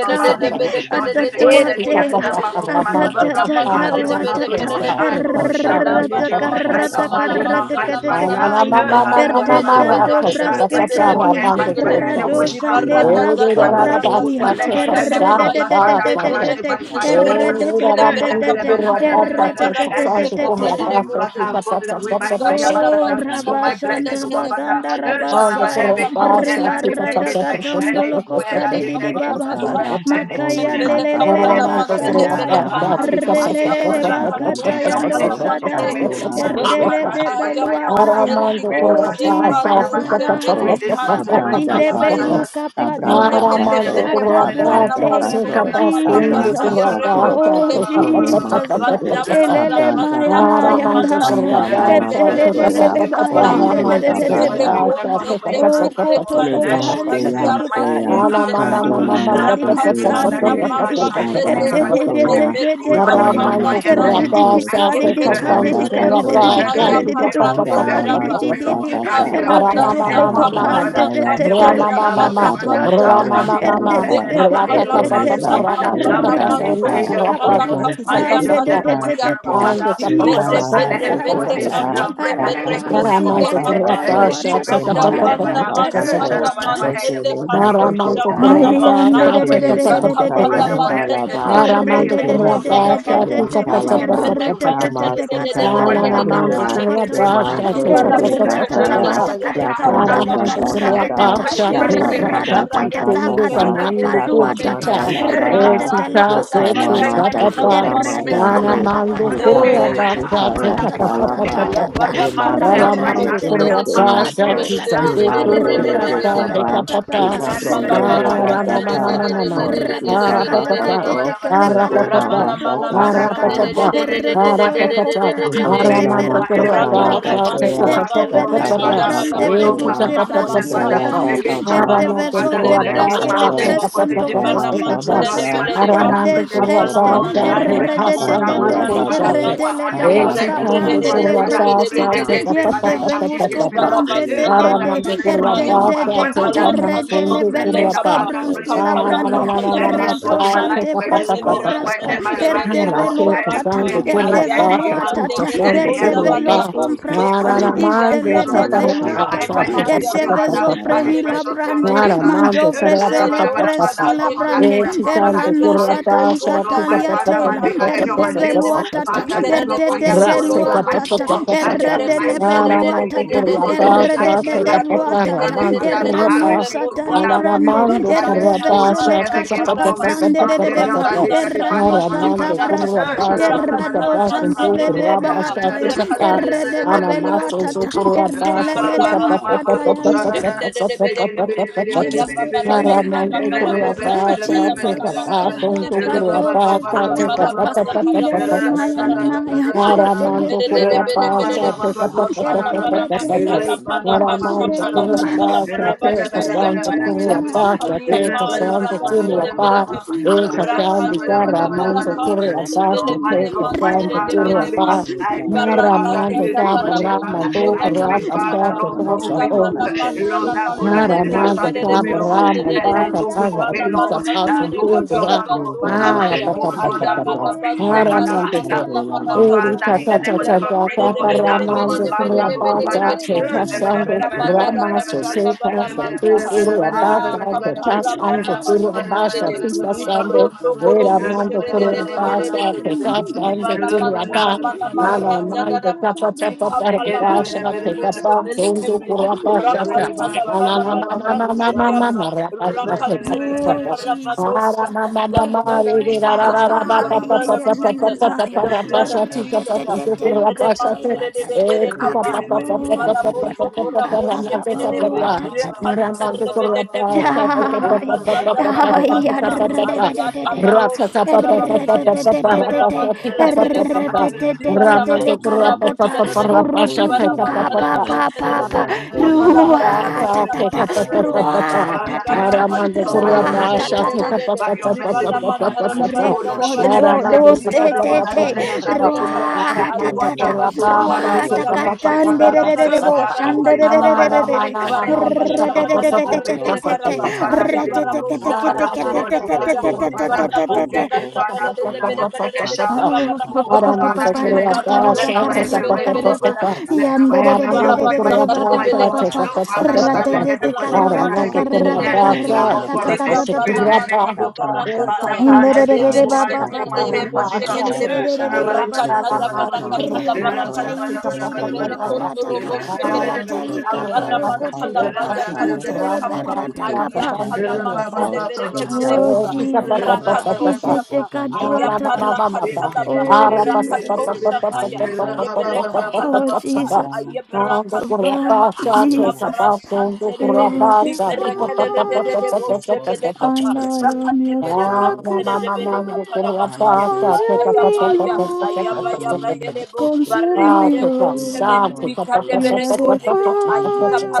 S5: from
S7: de de
S5: violence, from
S7: Bedekede de de de
S5: difficulty,
S7: de
S5: any
S7: Boshe
S5: heaven
S3: atatwatela
S7: de
S5: that
S7: de de.
S5: battle for my mother.
S7: Dibana
S3: atatata
S5: I
S7: mantere
S5: this
S7: de
S5: not to you.
S3: watata
S7: belekede de
S5: I
S7: boho.
S5: crush your
S7: Alaba
S3: rata
S5: community.
S7: na
S5: I
S7: mantala
S3: karata
S5: command
S7: mana
S5: you
S4: It's
S5: now
S3: karata
S5: by
S7: masana
S4: Oh,
S5: fire. I
S7: manama.
S3: katetekaya
S7: Bede bede bede
S3: erteshando
S7: bede bede
S3: braski
S5: break it
S7: bede
S5: to an
S3: pradia
S5: end
S7: boshe
S5: by fire.
S7: kelebe.
S5: Any witchcraft,
S3: radoshande
S5: put me,
S7: Dibaraka
S5: put my
S7: zada
S3: brasko
S5: finances,
S7: baraka
S5: put
S3: braskia
S5: my
S7: tala
S5: leg.
S7: mana
S5: And Any power,
S7: masaya.
S5: Lord Father, crush it
S7: Levereke
S5: by
S3: errededededededede
S5: fire, by
S7: televereke
S5: thunder. and this
S7: televereke
S5: bada,
S3: erredededededede
S7: pa.
S5: bada,
S7: Dikabarabo boshé
S8: Abranda kato,
S5: of
S3: errededededede
S7: tere de
S5: stormy blood,
S7: boshe
S5: I'm
S7: kebe.
S5: going to away by fire, by
S3: Oh,
S5: thunder. To my blessing,
S3: Rabashanda
S5: to God, Father.
S3: Baganda
S5: Hey, Sharaba,
S3: Rabazaya,
S5: every evil hand that lift
S3: Rimarada
S5: against me, any
S3: Katondolo
S5: evil hand
S3: Copra
S5: that
S3: de
S5: lift
S3: Didi
S5: against my
S3: Baba,
S5: children, any evil hand that lift
S3: Makayandelele
S5: against my brother,
S3: Bashandaya,
S5: Father, in the mighty name of
S3: Relele
S5: Jesus, in the mighty
S3: Bakatayando
S5: name of Jesus,
S3: Sadai,
S5: with we dismantle, we
S3: Erdele
S5: crush
S3: de
S5: it by
S7: Lekataya
S5: fire, by
S3: Beluataya.
S5: thunder.
S4: Maramando
S5: We
S7: panteliko
S3: Oh,
S5: crush it
S4: kuraba
S5: by
S7: sekado
S5: fire,
S3: Jesus,
S4: safi
S5: by thunder.
S4: kata kata
S5: We
S3: arise.
S4: kata
S7: shevelika
S5: dismantle
S4: kata
S5: it by
S8: abranda
S3: Atile
S5: fire,
S4: kata
S5: by
S7: talamasea.
S8: kato,
S4: kata.
S5: thunder.
S3: Beluca
S7: Dipane
S5: Father,
S3: Paduatata,
S7: mele
S4: Maramando
S7: vene
S4: kuraba
S7: mantana
S8: abranda
S3: Atatuatela,
S4: safi
S8: kato,
S7: masuna
S4: kata
S7: malaka
S4: sende
S8: abranda
S3: Jesus.
S4: kuraba
S8: kato,
S7: zayereko
S3: Oh,
S4: safi
S7: teleka.
S4: kata
S8: lekone
S4: kata kata
S3: Jesus.
S8: masete,
S4: kata
S7: Avada
S4: kata.
S7: bala
S3: Elele
S4: Ramama
S8: Abranda
S7: basaka
S8: Kato
S3: Mayanaya.
S7: pala
S3: Naya.
S8: Mandalana
S7: santele
S8: Sotea
S3: Ertelelelele
S5: speak
S7: kontelika
S5: over
S8: Oli
S5: each
S7: dai.
S5: of my and three
S3: bayandededede
S5: verse
S7: Dipele
S3: ba-
S8: Bikabaya
S5: three
S3: ba-
S5: when I
S3: ba.
S5: call
S7: konte
S5: upon you,
S7: de
S3: Oh,
S5: answer the
S7: vere
S5: call.
S3: koto
S5: Let show
S8: Lebronske
S5: me
S3: kopanju
S5: great
S7: kazantalia
S5: and mighty
S7: ranto
S3: tutukadi
S8: Yantoya,
S5: day,
S7: sheve.
S5: Karababa.
S3: didikadi
S8: Pandola
S3: didikadi
S5: Father,
S8: Nasote
S5: every door
S3: didikadi
S5: that the
S7: Rakatana
S8: Yande,
S5: enemy
S3: dididi.
S5: has shut before me,
S8: Ibaba
S5: the
S7: marasele
S5: reverend
S7: kote
S8: Katoya,
S5: spirit. Oh
S7: velika
S5: Lord, by
S3: Erdededededede.
S8: Ikone
S5: your
S7: pala
S5: divine
S8: Masi
S5: help, let
S7: saya.
S5: it be
S8: Yande,
S5: open, Lord.
S3: Erdididikadi
S5: Let it
S3: dikadi
S5: be
S7: Ayeperante
S8: Ikobranda
S5: open,
S7: le
S3: dikadi
S5: Lord. Let it be
S7: montaya
S3: dididikadi
S8: Katoyande,
S3: de de
S5: open, Lord.
S3: de
S7: parado
S5: Let
S8: Mandala
S5: it be
S7: shava.
S5: open,
S8: Nasota
S5: Lord. I
S8: Kata,
S5: declare open
S7: Dikapala
S5: door in the
S8: Tatana
S5: month of God, Father.
S8: Branska
S7: sakaparaka
S5: Let me
S8: Yanto,
S5: bless for me,
S8: Tata
S5: Father.
S7: sadaparakato
S5: I
S8: Branska
S5: will not
S7: shava.
S5: miss my blessing,
S8: Yantalaba,
S5: my angel
S7: Dekapala
S5: of
S8: Ikone
S5: blessing, oh Father.
S8: Branska
S5: I
S7: masakapana
S5: will not miss my
S7: manto
S8: Yandaraba,
S5: angel of good
S7: shavala
S5: news,
S8: Ibo
S5: my
S7: kapaya
S5: angel
S8: Siki
S5: of
S8: Kiba
S5: testimony,
S3: de de
S5: miracle,
S7: kataliaba.
S8: Kata,
S5: Father.
S4: Ande
S7: Di
S4: ka pa
S5: Oh
S4: pa
S7: bere
S4: pa
S5: Lord,
S8: Indala
S3: Jesus,
S4: pa pa
S5: silent
S7: bere
S5: every
S4: pa
S8: Nasete
S4: pa
S5: voice,
S7: bere
S5: eh,
S4: pa.
S3: arise,
S4: pa.
S8: Kiba,
S5: Lord,
S7: kavande
S5: break that
S7: bere
S5: every evil hand
S3: arise,
S8: Bakabronska
S7: ketele
S4: Aramanto
S3: Lele
S5: operated,
S7: kapa.
S4: corrata,
S5: any
S8: Pakato,
S7: Di
S8: de
S5: spirit
S4: chacha,
S3: Baruatata,
S4: chacha,
S7: panda
S4: chacha,
S5: operated,
S8: malaba
S7: vana
S5: Father.
S4: chacha,
S5: Eh,
S4: chacha,
S8: bakato,
S7: masana
S3: Arakaduatata,
S4: chacha,
S5: Sharabarama,
S8: de
S4: chacha.
S5: any
S7: mantele
S5: altar
S8: keleba
S5: in the
S8: de
S7: kato
S5: reach of
S4: Aramanto
S5: wisdom
S8: tekaba,
S7: shavana
S5: family, Lord,
S4: corrata,
S8: de
S5: that
S7: masaya.
S4: chacha,
S5: affected
S4: chacha,
S8: keleba
S7: La
S5: people,
S4: chacha,
S5: oh
S4: chacha,
S7: kapala
S8: sayan
S5: Father,
S4: chacha.
S5: for heaven,
S7: mantele
S5: the
S8: talaba,
S5: Lord,
S7: vele
S8: de
S5: making
S4: Aramanto
S5: me
S7: kato
S5: to lose
S8: kelabra
S5: the
S4: corrata,
S7: shavala
S5: working
S4: chacha,
S5: through
S7: manta.
S8: sayan
S5: Joseph,
S4: chacha,
S7: Di
S5: working
S4: chacha,
S8: talaba,
S5: through
S4: chacha,
S7: bere
S5: the working
S4: chacha,
S8: lama
S5: through
S4: chacha.
S7: kantere
S5: the
S7: de de
S5: children,
S7: de de de de
S8: sotalaba
S5: working
S7: de
S5: through,
S7: de
S5: oh
S4: Aramanto
S8: dea,
S5: Father, in the
S8: de
S7: boshekete.
S5: name of
S4: corrata, chacha,
S5: Jesus, oh
S8: mantele
S4: chacha,
S5: God.
S8: de
S7: Libaraboso
S4: chacha,
S5: Eh,
S4: chacha,
S8: kataya,
S5: Sharabarama,
S4: chacha.
S5: Let
S7: kotelebele
S5: that
S8: yatano
S5: altar be
S4: Aramanto
S8: tata
S5: destroyed.
S7: kapalamasai.
S8: kata,
S5: Any
S4: corrata,
S5: witchcraft
S4: chacha,
S8: yata
S7: Ayebele
S4: chacha,
S5: spirit
S8: branda
S4: chacha,
S5: working
S8: kata
S5: through,
S7: kabaraboshe
S5: oh
S4: tende
S8: kata,
S5: Father, in the
S4: camando
S5: name
S7: kerereboso
S8: yata
S5: of
S7: te.
S5: Jesus.
S4: curtita,
S8: branda la
S5: Eh,
S8: baba,
S7: Ayara
S4: etita,
S7: sala
S5: karakadote.
S8: Vetana
S4: sete,
S5: Make
S7: baraka
S5: me
S8: mata
S5: to lose
S4: capapa.
S5: pain.
S8: toka
S5: Make me to walk
S7: talamanteleba.
S5: to
S8: mayante,
S5: oh Lord,
S4: Aramanto
S7: De
S5: Father pain.
S8: Vetabros
S4: corrata,
S5: Ah,
S4: chacha,
S5: Father,
S4: chacha,
S8: kupayanta
S5: before I
S4: chacha,
S5: open
S4: chacha,
S5: my
S8: laba,
S7: la
S5: doors, eh,
S4: chacha.
S7: baramanta
S5: Father,
S7: la
S5: arise
S8: Nemazitele
S5: that
S4: Aramando
S7: mante de
S5: spirit,
S7: de de de
S5: abandon
S4: Kurata,
S7: de
S5: that
S8: broskoyanto,
S5: spirit.
S7: de de
S4: Shaki,
S5: Ah,
S7: de de de de
S4: Sanduku,
S7: de
S8: imandole
S7: de de de
S4: Pikasan,
S7: de.
S8: bekaba,
S5: karabadabadabadabadabadabada. Eh,
S4: Deka
S3: Ratata
S4: Papa,
S8: ikabrondele
S7: Ramalabana
S4: Aramama,
S7: mantere
S8: dasata,
S7: de
S4: mama.
S7: de
S3: Ratatatata,
S7: de de
S4: Mama,
S8: moli
S7: de de de de
S8: bekaba
S7: de
S3: Ratatakata,
S7: de de
S8: kato,
S4: Arapapapa,
S7: de.
S3: Kelekata,
S8: bekona
S4: Arapapapa,
S3: Katutu
S5: Oh
S7: Ramalamana
S8: masata
S5: Father,
S7: masham
S8: kata,
S5: arise
S7: de
S3: Coparacata,
S5: to
S7: de de
S5: God.
S4: Arapapapa,
S7: de de
S5: Only
S7: de
S5: you
S7: de
S5: know my
S7: de de
S3: Erretolo
S5: enemy,
S7: de
S5: oh
S7: de
S4: Arapapapa,
S7: de
S5: God.
S7: de de.
S3: Coparacate,
S5: Only you
S8: Mandola
S5: know
S4: Aramando
S5: my
S3: Leberoto
S5: enemy, oh
S8: Masotala
S5: God.
S7: Rakadara
S5: No
S4: Kurata,
S3: Coparacata,
S5: evil
S8: Babea,
S4: Shaka
S5: pastor,
S7: mantalavaya.
S4: Papa Papa
S5: prophet,
S3: Ertevelesco
S5: Father.
S4: Papa,
S8: Yakabranda
S7: Ayabala
S3: Prante
S5: Oh Lord,
S7: masana
S8: Kapoya,
S4: Ekita
S3: Velusque
S5: Father,
S4: Papa
S7: mana
S5: order,
S3: Praski
S4: Papa
S3: la ratatatatata
S5: Father,
S8: Indala
S3: ratatatatakatekelekatakatutukoparakata
S4: Papa,
S3: eretetolokoparakateleberotokoparakata erteveleskopranteveleuskepraskilabrandia
S5: make a
S8: Baba,
S5: enchantment, oh
S4: Aramando
S5: Father,
S8: Ikoma
S5: against
S4: Kurata,
S5: my open,
S8: Sata,
S4: Shaka
S5: oh God, in
S4: Papa
S5: the
S4: Papa
S8: Indala
S4: Papa
S5: Sunday, oh Lord, in
S3: ertevesotepraskelepreskontofreskilakratata
S5: my
S8: Baba,
S5: life, Father, I pray
S4: Aramando
S5: that
S8: Matito
S5: before you,
S3: erdesteste
S4: Kurata,
S5: Lord, I pray
S8: Kabrandaya,
S5: that
S4: Shaka
S3: erredededede
S5: woman, that man, oh
S8: Mandala
S5: God,
S4: Sanduku,
S5: Father,
S8: Babe,
S5: who are
S4: Shaka.
S5: on their own,
S8: Kaba
S4: Eti
S5: in the
S4: kando
S5: secret
S8: Sataya,
S5: closet,
S4: kurla
S5: Father, pray
S4: basa
S8: Ikoma
S7: Ramalama
S5: against
S4: teka
S5: me,
S4: pa pa
S5: Father,
S4: pa
S8: Sa,
S4: pa
S5: enchanting
S4: pa pa
S5: against me,
S4: pa.
S5: Lord,
S7: Adibaraba
S5: Eh,
S3: de
S4: Ara
S5: Father,
S8: Ikandeleko,
S3: de.
S7: salamana
S5: in the
S4: mande
S5: name of
S4: kurla
S5: Jesus,
S7: mashaya
S5: who
S8: Indala
S5: are
S4: basa
S5: going
S3: Erdedede,
S5: on
S4: teka
S5: their
S7: kapala
S8: Bukea,
S5: knees,
S4: ma
S7: sana
S5: to
S4: sundu
S5: pray,
S7: mantele
S5: make
S4: kurla
S8: Asata
S5: that
S3: redelebeloska
S4: pa.
S7: kapa
S5: Father, pray
S8: Kapoy,
S3: branski
S5: that
S4: Ara
S5: before
S7: kapala
S4: la
S5: you,
S4: la
S3: labrandia,
S5: Lord,
S4: la la
S8: Ikone
S7: katala
S4: la
S5: any sword in my
S4: masa
S8: Sata,
S7: barakazaya
S5: life,
S3: radosante
S4: teka pa
S5: fighting
S4: pa
S5: me,
S4: pa
S3: presko
S5: Lord,
S4: pa
S8: Ikran
S4: pa
S7: aleverante
S3: praska,
S7: de
S4: pa.
S5: fighting
S7: de
S5: my
S7: de
S8: Kapoy,
S7: de de
S5: rising,
S4: Ara
S5: Lord,
S4: teka
S5: any
S3: erdeveluatata,
S5: good
S7: boshiranta
S4: sando
S5: in
S8: Mosesula
S5: my
S4: kurla
S5: life, any
S7: ayaka
S5: evil,
S8: Kapoy,
S5: oh
S4: tu
S7: zande
S5: God,
S4: teka
S3: erdeveluatata,
S7: vele
S5: any
S4: sando
S5: hell,
S7: konda
S5: oh,
S4: kurla
S5: begin
S3: erdevelos
S4: pa.
S8: Indololobo,
S5: to
S7: bariaba
S5: decree
S7: le
S5: evil,
S3: kompraska,
S4: Ara la
S7: kaze
S8: Oa,
S5: enchantment,
S3: istele
S4: mande
S5: manipulation,
S7: diaraba
S3: de
S5: Father, Father.
S8: Indalaba,
S4: kapara pa
S5: Lord,
S7: dosha
S8: Baba,
S5: I
S4: cha
S3: beluatata,
S5: bring
S8: Baba,
S5: them
S4: teka
S7: falamaya
S5: before you,
S4: pa pa
S5: Father,
S7: kazele
S3: erdevezo
S4: pa
S8: Ikola,
S4: pa
S5: by the
S4: pa
S7: konde
S3: frehi
S4: pa.
S7: vele
S5: precious
S8: Masaka,
S5: blood of
S3: labrante,
S7: kebele
S5: Jesus.
S4: Ara
S7: kapa
S4: mande
S3: Mando
S5: Eh,
S4: kurla
S8: Ikoganda,
S4: pa
S3: fresele
S4: pa pa
S7: Redon
S5: shadabadabada,
S4: pa
S8: Masike,
S5: Father,
S4: pa.
S3: freskila
S5: fuck all that
S3: brande.
S5: evil,
S8: Alisa,
S7: shabalekoda
S4: Eti
S5: block all that
S4: kando
S8: Masike,
S5: evil
S3: Errano
S4: kurla
S5: eyes.
S7: Ayebereko
S4: basa
S8: Oko,
S5: Oh Lord,
S7: Zonda
S4: teka
S5: my
S4: pa
S3: satalikatalia
S7: Vaya
S4: pa
S5: Father,
S4: pa
S5: my
S8: Masike,
S3: tela.
S4: pa
S5: Maker,
S4: pa pa
S7: Kabaro
S5: and
S4: pa
S5: you're my neighbor.
S4: pa
S7: Shekerebo,
S4: pa pa
S3: Erdeveluatata.
S4: pa
S5: Father,
S8: Indalaba,
S4: pa.
S5: let your
S7: Likerebo
S5: fire go, God,
S8: Ikata,
S5: let
S7: Sokorodo
S5: your
S4: Raseka papa
S5: light to
S3: Erdededeluatata.
S7: Boshe,
S5: fall.
S4: papa
S8: Masike,
S5: I
S4: papa.
S5: declare life
S7: Libereconte
S8: Alibo,
S5: before
S7: de
S5: me to
S7: de de
S5: be
S7: de
S4: Aramando
S5: in
S8: Sika,
S7: de
S3: Erredelebeluatata.
S5: the month
S7: de
S5: of
S7: de
S5: June.
S4: kurapa,
S7: de de.
S5: I
S8: Andala,
S5: declare
S4: seka
S5: life
S8: Bato,
S7: Rado
S5: before
S4: papa
S5: my
S7: she de
S3: Erredededeluatata.
S7: de
S5: family,
S7: de
S4: ramando
S7: de
S5: Father.
S7: de
S8: Bakata,
S7: de
S5: I
S7: de de
S3: Errano
S4: kurapa.
S5: refuse
S7: Rebo
S5: to
S8: Masike,
S5: go down,
S7: Salaba,
S5: refuse
S3: satalibrande.
S5: to be
S4: Alaramando
S8: Ikoganda,
S5: silent. Oh
S7: Baranta
S4: kurapa,
S5: Lord,
S7: ta
S8: Masike,
S3: Erdevezele
S5: I have
S7: ta
S5: a
S4: seka
S5: gain of
S4: papa
S7: Paraba,
S5: glory.
S3: katukatande
S8: Indololobo,
S4: papa
S5: Mountain melt,
S4: papa
S3: dededeba.
S8: Oko,
S7: Kapraka
S5: I
S4: papa.
S5: lift
S7: za
S5: the
S7: ta
S5: valley,
S3: Errado
S7: ta
S5: ocean the
S7: ta
S8: Makato,
S3: santa
S4: Aramando
S5: fire.
S7: Parakapa,
S3: braska.
S5: Eh,
S8: Patanda,
S4: kurapa, seka
S8: Masike,
S3: Errado
S4: papa
S7: Rakazanta
S8: Yes,
S7: ta
S4: sentu
S8: I
S5: shadabadabadabadabadabada.
S8: love
S3: santelele
S8: God
S4: kurapa,
S7: Rebelekapa,
S8: for you,
S3: bahataya.
S8: and
S4: seka
S7: Rekaze
S8: I
S4: papa.
S7: de
S8: love
S7: de
S8: you
S7: de
S8: with
S7: de de de
S8: the
S4: Anamato
S7: Boshe
S8: time.
S4: so
S7: de
S3: Erredelebeluatata.
S7: de de,
S8: I
S5: Lord,
S8: see
S4: kurapa,
S8: and so
S3: Erdelele
S4: seka
S7: Libaraba
S8: far,
S4: papa papa
S7: Sokorobo
S8: just
S4: papa
S3: makatayande.
S8: like in
S4: papa
S8: the
S4: papa
S7: Shekerebo
S8: world,
S4: papa
S7: kepe.
S4: papa
S8: when
S4: papa.
S8: they
S3: Ode
S8: were born,
S7: Ayababarabazaka
S8: seeing
S4: Aramando
S3: telebarua
S8: so,
S3: tata.
S4: kurapa,
S7: barabozaka
S8: that
S4: seka
S8: they
S3: Jesus
S7: talamana
S8: don't
S4: papa
S8: know
S7: masanta
S8: me
S3: adada
S4: sentu
S8: so,
S7: levele
S3: kato
S7: kepe.
S4: kurapa,
S8: and I
S3: seteli
S4: seka
S8: love my
S3: kapa
S4: papa
S7: Ayabarabazaka
S4: papa papa
S8: children.
S3: ilele
S4: papa
S8: I
S7: rabashatarada.
S8: will do
S3: mayananaya
S8: some prayer
S3: etele
S4: Aramando kurra
S3: tuka
S8: that comes
S3: padua
S8: from
S4: pasa
S7: Lebereketerederebelekererebo.
S8: the
S4: peka
S3: tata
S8: love
S4: pa pa
S8: of
S4: pa
S7: Avala
S4: pa pa
S3: etele
S8: that
S4: pa
S8: comes
S4: pa pa.
S7: barabasala
S3: delua
S8: from
S3: tata
S7: barabasha
S4: Aramando
S3: rele
S8: Thank
S4: kurra
S7: palakatala
S3: melua
S4: pasa
S3: tata
S4: peka
S3: elele
S4: santo
S7: barabashandiaka.
S4: kurra
S3: mayana
S4: pasa
S3: etele
S7: Lakapaliapa
S4: peka santo
S3: beluka dua
S4: kurra
S7: yarabasele
S3: tata
S4: pa.
S7: kepe.
S4: Eka
S3: ilelele
S4: santi
S7: Rakazonda
S3: mayana
S4: karamando kurra
S7: barakante
S3: riala
S7: levele
S4: pasa
S5: Oh, my
S3: mayana
S7: vele
S4: peka
S5: God, my
S4: santo
S7: mantere
S3: riala
S5: Father,
S4: kurra
S5: my
S7: debele ba.
S3: mayana
S5: Maker.
S4: pa.
S5: I pray,
S3: riala
S7: vibarakaza
S5: Father,
S7: da
S5: in
S4: Aramando
S3: mayana
S5: the
S7: Ibarakazada
S5: name of Jesus.
S3: riala
S4: kaparama
S7: baraboso
S4: do
S5: I
S3: mayana
S5: pray,
S4: kurra
S7: korabosha
S4: pasa
S5: Father,
S7: kaba.
S3: riala
S5: Lord,
S4: peka
S5: for open
S3: mayana
S4: santo.
S5: doors.
S3: riala
S5: Lord,
S7: Matana
S5: that door
S3: mayana
S5: that the
S7: Mansele
S5: enemy has
S4: Aramando
S5: shut
S3: riala
S5: before
S7: Berekere
S5: me, Lord.
S3: mayana
S7: Boshere
S4: kaparama
S5: Let
S4: pa
S5: that
S4: pa
S5: door
S3: relia
S5: be
S4: pa pa
S8: you.
S5: open,
S7: Divana
S3: katalia
S4: pisa
S5: Lord.
S7: Masale
S5: That
S4: pasa
S3: mana
S5: door
S7: Bereka
S5: is your
S4: peka.
S3: itala
S5: that door of
S7: Barabasun
S5: finance.
S3: katolia
S4: Ara
S7: Tabaya
S4: pa
S8: Mendelebo
S5: Oh,
S4: pa
S3: teza
S4: pa
S5: Lord,
S4: pa
S5: that
S4: pa
S8: Sirande
S5: door
S4: pa.
S5: of
S7: Ayabala
S3: erele
S5: ministry,
S8: Kakaya
S5: Father.
S3: mayana
S7: Basakara
S4: Aramando
S5: That
S4: kurra.
S5: door
S7: Matala
S5: of
S8: Mandela
S5: our
S3: radelia
S4: Ori
S8: Maso
S7: Barakata
S5: Father,
S3: kabe
S5: in
S4: tata
S7: La
S5: the name of
S4: tata
S8: Kakato
S5: Jesus, pray,
S3: ilakoto
S7: Berekere
S4: tata
S7: de
S5: Lord.
S8: Pedro
S7: Bede
S5: That
S7: de
S5: door of
S7: Bede
S4: paramando
S3: koparatia
S7: de
S8: Sain
S5: love,
S7: Bede
S4: kuria
S5: that
S3: tata
S7: de
S5: door
S7: Bede
S8: Selebo
S7: de
S4: bata te
S3: erevelua
S8: Indela
S4: pasando
S3: tata
S8: Maso
S7: Mandara
S4: rama so
S8: Kakatio
S4: se
S3: erevelua
S7: Bashanda
S3: tata
S4: casa
S8: Sain
S4: tu
S7: Baramantaha
S8: Selebo
S4: kuria
S3: ertelevelua
S7: Ah
S4: bata
S5: of
S8: Kamahi
S4: te
S3: tata
S5: Father.
S7: Kapala
S4: pasando
S7: Vana
S8: Sain
S3: radalua
S4: kuria
S5: Thank
S8: Sain
S3: kabe
S4: bata
S7: Masunde
S4: te
S8: Kakatio
S4: pasando
S3: iteteluka
S7: Libaroso
S8: Sain
S4: era
S7: korobo
S3: padua
S8: Sain
S4: mando
S3: tata
S4: kuria
S8: Kakato
S4: bata te
S3: eramayana
S7: shedededebedebedebe.
S8: Sesoni Gran
S4: pasando
S7: Libana
S4: kuria
S3: erdelia
S8: Sain
S7: mantana
S4: bata
S3: kabe
S7: mana
S8: Lakana
S4: Nada
S7: marasa
S4: mando
S3: iteteluka
S7: dadaba.
S4: tapa
S3: padua
S4: tapa
S8: Kakatio
S4: para
S3: tata
S7: Likapala
S4: pasha
S8: Indela
S4: te
S7: vasanto
S3: iteteluka
S8: Maso
S4: tapa
S3: padua
S8: Kakatio
S4: tundu
S7: shevelekepe.
S3: tata
S4: kuria pasha
S8: Indela
S4: te
S7: Rakatala
S3: erteteluka
S4: Nada
S8: Maso
S4: mama
S3: padua
S4: mama
S3: tata
S4: mama
S7: varabashanteliapa.
S4: mama
S8: Kakatio
S4: rapasha te
S3: Oh,
S7: Rakatelika
S8: Indela
S4: tapa
S5: you.
S8: Maso
S3: Jesus.
S7: parabadosha
S8: Kakatio
S7: the
S8: Thank
S7: blood of
S5: Thank
S7: Jesus, uh, the blood of
S3: Ortokutukapaya
S7: Jesus, uh,
S3: nananaya.
S7: the blood of Jesus. uh, Levere mantere de de
S3: Retetetetelukapawatata.
S7: bere kaba, libara
S3: Akaboatatata.
S7: boso kora boshe kere debo,
S3: Akakaboatatata.
S7: rekante rebele kepe,
S3: Jai,
S7: rakazada
S3: jai,
S7: varamanta, ayada
S3: arradadadadadada,
S7: baroshe rabasaya, libera
S3: erratatatatatata,
S7: mantere rebele
S4: Rata
S7: kaba, libara
S5: you.
S4: Ramanda
S7: koto
S3: erratatatatatatakaragata,
S7: raboshe rebe, libara
S3: urututuka,
S7: mantara
S3: pa,
S7: na
S3: pa,
S7: mantere
S3: pa, pa,
S7: rebo, avala baraka dara na
S3: ruatatata,
S7: Terebelekaba, the
S5: Father, in the
S3: ruatatata,
S5: name of
S7: Barakan
S5: Jesus, by your mercy, to God,
S3: ruatatata,
S8: you.
S5: by your
S7: the
S5: mercy, to
S8: Nakoni
S5: God,
S7: Barama
S5: Father.
S8: Baba,
S3: Break
S5: Oh Lord,
S3: for
S5: show
S3: the
S5: me
S8: Nakoni
S7: Tarabadaba,
S5: mercy
S3: Lord.
S5: and
S3: Oh,
S8: Baba,
S7: the
S5: open
S3: te
S5: every door
S7: Barama
S3: te
S5: that the
S3: te.
S5: enemy
S8: Nakoni
S5: shall be
S8: Baba,
S5: for me, Lord.
S7: Shandelebelekaba,
S3: Rua
S5: Let do
S3: ta
S5: on
S3: ta
S8: Nakoni
S3: ta.
S5: job,
S7: Ayadaba
S5: let do on
S8: Baba,
S5: marriage, let
S3: Rua
S5: do
S3: ta
S5: on
S7: Shandarabadaba,
S8: Yemi
S5: ministry,
S7: the
S5: Father.
S3: katande de de
S8: Solaba,
S3: de de
S5: Oh,
S3: bo
S7: Barakazada
S5: Father,
S3: shande
S5: open
S3: de
S8: Nakoni
S5: door
S3: de
S5: for
S3: de
S5: my
S3: de de
S5: son
S8: Baba,
S3: de
S7: Barakatalabarabo,
S3: de.
S5: Michael, open door for
S8: Babrando
S3: Ra
S5: Julia,
S3: de de
S5: Lord.
S3: de
S8: Kama
S3: de de de
S5: Open door
S3: de
S8: Sato,
S3: de
S5: for
S7: Barabadabadabarabedekaraba,
S5: Joseph, Father, in
S3: Ra
S8: Yemante
S5: the
S3: te te
S5: month
S7: Ayabarabo
S3: ke
S5: of
S3: te
S5: God,
S4: Thank
S3: te
S5: Father.
S3: te
S8: Yamasuke,
S5: Oh,
S3: te te te
S5: July,
S3: te
S7: Shakarebelekabaria,
S5: door,
S3: te
S7: the
S8: Yeponi
S3: te
S5: Father.
S3: te te
S8: Brande
S3: te
S5: Open
S3: te.
S5: door,
S8: Nebo
S5: Father, to that no
S8: Sekeya,
S5: man can shall
S8: Makato
S3: Oh,
S5: do,
S3: pa
S5: oh
S3: pa
S5: God,
S3: pa
S8: Kabrinda
S3: pa pa
S7: Barabasakarabadabedekababarababa,
S5: Father,
S3: pa
S5: in the
S3: ra
S7: the
S5: name
S8: Sato,
S3: ka
S5: of
S3: ta
S5: Jesus.
S3: ra
S5: Let
S3: ta
S7: Barabo
S3: ka
S5: our
S8: Lezana
S3: ra
S5: heaven
S3: ta
S5: rain,
S3: ka
S5: oh
S3: ra
S5: God,
S8: Masuke
S3: ta.
S7: Sharebelebelebe.
S5: Father.
S8: Seba,
S5: Let our
S3: Yande de de
S5: heaven
S7: Kadiba
S3: de
S5: be
S8: Deko
S3: de de
S5: open,
S3: de de
S5: my
S8: Branda
S3: de
S7: rabasaka
S8: La
S3: ba
S5: Father,
S3: pa
S5: my
S3: pa
S8: Baba
S5: God.
S3: pa
S8: Ba,
S7: kapa,
S3: pa.
S5: Oh, Father,
S3: Ra
S8: Maya
S7: Avana
S5: stand
S3: te
S5: like
S8: Baba
S3: de
S5: every
S3: te
S7: mantala
S3: ka
S8: Sato
S5: person,
S7: mana
S5: pray
S3: ra
S5: that
S3: ta ka
S8: Kasa,
S5: every
S7: mashande
S3: ra
S5: evil
S3: ta
S5: hand
S3: ka ra
S8: Mandolo
S5: that
S7: rebelekebe.
S3: ta
S8: La
S3: ka ta
S5: operate
S3: ka
S5: the
S3: ra
S7: Lika
S8: Suke
S3: ta ta.
S5: secret
S7: bara
S5: and the evil
S7: mantala
S5: tongue.
S8: Branda
S5: Father,
S7: varakazaya.
S8: Kato
S5: blind every
S3: Inderere
S8: Kapa,
S5: evil
S7: Alevereke
S3: baba
S5: eyes in the
S3: baba
S5: mighty
S7: terebe
S8: Nakano
S3: ba
S5: name of Jesus.
S7: bosheke
S8: Matata
S5: Eh,
S7: debo.
S3: inderere
S8: Kata,
S3: baba baba
S7: Rakazada
S3: ba
S8: Lekone
S5: sharabarabarabarabarabarabarabara.
S8: Branda
S7: varakatala
S5: Eh,
S3: riakata
S8: Kato,
S7: barakata.
S3: indelili
S8: Bendele
S7: Ikebereko
S8: Bo
S4: you.
S5: Eh,
S3: barataka
S7: torobo
S4: Ah,
S7: sheke
S8: Siyante,
S7: debo.
S3: riateli
S8: Leko
S7: Avara
S8: Branda
S3: kaparoko
S5: Eh,
S7: mantala
S8: Kata
S3: tokopa
S7: vaya
S8: Kata,
S7: kazele
S3: itele
S7: kapa.
S8: Masito
S3: barataka
S8: ka
S5: Eh,
S7: Ayatala
S8: Branda
S7: masele
S8: Kato,
S7: vereke
S3: Oh
S8: Lendala
S7: kapa,
S5: Eh,
S3: Jesus
S8: Nasotara,
S7: Rakato
S3: itete
S8: Leko
S7: shava.
S8: Branda
S3: katuatata
S8: Kata,
S5: Thank
S7: Ayaparakatala
S8: Bendele
S3: Oh
S8: Bo
S7: ba.
S3: Jesus
S8: Sister,
S7: Rakatoshavaya,
S8: Ali Bo
S7: Ayebereka
S8: Sukara,
S3: Oh
S5: you.
S7: Palakapa,
S3: Jesus
S8: Bandala
S7: Ayeberaka
S8: Matata,
S3: oh
S7: Zundaba,
S8: Leko
S3: Jesus
S7: Alavara
S8: Matata,
S3: you
S7: Shantere,
S3: are
S8: Leko
S3: the
S8: Branda
S7: Bibereka
S8: Kato,
S7: de
S3: fire
S8: Leko
S7: Boshebedekapa,
S3: and I
S8: Matata,
S3: am your
S7: Rakadeberekante
S3: sacrifice.
S7: de Belekapa Masaya,
S3: Consume me,
S7: Ayabaya, Ayabaya
S3: Lord.
S7: Bayerebo,
S3: Consume
S4: Rama
S3: me,
S7: Barebere Contebe,
S3: Lord. You
S7: Likadebere
S3: are the
S7: Kodebe, Ayika
S3: fire.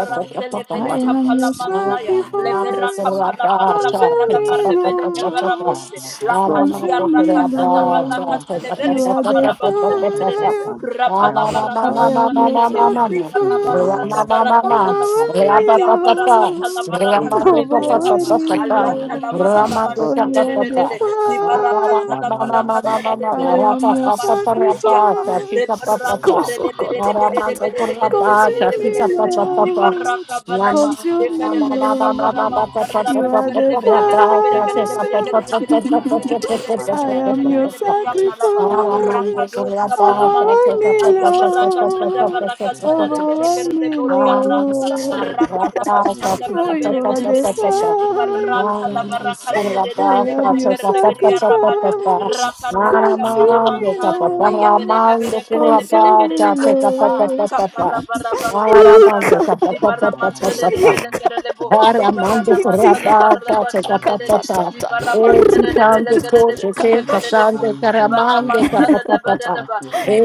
S3: I am
S7: Kapala
S3: your
S9: I'm
S7: Masaya,
S9: not
S7: Levera
S3: sacrifice.
S7: Kapala
S3: Consume
S7: Barabadala
S3: me,
S7: Varebele Kebaraboshe,
S3: Lord.
S7: Lakadia
S3: Consume me,
S7: rakazada
S3: Lord.
S7: baraka
S3: You are
S7: televerika
S3: the
S7: parabasentere.
S3: fire.
S8: Yama,
S7: Rapalavarana
S8: for
S3: I
S8: me,
S3: am your
S7: mashandere.
S8: sister,
S7: Libarna
S8: and
S7: masanda
S3: sacrifice.
S8: Dalama,
S7: baraka talava.
S3: Overwhelm
S8: for
S3: me,
S7: Aya baraka
S3: Lord.
S7: talabaraka
S9: a
S8: Imandola
S9: man.
S7: televerika
S3: Overwhelm
S7: pa.
S3: me,
S7: Allah
S8: Sotola,
S3: Lord,
S7: talamana
S8: Pablo
S3: for you
S7: namashandere.
S3: are
S8: Sotaka
S3: the
S4: Ah,
S8: Sakata,
S7: Libaraka
S3: fire.
S8: Ramala
S7: zalabaraka
S3: I
S8: Patata,
S7: televerika
S3: am your
S8: Sakana
S7: panamashande.
S8: Patata,
S3: sacrifice.
S8: Pablo
S7: Leberante de Bede
S8: Tahini
S7: de Bede de
S3: Kosokotakata.
S8: Sote,
S7: Bede de Bede de Bede
S3: Consume
S8: Indele
S7: de Bede de
S3: me,
S7: Bede
S8: Gosia,
S7: Di bara
S3: Lord.
S8: Itabla
S7: kabana ma di
S3: Consume me,
S8: Sapakato,
S7: kerebele kabana
S3: Lord.
S8: Mandola
S7: mantera
S3: You
S7: bara
S3: are the fire.
S7: kerebele
S8: Sotaka,
S7: kerebele
S8: Madras
S7: kerebele kerebele kerebele kerebele
S8: Napatana,
S7: kerebele
S3: I
S7: kerebele
S3: am
S8: Mandala
S3: your
S7: kerebele be ya
S8: Sote,
S3: sacrifice.
S7: palava
S8: Pablo
S7: rakadosa
S8: Sapakata,
S7: palamante
S3: Overwhelm me,
S8: Pablo
S7: ayabara kazada
S8: Sapakata,
S3: Lord.
S7: bara katererebele
S3: Overwhelm
S8: Imandola
S7: kerebele
S3: me,
S8: Pata,
S7: budi aranta
S3: Lord.
S8: Natanama
S7: rakadaba
S8: Sote.
S7: shanda
S3: For
S7: bere
S3: you
S7: bere
S3: are
S8: Imam
S7: bere
S3: the
S7: bere bere
S8: Soleh
S7: di
S8: Jepang
S3: fire.
S7: barata lava rakaz.
S3: I am your
S8: Morning
S3: sacrifice.
S8: Praise
S7: Rabada,
S8: Jepang Satu
S7: Rakadosha
S3: Consume
S8: Panjang
S3: me,
S7: Valamanta,
S8: Masa
S3: Lord. Consume me,
S7: Ah,
S3: Lord.
S7: Kapala Baraba Sada
S9: on
S7: Baraba,
S3: Ika,
S7: the
S8: Thank
S7: Baramanta de
S9: impata
S4: Aramande
S7: Beleka
S3: ika,
S9: tatizo
S7: de Bo, the
S4: Aramando
S7: Baranamanta la
S3: itika,
S4: Carabata,
S7: Baraba
S9: Roman
S3: kaka,
S7: Shande,
S3: ta,
S7: the
S3: ta,
S4: Capatata,
S3: ta.
S7: Baramanta
S3: Rrr,
S7: de
S3: t- t-
S4: Etitante
S7: Beleka
S3: t-
S7: de
S3: t-
S7: Bo,
S4: Coche,
S3: ka.
S9: iliyopata
S7: Sheka de Bo,
S4: Pasande
S7: the
S4: Caramande,
S7: Baramanta de
S4: Capatata,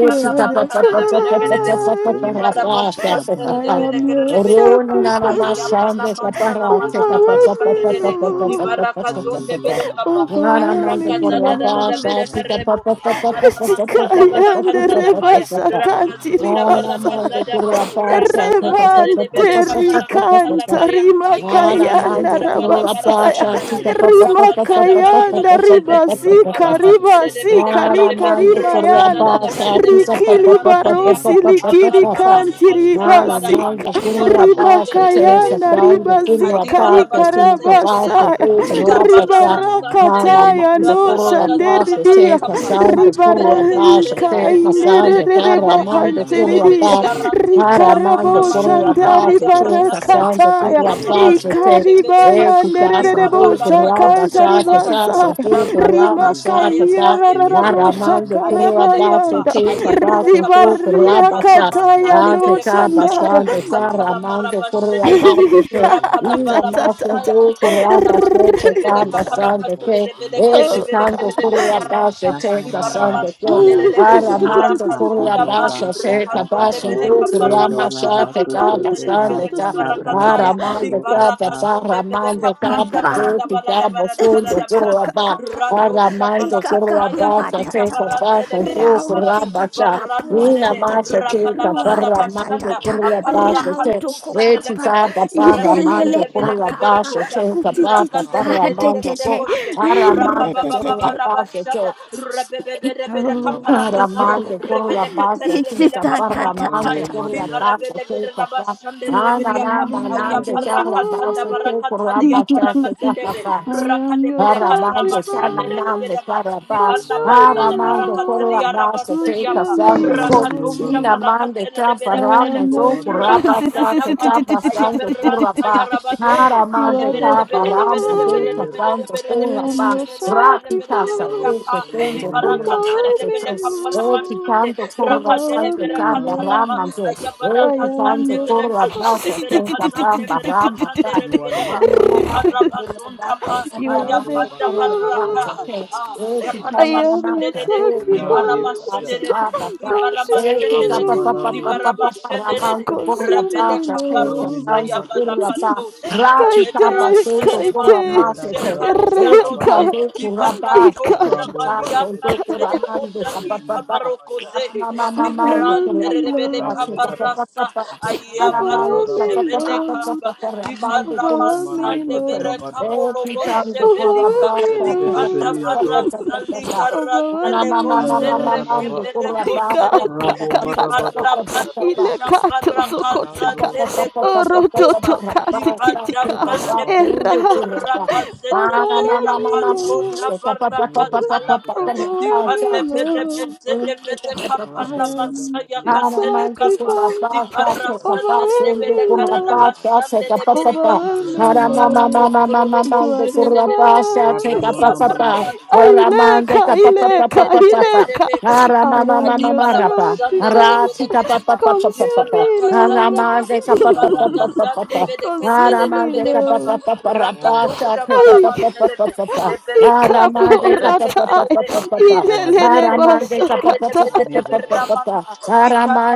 S3: You are the fire.
S7: Di baraba shante de
S3: I
S7: de
S9: kuendelele
S7: bele
S3: am
S7: kere
S9: habari
S3: your
S7: de bele yapa.
S4: Rune
S7: Aya bara
S4: Naramasande,
S3: sacrifice.
S9: kupana
S7: manta la
S4: Caparate,
S9: mwanama
S7: manana
S3: Overwhelm
S4: Capatata,
S7: mashande de
S3: me,
S7: de. Di
S3: Lord.
S9: hawapato
S7: baraka zonde bele kaba.
S3: Overwhelm
S4: Aramando
S7: Araka
S3: me,
S7: zada da da da
S3: Lord.
S7: bele
S4: Carabata,
S7: karebo.
S4: Capatata,
S7: Avana
S3: Tika,
S7: masanda baraka
S3: yande,
S7: talavaya.
S3: rebasa,
S7: Raka
S3: kanti,
S7: zonda
S3: ribasa.
S7: baraka
S4: Aramando
S7: zada ba. Rakazante
S8: you.
S7: terebele
S3: Remante
S4: Carabata,
S8: Ibrahim
S7: kabarakata
S3: ricanta
S4: Capatata,
S7: lavaya
S4: Nada mais
S7: ayabarado
S3: rimakayanda
S4: de
S7: shavala
S4: pura
S7: barada
S3: rabasaya
S4: pasha,
S7: badada
S4: fica pa, pa, pa, pa, pa,
S7: rakazada
S4: pa, pa, pa, pa,
S3: rimakayanda
S7: barakaterebe
S4: pa, pa, pa, pa, pa,
S3: ribasika
S4: pa.
S7: dibaramanterebele
S3: ribasika
S4: Nada
S7: kerebe
S3: rika
S4: mais de pura
S3: rimayanda
S7: rakazada
S4: pasha, fica
S7: dabadebele
S4: pa, pa,
S3: rikili
S4: pa, pa, pa, pa,
S3: barosi
S7: karantaliapa
S4: pa, pa, pa,
S3: likiri
S4: pa,
S7: avana
S4: pa.
S3: kanti
S7: masantara
S4: Nada
S7: badaba
S4: mais
S3: ribasika
S4: de pura pasha,
S7: dibarabosherebele
S4: chica,
S3: rimakayanda
S4: pa, de pura
S3: ribazika
S9: Iyane
S7: Kadibara
S4: pasha,
S9: bede
S3: rika
S4: chica,
S7: basatere
S4: pa,
S9: bediados,
S4: de
S7: kerere,
S3: rabasaya
S4: pura
S7: likabara
S4: pasha.
S9: mero bede
S4: Nada
S7: masanterere,
S3: ribarakataya
S4: mais de
S7: la
S9: bediados,
S3: no
S4: pura
S7: baraka
S9: imana
S7: zada
S9: mani
S4: pasha,
S3: shanderidia
S9: bede,
S4: chica,
S7: barakapa,
S4: sa, de pura
S7: alebereke
S9: yebada
S4: pasha,
S7: terere
S9: bani
S7: bele
S4: chica,
S7: kerere
S9: barua
S4: sa,
S7: bele
S4: de
S9: bada
S7: kerere
S9: badi
S4: cara,
S3: ribarakaindereba
S7: bele
S4: más
S9: edede,
S4: de
S7: kerere bele
S8: Brandaya
S4: pura
S7: beri
S8: Pastor
S7: arante,
S8: Pastor
S7: la vana
S4: Aramando,
S3: Rikarabo
S8: Bambele
S4: corre
S9: meywana
S8: na
S7: masala
S9: me
S3: Santari
S4: abaixo,
S7: vaya
S4: te
S9: habadi,
S8: Sotebeda,
S7: kazandeve,
S4: passando,
S3: Barakataya
S4: corre
S8: Rabran
S4: abaixo,
S9: iye
S8: Dala
S7: ayabaranto
S4: te.
S9: bede
S7: shevele
S9: bedie
S8: Takato,
S4: E
S3: Ikaribaya
S7: kapa,
S4: ti
S9: marua
S4: casa,
S3: Nerebo
S9: simene
S4: tu
S8: Indalana
S7: likabara
S9: meni
S4: corra,
S7: kado
S3: Sakanta
S9: abeha,
S7: shavala
S4: baixate,
S8: Sakata,
S7: kadia,
S4: casa,
S3: Ribazaya
S7: la
S4: tu
S8: Mosindra
S7: vana
S9: iyana
S4: corra,
S7: masaya,
S4: massate,
S8: Suyente,
S9: ayapata,
S3: Rimakaya
S4: sa.
S7: ayevele
S3: Rarabo
S7: kapa,
S8: Indalana
S4: Aramando, corre
S9: erua
S8: Suyente,
S7: ayevele
S9: mani e,
S4: abaixo,
S7: kapa,
S3: Sakarabayanda
S4: te
S8: Indalana
S7: ayevele
S4: abaixo,
S8: Suyente,
S9: iyasu
S4: tu
S7: kapa,
S9: bede
S4: corra,
S3: Ribaria
S9: bedie
S7: lekana
S4: baixate.
S8: Indalana
S9: manua
S3: Kataya
S9: be,
S7: masande
S4: Ante
S3: no
S8: Suyente,
S7: bele
S4: ca,
S7: kapaya,
S8: Indalana
S3: Sandaya
S8: Suyente,
S4: bastante,
S9: erua
S4: sa,
S9: ne
S7: lekatala
S8: Indalana
S9: mana
S4: ramando,
S9: mani e,
S4: corre
S7: marabashede de
S4: abaixo, Ina masa
S3: Ikatatata
S7: Rapalavarabasaya,
S4: do kurapa
S9: ro
S4: se
S7: Lekaranamantele de Karanamante
S4: te
S7: de
S9: simene
S7: Beleka
S4: kamba
S9: meni
S4: sande
S8: Suyente,
S7: Parakazele
S4: ke
S7: de
S9: ahabadi,
S7: Beleka
S4: e
S7: de
S3: Oh
S8: Indalana
S4: shikando
S7: Beleka de
S8: Suyente,
S4: kurapa se
S7: Beliaranta,
S4: te
S8: Yakama
S4: kasande
S8: Brasta
S4: ko
S9: iye bede
S7: Libaramashanderebo,
S8: Yantoya,
S4: aramando
S9: bediadis,
S7: Rakazunda
S8: Matano
S4: kurapa
S7: Ba,
S8: Brasta
S4: se te
S7: Rekazunde
S4: baso
S8: Takato,
S4: do
S7: Beleka
S8: Lendo
S4: kurama
S8: la
S4: sa
S7: Parakazala
S8: la
S4: te
S8: suto
S4: kamba
S7: Varanta de
S8: seba
S4: sande
S7: Beleka
S4: ka
S8: la
S9: Rwanda
S8: branda
S9: Malia
S7: Parakataya,
S3: God
S8: kato
S4: aramando ka
S9: Badabaya
S4: te
S8: kata
S7: Libarakazunde
S9: Marua
S7: Beleka
S4: paramando ka
S7: Panda
S9: Sede de de
S7: Varada
S9: de
S4: te
S9: de
S7: Barada
S4: camba
S9: de
S7: Barada
S4: Ondo
S7: Barada
S9: Yadaya
S7: Baraba,
S4: Kuraba,
S7: Rado
S9: Yanana
S4: Aramando
S9: Manise
S7: Shafalakataya
S4: Kuraba,
S3: ikakapua
S7: di
S4: Satesa
S3: tatata
S7: Falakataya,
S9: Yabadia
S7: Likabaratele
S4: Basa,
S9: de de
S4: Zo
S7: Beleka
S9: de de
S7: Parabo,
S9: Malia
S4: Kurabasha,
S9: Be
S7: Varante
S3: rautikitikapuwa
S4: Nina
S7: de
S3: tetete
S4: Masha
S7: Rabala
S4: Tita
S9: Yabadabadia
S7: Varada
S9: Simanua
S4: Paramando
S3: ruatatatata
S9: Be
S4: Kuraba,
S7: Bashanda,
S9: Robadabadia
S4: Sate,
S7: Ratosha
S3: rautukukapa
S7: Velekebe,
S4: Retitaba
S7: Rakatere
S3: ilelele
S4: Paramando
S7: de
S9: Yando
S4: Kuraba,
S3: pakapa
S9: Yabaya
S7: Belekaberekota,
S4: Satesa Basa,
S7: Rakazede
S3: kutititika
S9: Razi de de
S4: Paramando,
S7: de
S4: So
S9: de
S3: tetete
S7: Boshe,
S9: Yadu
S4: Aramando
S7: Rabababa
S3: retetete
S4: Kuraba,
S7: Rabashada,
S4: Sate,
S9: Yuaniabe
S7: Rebebebe
S9: Yabadabede
S7: Kaparakazaya,
S9: de
S4: Paramando
S9: Yadusa
S4: Kurabasa,
S7: Revelekatere de
S4: Tita Paramando
S7: Belekaparamantaya,
S9: Ruame Malia
S4: Kurabasa,
S7: Livarabele
S4: Tita Paramando Kurabasa,
S7: Rabashande
S9: Yanda da
S4: Nana
S7: Rebeliapa,
S3: Oh, you are
S9: da
S4: Mananda
S3: the
S9: da
S7: Ayaparakazanda
S4: Kurabasa,
S3: fire.
S9: da. da.
S7: Barakatalia
S9: Yes.
S4: Tita
S7: Parakazendeve,
S4: Kurabasa,
S3: I
S9: Hmm.
S3: am your
S7: Rakadebere
S4: Aramando
S9: Beni
S7: Karamashande
S9: yase.
S4: Sananande
S3: sacrifice.
S7: Rebeleba,
S4: Carabas,
S7: Libarna
S9: ya
S3: Consume
S9: baba ba
S3: me,
S7: Masanda
S4: Aramando
S7: Barakatalia
S3: Lord.
S4: Corabas, Teca
S7: Rabasediapa,
S3: Consume me,
S4: Sando
S9: da
S4: Fo,
S7: Rakadosha
S3: Lord.
S4: Inamande
S7: Valakatele
S3: I
S4: Caparama,
S3: am
S7: Reberekarebo,
S4: Zocorabasa,
S7: Rakazanda Baya,
S4: Tecaba Sando
S9: da ya
S7: Ayaberanta
S4: Coraba,
S3: the.
S7: Yarabadosha,
S3: You are
S4: Aramande
S9: Yero
S3: the fire.
S9: bada
S7: Aleberapa,
S4: Caparama,
S9: semene mene
S4: Teca
S9: ye bada
S4: Sando
S9: ye
S3: I
S9: bada da
S3: am
S4: Coraba,
S3: your sacrifice.
S4: Rapita
S9: Maro
S4: Sate,
S9: semene
S7: the
S4: Tecendo
S9: mene ye
S3: Overwhelm
S9: habati
S7: Barakantele
S9: ye
S3: me,
S4: Burraba,
S9: de de da
S7: Belecapana
S9: ba
S4: O
S3: Lord.
S7: Mashande,
S9: yose.
S4: Picando
S7: Rakadele
S3: Overwhelm
S4: Corabando
S3: me,
S9: Yan da da
S7: Veracatalaba,
S9: da
S4: Caparama,
S3: Lord.
S9: da ya ba ba
S3: I
S4: O
S9: ba ya
S3: am
S4: Picando
S7: Ayabarakazande
S9: da
S3: the.
S7: Verakazande
S4: Corabasa,
S9: sabaru.
S4: Teca
S7: Verakazande
S4: Bamba Rama,
S7: Verakazande
S9: You are
S7: Rebedeba,
S9: yes da da da da da.
S4: Thank
S7: Dibarabazonta pa
S3: you
S9: Ya
S3: are
S9: be
S3: the
S7: ayapanda
S9: Badia
S3: fire.
S7: baraka.
S9: Borabe
S7: Ah,
S3: I
S9: Simanai.
S3: am your
S7: yaparamashenderede.
S9: Yabe Badia
S3: sacrifice.
S7: Dibaramashenderede.
S9: Saya.
S3: Consume me,
S9: Ramo
S7: Dibaramashenderede.
S9: Manani e da
S3: Lord.
S9: da da da.
S7: Dibaramashenderede.
S9: Yes.
S3: Consume
S7: Rebele
S3: me, Lord.
S7: kabarosa
S9: Romine
S7: ya
S9: be Bede be de
S7: balakatosha.
S9: be
S3: Kaite,
S9: Adisa.
S7: Aleverantere
S3: kaite.
S9: Yanda
S7: mantoshe
S9: da da ba e
S7: katia
S9: Ya ya. ba da
S3: ka
S7: rose.
S9: ba da
S3: It can
S9: Yabada Baya.
S7: Dibarantosha
S9: be Bede Bede
S7: valiarante de
S9: Belia
S7: rantere Li
S9: Sumene Meni
S7: kabarokoze.
S9: Bayata.
S3: overwhelm
S7: Liberante
S3: me,
S7: rebele
S3: Lord.
S9: Rabu Bada.
S7: kabarasa.
S4: you.
S9: Rabu
S4: Thank
S7: Ayabaro
S3: Overwhelm
S9: Bada
S3: me,
S7: shebele
S9: Badiata.
S3: Lord.
S7: kaba. Libana
S9: Yes,
S3: Overwhelm
S9: Simane
S3: me,
S7: mazande
S9: Badia
S7: vere
S3: Lord.
S9: Badaya.
S7: kabolo bo shebelika.
S3: Overwhelm
S9: Rose
S3: me,
S9: de Bede
S7: Libanda
S3: Lord.
S9: Benia
S7: varasa
S9: Doti.
S3: Overwhelm
S7: likaratele bo
S3: me,
S9: Yanda da
S3: Lord.
S9: da da
S7: sereke
S9: ba.
S7: bere
S3: God,
S7: koteleka.
S3: God,
S9: Rabo
S3: God, God,
S9: bada
S3: God,
S9: bada
S7: Libanda
S9: bada
S3: God.
S9: yada
S7: bado
S3: Ile kato
S7: shavara
S3: sokoteka.
S9: yando
S7: kazande
S9: yada
S7: levo
S3: Oroto
S7: Jehovah.
S9: sekabadi
S3: tokati
S7: Dibanda
S3: kitika.
S9: o
S7: bande
S9: reba baba
S7: bende
S3: Era.
S9: yana nana
S7: boraka
S9: bos.
S7: zende
S3: Overwhelm
S7: beraka
S3: me,
S7: zonda
S3: Lord.
S9: Yo
S7: baraka
S9: baya
S7: talaba.
S9: bada bada bada
S3: Overwhelm me,
S7: Dibande
S9: yes
S7: vere
S3: Lord.
S9: yano
S7: mente de vere
S3: I
S7: kapana
S9: rabi
S4: you.
S9: bada
S3: am
S9: bada
S7: masaya
S3: your
S9: yamano
S7: kateli
S4: Aramante con
S9: sebede
S7: kapa.
S4: la
S7: di
S9: bedia
S3: sacrifice.
S7: Dibarasa
S4: pasta,
S7: tere
S4: se
S3: Overwhelm
S7: de
S4: capaz de
S7: bere
S3: me,
S4: con la
S7: karana
S3: Lord.
S9: reba
S4: pasta, se
S7: bashande
S9: dada
S7: de
S4: capaz
S7: bere
S4: papá.
S7: kapa.
S3: Overwhelm me,
S7: di
S9: raba
S7: Dibara
S9: bada
S4: Aramama
S3: Lord.
S9: bede
S4: mama mama
S7: motoro
S9: bedi
S7: do
S3: You are
S4: mande
S7: boshe de
S4: con
S3: the
S7: de
S4: la
S7: de de de bo.
S4: pasta,
S3: fire.
S4: se
S9: rabi
S4: capaz
S9: mana
S7: Ayabara
S9: mani
S4: papá.
S9: sebede
S7: mantalaba.
S9: bedia
S4: Aramante
S3: Aileka,
S9: baro
S4: capaz
S7: Ayebere
S4: papá
S7: bere
S3: Aileka,
S4: papá
S7: de bere
S4: papá.
S7: bere
S3: Aileka.
S7: be.
S3: I
S4: Aramama mama
S3: am your
S4: mama rapa.
S9: ya be
S3: sacrifice.
S4: Arati
S9: baro
S4: capaz
S9: mana
S7: Adibarabashandererebelekedeba.
S4: papá papá
S3: Consume
S4: papá.
S3: me, Lord.
S7: Bibarakazadaba,
S4: Aramante
S9: serusi
S4: capaz
S9: mana
S4: papá
S9: mani
S4: papá
S9: bede
S7: Bibarakazande
S9: bedi
S4: papá.
S9: Ano.
S7: vedekete de
S3: Consume me,
S4: Aramande capa
S7: Adibarabashanderebelekedeba. Dibarakazadaba. Dibarakazandevedeketelebedekapa.
S4: pa
S3: Lord.
S4: pa pa
S9: Neyo
S4: rapasa,
S7: Rakadosha
S9: wadabati
S4: capa pa
S3: Ay,
S4: pa
S9: maru
S4: pa pa
S7: valamanteleve.
S4: pa
S9: baraba.
S4: pa.
S7: Lebereko
S4: Aramande capa pa pa
S3: ikaboratai.
S4: pa
S7: televereketeleve.
S4: pa pa pa.
S9: Neyo anisaya.
S4: Aramande capa pa
S3: Ilelelebasakata.
S4: pa pa
S9: Mani
S4: pa pa
S9: bede
S4: pa pa
S9: vede.
S4: pa.
S7: Ribedebedebedebedebedebedeberamanta.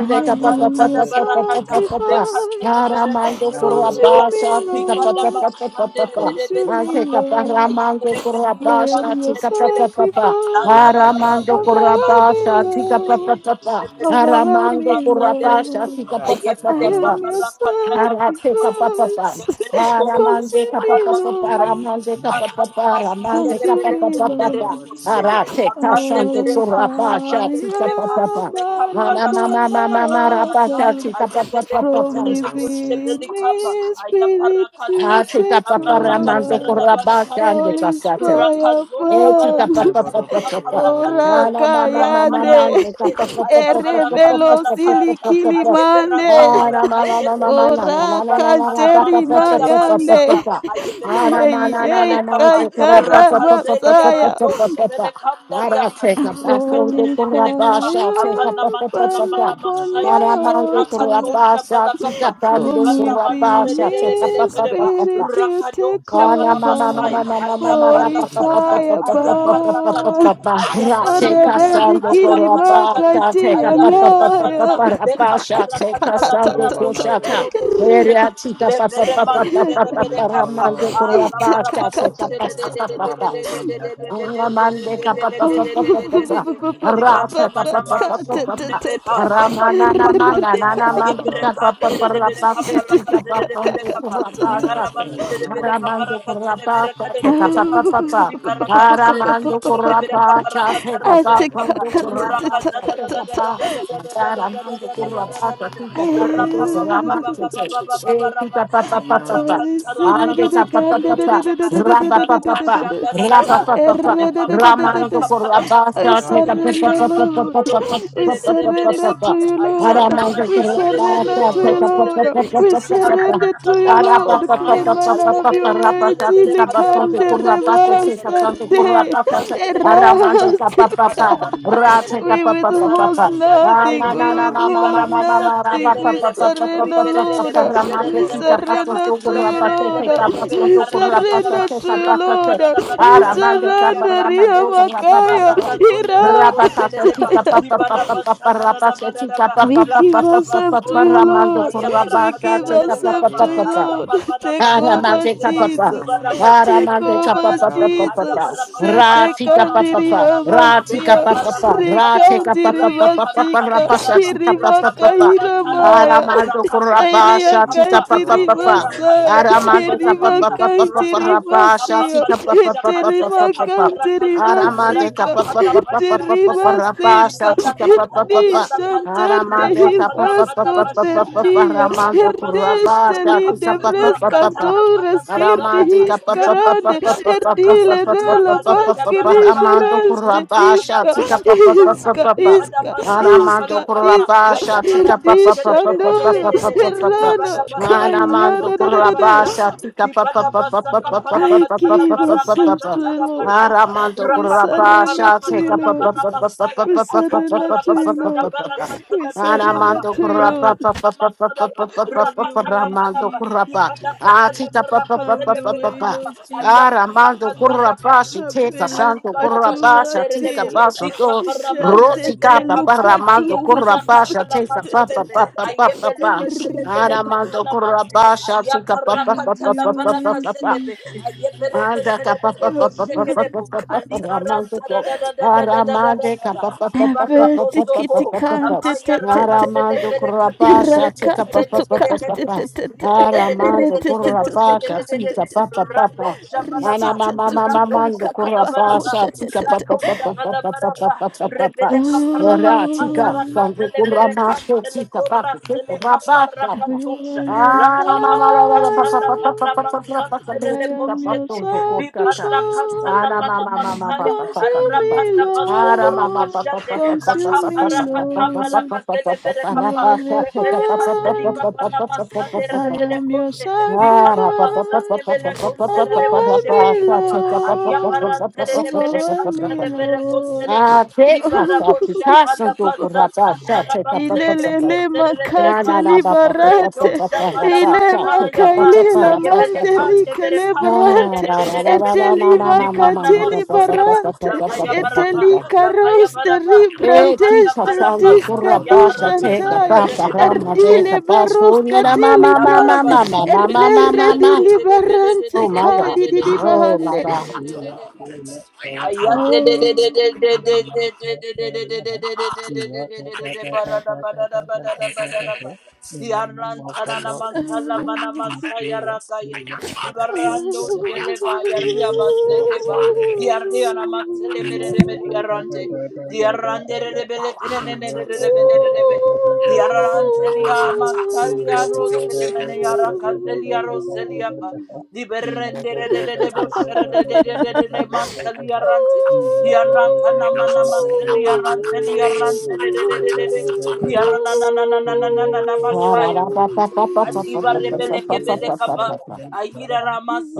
S3: I
S4: capa
S9: Roba
S4: pa
S3: am
S4: pa
S3: your
S9: dabani
S4: pa pa pa
S9: esi
S4: pa
S9: mani
S4: pa pa pa.
S9: abai.
S3: sacrifice.
S4: Aramando
S9: Yando
S7: Dekatelevereketeleve.
S3: Consume
S4: curabasa,
S3: me,
S9: dadadabati
S4: capa
S7: Likada
S3: Lord.
S9: eberebe.
S4: pa pa pa pa
S7: mashande
S4: pa
S7: de
S4: pa.
S7: de de de de
S3: Consume me,
S4: Ante
S7: kapaya.
S4: capa
S3: Lord.
S4: ramando
S7: Ayebele
S3: I
S7: kadia
S4: curabasa,
S3: am
S7: rante
S9: Nisi
S3: your
S7: de de
S4: capa
S9: mada.
S7: de de
S4: pa pa
S7: kapa.
S3: sacrifice.
S4: pa.
S7: La da la
S9: Yabo
S7: ba la ba
S4: Aramando
S7: da
S9: badabati.
S7: la
S3: Overwhelm
S7: baya.
S3: me,
S4: curabasa, capa
S7: Ayebele
S4: pa pa
S3: Lord.
S9: Yebede
S4: pa
S7: kado
S4: pa.
S9: bede
S7: shebele
S9: maru.
S3: Overwhelm
S7: kapaya
S4: Aramando
S3: me,
S7: rasande de de
S4: curabasa,
S7: de.
S3: Lord.
S4: capa pa
S9: Yase
S4: pa
S3: I
S7: Ayebele
S4: pa
S9: mana
S3: am
S4: pa.
S9: mani
S3: your
S9: ebaya.
S7: katana
S3: sacrifice.
S7: varamante. Ebele ko ebele
S3: Consume me,
S7: kadai.
S3: Lord.
S7: Ayebele kazana masaya
S3: Consume me,
S9: Roba
S7: de
S3: Lord.
S9: dabati
S7: boshe.
S9: mana mani esi.
S7: Avande
S3: Holy
S7: berepa. Avande
S3: fire,
S9: Yedede
S7: berepa.
S9: bede baru
S3: burn
S9: barabati.
S7: Le
S3: upon my
S7: Katala Barakazai,
S3: altar. From
S7: Aleverekatele
S9: Yebada bade
S4: Arate
S3: within
S9: baru
S7: Boshebelikapa,
S3: me,
S9: semanama.
S3: Spirit, to
S7: Ayaparakaza,
S3: take
S9: Eromene
S7: Alabarakatara
S3: over.
S9: bede semanada
S3: All
S7: Labashandere,
S3: is fire
S7: Rakazonda
S4: Eh, chica,
S3: burn.
S4: pa,
S9: Ye
S4: pa, pa, pa,
S7: Barakatalika
S4: pa,
S9: barabati
S4: pa.
S9: ambarua
S3: Ora
S4: Na,
S7: Parakate,
S4: na, ma, ma,
S9: simelele.
S4: ma, ma, ma, de,
S3: kayande
S4: pa,
S7: Raparaboshe,
S4: pa, pa, pa, pa, pa, pa, pa, pa,
S9: Mm.
S3: erebelo
S4: pa,
S7: Ayabarakapalaka
S4: pa, pa, pa,
S7: Santa,
S4: pa, pa.
S7: ayebera
S3: silikimande
S4: Ah,
S9: Yonda
S7: kapara
S4: na,
S9: da
S4: ma,
S9: da
S4: ma,
S9: da
S4: ma,
S9: da.
S7: kazede
S4: ma, ma, na,
S7: bosha
S3: ora
S4: na, na, na, na, na, na,
S7: latana
S4: pa, pa,
S3: kanteri
S4: pa,
S9: Raba
S4: pa, pa,
S9: de
S7: masaya
S9: be
S4: pa,
S9: bede
S4: pa,
S9: be
S4: pa,
S7: baliama
S9: de
S3: mayande
S4: pa.
S7: ayevere
S4: Ah,
S9: simanana.
S4: na, ma,
S3: hey
S4: na,
S7: mantere
S4: na,
S3: hey
S7: bele
S4: na, na,
S7: kaba
S4: de, pa, ra, pa,
S3: kayara
S4: pa, pa, pa, pa, pa,
S7: rakazeli
S4: pa,
S3: masaya
S4: pa, pa,
S7: aradosha
S4: pa,
S9: Mm.
S4: pa.
S7: bele
S4: Ah,
S7: kandari
S4: ra,
S7: apa
S4: che, pa, so,
S9: Yarua
S4: de,
S3: holy
S4: ko,
S7: rekatere
S4: ra,
S9: sibe
S7: bele
S9: de
S4: pa,
S9: be
S7: kapa
S4: sha,
S9: ni.
S4: che,
S7: avana
S4: pa,
S3: fire
S4: pa, pa,
S7: mantana
S4: pa,
S3: burn
S4: pa.
S7: mana
S9: Yabe
S3: upon
S9: de
S4: Ah,
S7: masaya
S9: be
S3: my
S4: ra,
S9: de
S4: ma,
S9: be
S4: de,
S9: de
S4: ko, ra,
S3: altar
S4: pa,
S7: rakatosha
S9: manamani.
S4: sha, chica,
S7: balakapa
S4: pa,
S3: from
S4: de, ko,
S7: bibara
S4: ra, pa,
S9: Marua
S7: mantere
S3: within
S4: sha,
S9: sibe
S4: che,
S9: de be
S7: bele
S3: me
S4: pa, pa,
S9: ni
S4: pa,
S7: kedeba
S4: pa,
S3: spirit
S4: pa.
S9: badadawe.
S3: you take
S7: rakadosha
S4: Ana
S7: vana
S4: mama
S7: mantaya
S4: mama
S3: over
S4: mama mama
S3: holy
S4: rapa
S9: Menoba
S4: pa pa
S7: ayaparakata
S4: pa pa
S3: fire
S4: pa pa pa pa
S9: se.
S4: pa
S3: burn
S4: pa pa
S7: ayaparakata
S4: pa ra se
S9: Romene
S7: ayaparakata
S9: media.
S3: Oreberi
S4: casando
S3: kilima
S4: corapa sa
S3: kati
S4: se pa
S7: ayaparakata
S4: pa
S9: Yende
S4: pa
S9: de
S4: pa
S9: de de
S4: pa
S9: de
S4: pa
S9: de
S3: anaya.
S7: parakata
S4: pa
S9: de.
S4: ra
S7: leka
S4: pa sa se
S7: parakata la
S9: Yo
S4: casando
S3: Kakatatatata.
S7: baraboso
S4: cochata
S9: manabera.
S7: korobo
S4: Ere
S7: shekete
S4: atita
S7: le
S4: pa pa
S7: vede
S4: pa pa
S9: Yes,
S4: pa pa
S7: mantere
S4: pa
S7: de
S4: pa
S7: bede
S4: pa
S9: simane
S7: kapa
S9: barua
S4: ramando
S7: ala
S9: badabati.
S3: Ita
S4: corapa sa
S7: barabado
S4: se pa pa
S7: shere
S4: pa
S7: de de
S4: pa
S7: de
S4: pa
S3: kakatakatatata.
S7: de
S9: Rabo
S7: de
S4: pa
S7: de
S9: badie de
S7: de
S9: be
S7: de de
S4: Ramande
S7: de
S9: manamani
S7: de de
S9: sibai.
S7: de de
S4: kapapapapapapa.
S7: de di
S4: Rasa
S7: banna manna masunde
S4: kapapapapapa.
S3: Katatatata.
S7: veba
S9: Mm.
S7: bale
S4: Ramanana
S7: kapande
S4: manana
S9: Maro
S7: aye bere
S4: mandika
S9: baraba de
S7: katere de
S9: baya
S7: bere kapa
S4: papaparapate
S7: rakatere de bere
S4: kuzapakondo
S7: kapa di
S9: ya be
S4: kurapasate.
S7: barabantere de bere
S9: manaman
S7: kapa
S4: Maramando
S7: rakatere bere kade
S4: kurapasate
S7: de bere
S9: robe
S7: kapa
S9: de
S4: kapapapapa.
S7: di
S9: bedi siya
S7: barakatere de bere
S4: Aramando
S9: badiada
S7: kade de bere
S3: Kakatatatata.
S7: kapa
S3: Atikakatatatata.
S4: kurapasate
S7: rakatere de
S9: ya
S7: bere
S9: badi
S4: Mando
S9: mede
S4: Kuraba,
S9: mede
S7: kapa Di
S9: sibada
S4: Sakaba, Matara Mando Kuraba, Sakita
S9: meno
S4: Papa, Rama,
S9: sibada
S4: Tete, Ekita
S9: me
S4: Papa
S9: ya ne
S4: Papa,
S3: Holy
S9: sibera
S3: silly
S4: Ande
S9: badi
S4: Papa
S9: de
S4: Papa, Rabba Papa,
S3: the
S9: ya bade
S4: Rapa
S9: bede bedi
S4: Papa, Ramando
S3: I
S4: Kuraba,
S9: ya
S4: Sakita
S9: bo bede
S4: Papa
S3: surrender,
S9: bedi
S4: Papa
S3: Lord.
S4: Papa
S9: simanwa
S3: We
S4: Papa Papa
S3: surrender
S4: Papa.
S3: to you, Lord.
S4: Ramando
S3: We
S9: ne
S4: Kuraba,
S3: surrender
S9: roba
S3: to you,
S4: Sakita
S9: rabi da
S3: Lord.
S4: Papa
S9: badi
S4: Papa
S3: We
S4: Papa Papa.
S3: surrender to you,
S4: Ara
S9: ne
S3: Lord.
S9: rama
S3: Come
S9: ne
S3: and have
S9: sibede
S3: your
S9: bede
S3: way. Jilikande rebastarde.
S7: barra mantele bere kaba di
S9: me
S3: Erasika.
S7: barra
S9: ya ne se
S7: masanterere,
S3: We
S7: di barra
S3: withhold
S9: ya bada badi
S3: nothing.
S7: masanterere
S3: We
S7: bere,
S9: maro
S7: di barra
S3: withhold nothing.
S7: masanterere
S3: We
S7: bere ba,
S3: surrender,
S7: rikerere de
S3: Lord.
S9: ne roba
S7: boşerere
S3: We
S7: de boruya
S9: rabadi
S7: ba,
S9: da
S3: surrender
S9: da
S3: to you,
S7: rekerere de
S3: Lord.
S7: bere de bere
S3: We
S7: karra bada da
S3: surrender
S7: ba,
S3: to you, Lord.
S7: rakazara da bada da
S3: We
S9: ya
S7: bada da
S4: mande
S7: ba, di
S9: sibede
S3: surrender,
S4: cabra
S9: bede
S4: mando
S7: ranterere,
S4: con la
S7: di
S3: Iamakaya,
S7: barra
S4: papa
S7: kazonda bara boşerere
S3: Iraka,
S7: ba,
S4: Rabakasatika
S7: di
S4: papa
S9: ya
S7: barra
S4: papa
S9: sibada
S4: papa
S7: basana
S9: badi
S7: da
S9: ya
S7: da bada
S9: baruwa
S7: da
S4: rapasatika
S7: ba,
S4: papa
S3: we
S7: la
S4: papa
S3: give
S7: kadla
S4: papa
S3: ourselves to
S4: papa
S3: you,
S7: basonta ba,
S4: ramando
S3: Lord.
S7: ayabara
S3: We give
S7: katala
S4: rabasatika
S7: bere
S3: ourselves
S4: papa
S3: to
S4: papa
S7: kapa,
S3: you,
S9: Eliabebayade,
S4: papa
S7: ayya
S3: Lord.
S7: ba
S3: Take over,
S7: basanderere
S4: aramazeka
S7: ba,
S9: Orusia
S4: papa
S7: di
S3: Jesus.
S7: barra
S9: Namani,
S7: mantarere
S3: Take
S7: bere
S4: aramazeka
S3: over,
S4: papa
S7: kabara ba,
S4: papa
S9: Yabo
S3: Jesus.
S4: papa
S7: ayabara barra
S9: Bedebediada,
S3: Sete
S4: ratika
S7: başa
S4: papa
S3: kandiri
S4: papa
S7: Maraba,
S4: ratika
S3: amasia.
S4: papa
S9: Yabadabadabadi
S4: papa
S9: Barebede,
S7: Lekabarakatadaba,
S4: ratika papa
S3: Rikandiri
S4: papa papa
S3: masika.
S7: Rakaparakatadaba,
S4: rapasatika papa
S3: Irimaka
S4: papa
S9: Hmm,
S7: Rakaparabatadaba,
S3: iramaya.
S4: aramando
S3: Iria
S9: Denise
S4: rabasatika
S7: Rakazandeverekapa,
S4: papa
S3: kandiri
S4: papa
S9: Barabade,
S3: masaya.
S7: Ayerakatosha
S4: aramazeka
S3: Irima
S4: papa
S9: Yando
S7: Balamanta,
S4: papa papa
S9: Bedebedi
S3: kandiri
S7: Rakazota
S9: Simarwe,
S3: masia.
S4: rapasatika papa
S7: Bakatosha
S4: papa
S7: Katene
S3: Etelima
S4: papa papa
S3: kandiri
S7: Kaparakaza,
S9: Yedadadadabadi
S4: Aramande
S3: masika.
S4: capa
S9: Marwe.
S4: pa pa pa pa pa pa pa
S7: Rakaparabashatadaba,
S4: rapa
S3: Terimaseca,
S4: satika pa pa pa
S7: Nibadakatadaba
S4: pa
S7: Rakata,
S3: Hernishantarte
S4: Aramande capa pa
S3: Hilas
S4: pa pa pa pa pa
S7: Rakapalavadabashata,
S4: pa
S3: Corternia,
S4: ramando kurapa
S3: Hernesteli
S7: Nibadabasakapalakapa,
S4: satika
S3: de
S4: pa pa pa pa pa
S7: Rakatana
S3: Frescantores Girti
S7: Barakazadaba,
S4: capa pa pa pa
S3: Hiscarande,
S4: pa
S7: Rakazada
S4: pa pa pa pa
S7: Barakata,
S3: Hernile
S4: pa pa
S3: Nella
S4: pa pa pa
S7: Rakazada
S4: pa pa
S7: rakapala
S3: Vasquerisharaste,
S7: Rakapala
S3: Isca,
S4: satika pa pa pa pa
S3: Isca,
S4: pa pa
S3: Isca,
S7: bashata,
S4: Aramando
S3: Isca,
S7: palakata.
S3: Isca,
S4: Kurabasha, Tika
S7: Ayabarabo
S4: Papa Papa Papa
S3: Hernishanoyo,
S7: Shedede,
S4: Papa Papa.
S3: Herrano,
S7: Bibadabasata,
S4: Aramando
S3: Cayana, da, da, da, da.
S7: Bakadabashata,
S4: Kurabasha, Tika Papa Papa Papa
S7: Bibadabasaka
S4: Papa
S3: I
S7: palakata
S4: Papa
S3: give
S4: Papa
S3: ourselves to
S4: Papa.
S3: you, Lord.
S7: Zebarakazaya, Rakapalabadabashata, Libadabasakapalakata, Ayabaraboshelelelelelelelele, Libadabasatanabakadabashata, Libadabasakapalakatalabarakazatadabashata,
S4: Aramando
S3: We surrender
S9: Hmm,
S4: Kurabasha,
S3: to you,
S4: Tika
S3: Lord.
S4: Papa Papa Papa
S7: Rakapalabarakazalamanabasaya,
S3: We
S4: Papa Papa
S3: surrender to you,
S4: Papa Papa
S3: Lord.
S4: Papa.
S3: We surrender
S7: Ayabarakazadabarakatalaberekapa,
S4: Anamanto
S3: to you,
S4: kurapa
S3: Lord.
S4: pa pa pa pa pa
S7: Rakapalamantalaba,
S4: pa pa pa
S3: Have
S4: pa pa
S3: your way,
S4: ramanto
S7: Rakadalabanaba,
S3: Jesus.
S4: kurapa. Atita pa pa pa
S3: Have
S4: pa pa
S3: your
S4: pa
S3: way,
S4: pa.
S7: Libadakatalabarakazeleberekapa,
S3: Lord Jesus.
S4: Aramando
S7: Ayabarakazadaba,
S4: kurapa si teka santo
S3: Abeluka tu
S4: kurapa
S7: Adibarabasha
S4: sa tika
S7: derebo,
S3: atela,
S4: pa
S7: bika
S4: santo.
S7: bara mantele
S4: Rotika
S3: shatete
S7: vere
S4: pa pa
S7: kapa,
S3: luka
S4: ramando
S7: aya
S3: tu,
S7: bara
S4: kurapa sa
S7: katala
S4: teka pa
S7: mantele
S4: pa
S7: ve,
S4: pa pa pa
S7: aya
S4: pa
S7: bele
S4: pa.
S7: ketele vere
S9: hmm,
S4: Aramando
S7: katala mante,
S4: kurapa sa
S7: aya
S4: tika pa
S7: bara
S4: pa
S7: bika
S4: pa
S3: Have
S4: pa pa
S3: your
S4: pa pa
S7: Adibarabashaderebo,
S3: way,
S4: pa pa.
S7: Dikabaramantelebelekapa,
S3: Jesus.
S7: Ayabarakatalamantelebe, Ayebeleketeleberekatalamente,
S4: Anda
S7: Ayabarakatalavarakazelebe,
S4: capa pa
S7: Ayebereketelelebo
S4: pa pa pa
S3: Abba,
S4: pa pa
S7: shekedebo,
S4: pa pa pa
S3: kata.
S4: ramando co aramande
S7: Alibarantaradadadadadadadadadaba,
S4: capa pa pa pa pa pa
S3: Averti
S4: pa
S7: Libarabosoko,
S4: pa
S3: kiti
S4: pa pa pa pa
S7: Avaya
S4: aramando
S7: rakazelebe
S3: Oh,
S7: rekepe,
S3: you are
S4: curapa chatica pa pa pa pa pa pa
S7: reketeredebedekedebe,
S4: aramando curapa chatica pa pa pa pa
S9: hmm, hmm.
S4: Ana mama mama mando curapa chatica pa pa pa pa pa pa pa pa pa pa pa pa Ratica sangue curama chatica pa pa pa pa pa
S3: the
S4: Ah,
S3: fire. I am your sacrifice.
S9: Jesus.
S3: Consume me, Lord. Consume me,
S9: Hmm.
S3: Lord. You are the fire.
S9: Hmm.
S7: Rakapara masande
S3: I
S7: rebere
S3: am your
S7: konde
S4: Ah,
S3: sacrifice.
S7: ribanda
S4: take
S7: masande bere konde rebo
S3: Overwhelm
S7: sheveli
S3: me,
S7: kapa
S3: Lord.
S7: ayabarante rebere
S3: Overwhelm
S7: kante
S3: me,
S7: rebere konde rebo ribara
S4: us up,
S7: bosha
S4: because
S7: vala
S4: of
S3: Lord.
S7: baza tatara baseke
S3: Ilelele
S7: tetere rebere
S3: makate
S7: kapa redo
S3: liberate,
S7: shavala
S3: ile
S7: masaya ba
S3: makaile la
S7: ayebele
S3: mante
S7: kande
S3: rike
S7: bere kante
S3: lebrante,
S7: rebere rebere
S3: eteli
S7: dibana
S3: makate
S7: masunda ba
S3: liberante,
S7: lavaya baraba
S3: eteli
S7: lavaya
S3: karoste
S7: baraba lavaya
S3: ribranteste
S7: baraba
S4: the
S3: diska
S4: Kurapa, shall
S7: ayabaraka
S4: take
S7: zanda
S3: dishantayo,
S4: up
S7: bere
S4: a
S3: erdile
S4: papa.
S7: kerebo
S3: beroska
S4: Mama,
S9: Hmm.
S4: mama,
S7: Alabaraba
S3: delibrante,
S4: mama, mama,
S7: Sunday.
S4: mama.
S3: erre
S4: mama.
S3: di liberante
S4: Oh my
S3: kai
S4: God.
S3: di di di
S4: Oh my
S3: bahande.
S4: God.
S10: In the
S3: Oh.
S9: Hmm.
S10: Lord
S3: Oh.
S7: Libarando Sheleva Yaria Baseleva Diarria Namasele
S10: Yeah,
S7: Meremeria Rante Diarande Rebele Kerebe Diaranteria Masalia Roselemene Yara Caselia di berrendere de manteli arrante, di arrancana mana maseli arrante, di arrante, di arana na na na na na na na masaya. Kadiba
S10: yeah,
S7: rebele kebele kaba. Aira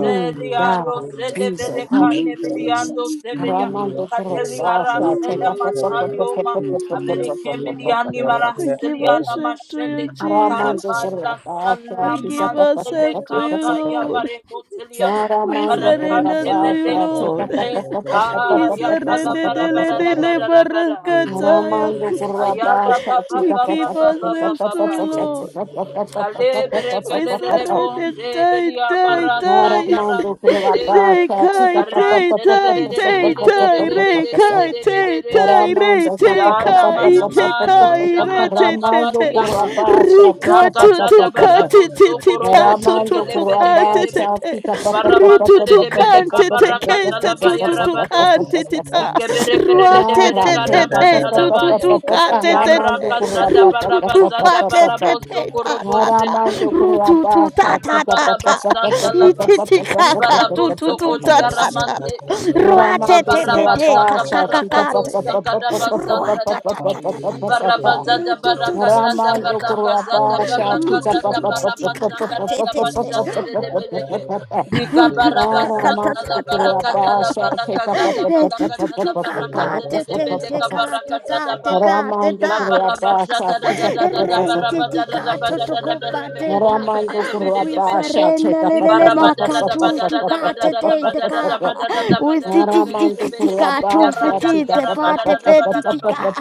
S4: Mm,
S7: aro
S4: God,
S7: sele
S4: Jesus,
S7: vere
S4: help me.
S7: kane miliando seveya.
S4: Ramando
S7: Kadeli
S4: Kurasa,
S7: ara
S4: take
S7: seda
S4: up
S7: matalio ma. Avere kemiliani mara
S3: We give
S7: seliana
S3: ourselves to you,
S7: mashende.
S4: Ramando
S3: Jesus.
S7: Kabala
S4: Kurasa,
S3: We
S4: she's
S3: give
S4: up.
S7: salamantele
S3: ourselves to you,
S7: kaba
S3: Lord.
S7: yavare kotelia.
S3: We
S4: Ramando
S3: surrender
S7: Abarakande
S3: to you,
S7: vele
S4: Kurasa,
S3: Lord.
S7: konte.
S3: We
S7: Aya pala
S3: surrender
S7: bara
S4: take
S3: dele
S7: bara
S4: up.
S7: bara
S3: dele
S7: bara bara.
S3: barakataya.
S4: Ramando
S7: Ayaba
S4: Kurabasha
S7: ba ba
S3: We
S4: Tita
S7: ba ba
S3: give
S4: Pata
S7: ba ba
S4: Pata Pata
S7: ba
S3: ourselves
S7: ba.
S3: to
S4: Pata
S7: ba.
S3: you,
S4: Pata
S3: Lord.
S4: Pata Pata
S7: Kalebere
S4: Pata Pata
S3: We
S7: kerere
S4: Pata
S3: surrender,
S7: bonde
S3: die,
S7: belia
S3: die,
S7: barasa
S3: die.
S7: yaran
S4: Ramando
S7: terere
S3: Re
S4: Kurabasha
S3: kai
S4: Tita Pata
S7: karan
S3: te
S4: Pata Pata
S3: tai
S7: terere
S4: Pata
S3: te
S10: Thank
S3: tai
S4: Pata Pata
S3: re
S4: Pata
S3: kai te tai re
S4: Ramando
S3: te
S4: Pata
S7: yana
S4: Pata
S3: kai
S4: Pata Pata
S3: te
S7: manamando
S4: Pata
S3: kai re
S4: Pata
S7: shabala
S3: te te
S4: Ramando
S3: te
S7: kabaliaba
S3: ri
S4: Kurabasha
S3: ka
S4: Tita
S3: tu
S4: Pata
S3: tu
S7: rakazada
S3: ka
S4: Pata
S3: ti ti
S7: baraboso
S3: ti ta
S7: korobo
S3: tu tu
S4: Ramando
S7: shekele
S3: tu
S7: bele
S3: ka te
S4: Kuraba
S3: te
S7: kerebe
S3: te
S4: Sati Papa Papa
S3: ru
S7: ibaraman
S4: Papa
S3: tu tu
S4: Papa
S7: terere bele
S3: kan te te
S7: kabaraka
S3: ke te tu
S7: talavaya
S3: tu
S4: Papa
S3: tu kan
S4: Papa
S7: rabadosh
S3: ti ti
S4: Papa
S3: ta
S7: likebere
S3: rua
S7: kerere
S3: te
S7: bele
S4: Ara
S3: te te
S4: tenta
S7: karaman
S4: pa
S3: te
S4: pa
S3: tu
S4: pa
S3: tu
S4: pa
S7: talavaya
S4: pa
S3: tu
S4: pa
S3: ka
S4: pa
S3: te te
S10: you.
S4: ramando
S7: diaraka
S3: te
S4: kurwa
S7: zada
S4: pa
S3: ru
S4: pa
S3: tu
S4: pa pa
S3: tu
S4: pa
S3: pa
S7: barabazanda
S4: pa
S3: te te
S4: pa
S7: baraboso
S3: te ta
S7: korobo
S4: pa
S3: ta ta
S7: shedia
S4: ramando
S3: ru
S4: kurwa
S3: tu
S4: pa
S3: tu ta
S4: sati
S3: ta
S4: pa
S3: ta
S4: pa pa
S3: ta
S7: Kalabarabasa talaba.
S4: pa pa pa pa pa pa pa
S3: Titicaca,
S4: pa pa
S7: Libarabo
S3: tu tu
S4: pa
S7: soko
S3: tu
S4: pa pa
S10: Yeah,
S3: ta
S4: pa pa pa pa
S3: ta
S4: pa,
S3: ta
S7: diaramante.
S3: ta.
S4: pa.
S3: Rua te
S4: ramando
S3: te te
S4: kurwa
S3: te,
S7: Likabarabasa
S4: pa
S3: ca ca
S4: sa,
S3: ca
S4: ti, pa pa pa pa
S7: kabarakadosha
S4: pa pa pa pa pa pa pa
S7: kadabasa
S4: pa pa pa
S3: ta ta
S7: tadaba.
S3: ta
S9: Yes,
S4: pa pa pa
S9: mana
S4: pa
S7: Libarabaza
S3: Ru tu
S9: berabo
S3: tu
S9: da da
S7: dabarakaza
S9: da da.
S4: Ramando
S3: titicaca pa.
S7: dabarakaza
S4: Kurapa
S3: Ru tu
S4: Shakita
S7: dabarakaza
S3: tu
S9: Yende
S4: Papa
S9: da da
S4: Papa
S9: da
S7: dabarabasa
S9: da
S3: titicaca
S4: Papa Papa
S9: da
S3: te te te.
S7: karadabashande
S9: baruase.
S4: Papa
S7: de
S4: Papa
S7: debeleke.
S4: Papa Papa
S3: Ru tu
S9: Yuama
S3: tu
S9: ne
S3: ca ca
S7: Likabarabasa
S9: baria
S3: ta
S9: da
S3: ta
S4: Ramando
S9: da da
S3: ta
S9: da
S3: ta.
S7: talabarakaza
S4: Kurapa
S9: da.
S4: Shakita
S7: labarakaza
S4: Papa
S3: E
S4: Papa
S3: tu tu
S4: Papa
S7: dabalakata
S3: tu
S4: Papa
S3: ca pa
S7: labarakaza
S3: te
S7: de
S3: te
S4: Papa Papa
S3: te
S7: debeleka
S4: Papa
S9: Mana
S3: ca ta
S9: ne
S7: barakaza
S3: ta te
S9: barios.
S7: dabaya.
S3: ta te
S4: Ramando
S3: ta.
S4: Kurapa
S7: Labarabasha da
S9: Ye
S7: da
S9: ba
S7: da
S4: Shakita
S9: de
S7: da
S9: de
S7: da
S4: Papa
S7: da
S4: Papa
S9: de
S3: Rei
S4: Papa
S3: te
S9: de
S7: baraba da da
S3: tica
S7: da
S4: Papa
S7: ba
S3: tu
S7: da
S3: tu
S4: Papa
S7: da da
S3: co
S9: ya
S3: pa
S7: berebe de
S3: te
S7: de
S3: ta.
S7: de be de
S4: Ramando
S7: de be de de
S3: We
S7: be
S4: Kurapa
S7: de be.
S3: surrender
S4: Shakita
S9: Yonana
S4: Papa
S3: lelele
S4: Papa
S3: makatu
S4: Papa
S3: tukate
S4: Papa
S3: te
S4: Papa
S3: teka.
S4: Papa
S9: Rasebedebenia
S3: We
S9: Madia
S3: titi
S4: Aramando por la
S3: tika tu
S4: pasta,
S3: fiti
S4: chica,
S3: te
S4: pa, pa,
S9: Romane
S4: pa,
S3: pate
S4: pa, pa,
S3: peti
S9: Badadia
S3: tika.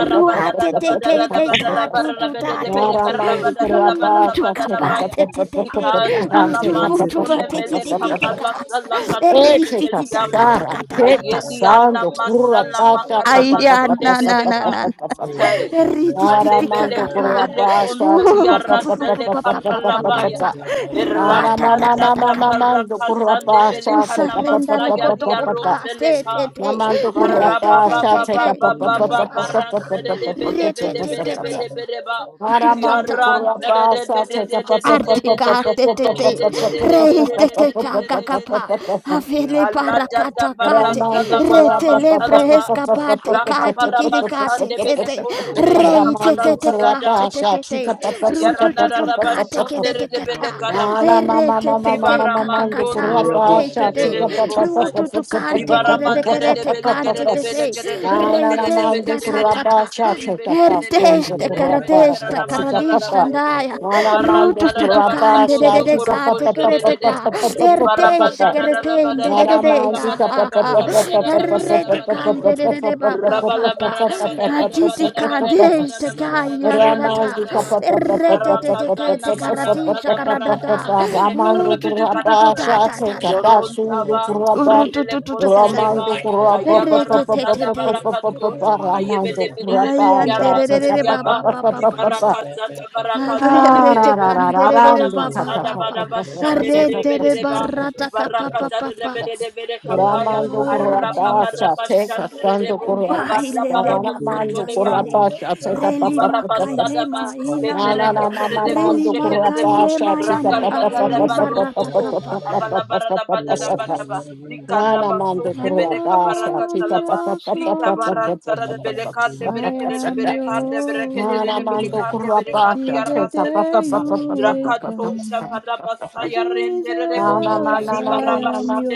S3: Ruate te te te ka tu
S9: Yebedebede
S3: tu
S9: Madia
S3: te
S9: Hababal
S3: Ru tu kapate te te te. Tu
S9: Leonde
S3: tu
S9: de de de
S3: fati
S9: de
S3: ti ti ti ti ka.
S9: Beabasi
S3: Eri ti ta ta ta ta ta.
S7: Ayeliana masala
S9: Ebada
S7: makara
S3: Aya na
S7: masunde
S3: na na na.
S7: veleka. Chai.
S3: Eri ti kapa ti ka
S7: Kalebele
S3: ka
S9: Rabadibedebedi
S3: pa.
S7: kebele
S3: Oh
S7: kontalia
S4: pa,
S3: pa pa pa
S7: rasele
S3: pa pa pa
S9: Ayosimala
S3: pa
S4: pa,
S3: pa
S4: pa,
S7: kapalavaya.
S4: pa.
S9: Bedebedia
S3: Ruata
S7: Irata
S3: ta ta ta
S7: dada
S3: ka ta.
S7: baraka zande
S3: We
S7: veleka
S9: and de de
S3: surrender
S9: de de
S7: namasa
S9: de de de
S7: yari
S3: lokotokopa te
S9: bayas,
S3: te
S7: aroseleka.
S3: te re
S7: Barra
S3: te
S7: ba
S3: te
S7: ba
S3: te
S7: ba
S3: te
S7: ba ba ba ba
S3: pa pa
S9: Yabe
S3: pa
S7: barante de de
S9: Badas
S3: re
S7: bele
S3: te
S7: bele
S3: te te
S7: bele
S3: te
S7: bele bele ba.
S3: tutota
S9: Robedebedia
S7: Diarante de de de de de
S9: Tisabedebedi
S7: de de de de
S3: Artika te
S7: de de
S9: Aruna
S7: de
S9: Nanana
S7: de
S9: Mani
S3: reitete
S7: de de de
S3: kakakapa
S7: de.
S3: afele
S7: Allah
S9: Yabadabadi
S7: dada
S3: parakata kate
S7: barasa la
S3: retele
S7: baramanta la ba.
S3: freska pate
S7: La
S3: kate
S7: kabara
S3: kirikate
S7: basande
S3: te
S7: vele
S3: te
S7: konde vele
S3: rei
S9: Roma
S3: te
S7: kabara
S3: te
S9: Baba.
S3: te
S7: talada.
S3: kate te te
S9: yende.
S3: tete rutututu kate kedete kata
S4: Ala
S9: Yabosibara.
S4: mama
S3: erete
S4: mama
S3: te te
S4: mama mama de
S3: kakakata
S4: kurapa cha
S3: tete
S4: chika
S9: Yabosibara.
S4: pa pa pa pa
S3: rututu
S4: pa pa pa
S3: kante
S4: pa
S3: kedete
S4: pa pa pa
S3: kerete
S4: pa pa pa
S3: kante
S4: pa pa.
S3: te tete
S4: Ala la
S3: reite
S4: mandu
S3: ta,
S4: kurapa
S9: Yabosibarabarabadiyendadada.
S3: tata
S4: cha chika pa sundu kurapa
S3: Karadeshta
S4: cha chika pa
S9: Yadobade.
S4: pa
S3: karadishta ndaya
S4: Ala mandu
S3: rutu
S4: kurapa
S3: tutukande de
S4: cha
S3: de de
S4: chika
S9: Rasubedebediyebade.
S3: ka
S4: pa pa pa pa
S3: tekerete
S4: pa pa
S3: ka
S4: pa pa pa pa pa
S3: erdeshe
S4: pa.
S3: keretende de de
S9: Yebedebedimarosade.
S3: de ya ha ha errete kande de de de
S9: Yondadada.
S3: ba pa pa pa atiti
S9: Robedebediyati.
S3: kandeshte
S10: Thank
S3: ka yararata
S9: Yes, Ibada
S3: errete te te kete
S7: Narakazana
S9: Bedebedebediyada.
S7: marasa
S3: karadisha
S7: la barakate
S3: karadata
S7: lebere
S3: utu
S7: karabele
S3: tu tu tu tu tu ta
S7: kanadaba.
S3: ta ta ta ta
S7: Dorontaba
S9: Mirabo
S3: uru tu
S7: rebele
S3: tu tu ta
S9: Sebedebedi.
S3: ta ta ta
S7: konteleva.
S3: errete
S7: Ayabara
S3: te te
S7: sada
S3: te
S7: barakatush.
S9: Yamano
S7: Ayebele mere
S9: Siberebede.
S3: Ay, ante, de de de re, pa, pa,
S7: meliyaranteliaba.
S3: pa, pa,
S7: Di
S3: pa, pa.
S4: Ramando
S7: barakazanda barakazande
S3: Arete
S4: Ramando
S7: velebo.
S3: kanderere
S7: Avada
S3: baba
S7: masada
S3: papa.
S7: baraba shandere
S3: Arete
S7: rebeleba. Di
S3: barata papa
S7: barakazande
S3: papa.
S7: rebele vere kapaya.
S3: Oh
S7: Araba
S4: Kurabacha,
S7: baraba
S4: take
S3: Jesus.
S4: a
S7: shandere
S4: Santo
S7: rebo.
S4: Kurabacha,
S7: Vada
S3: Bailele
S7: barabo soto
S4: Ramando
S7: leba.
S3: makatayande.
S4: Kurabacha, take a
S3: Reli
S4: papa papa.
S3: makailema
S7: Kadibarabasadaba,
S4: Nala
S3: ilamaya.
S4: mama
S7: levereketerebo,
S3: Reli
S4: mando
S7: shekerebo,
S3: makailema
S4: Kurabacha, take a
S3: yana
S4: papa papa
S3: hateli
S7: rakazadadaba,
S4: papa
S3: barata
S7: rostoko,
S3: capa.
S4: papa papa papa papa.
S7: avalabaradabadadabadaba,
S4: Nala mando
S3: I
S4: Kurabacha, take
S3: am
S4: a
S7: likadabasondebedekabarakatalava,
S4: papa
S3: yours,
S4: papa papa
S3: Lord. I
S4: papa
S3: am
S4: papa.
S3: yours
S4: Anamando Kurapasha.
S3: till the day
S7: likabarantaradabelekandeberekedeleberekandeberekedeleberekandeberekadiaraselikapa,
S3: you will come.
S7: rakatoshavadabasaya
S3: Jesus,
S7: renderebo,
S3: I am your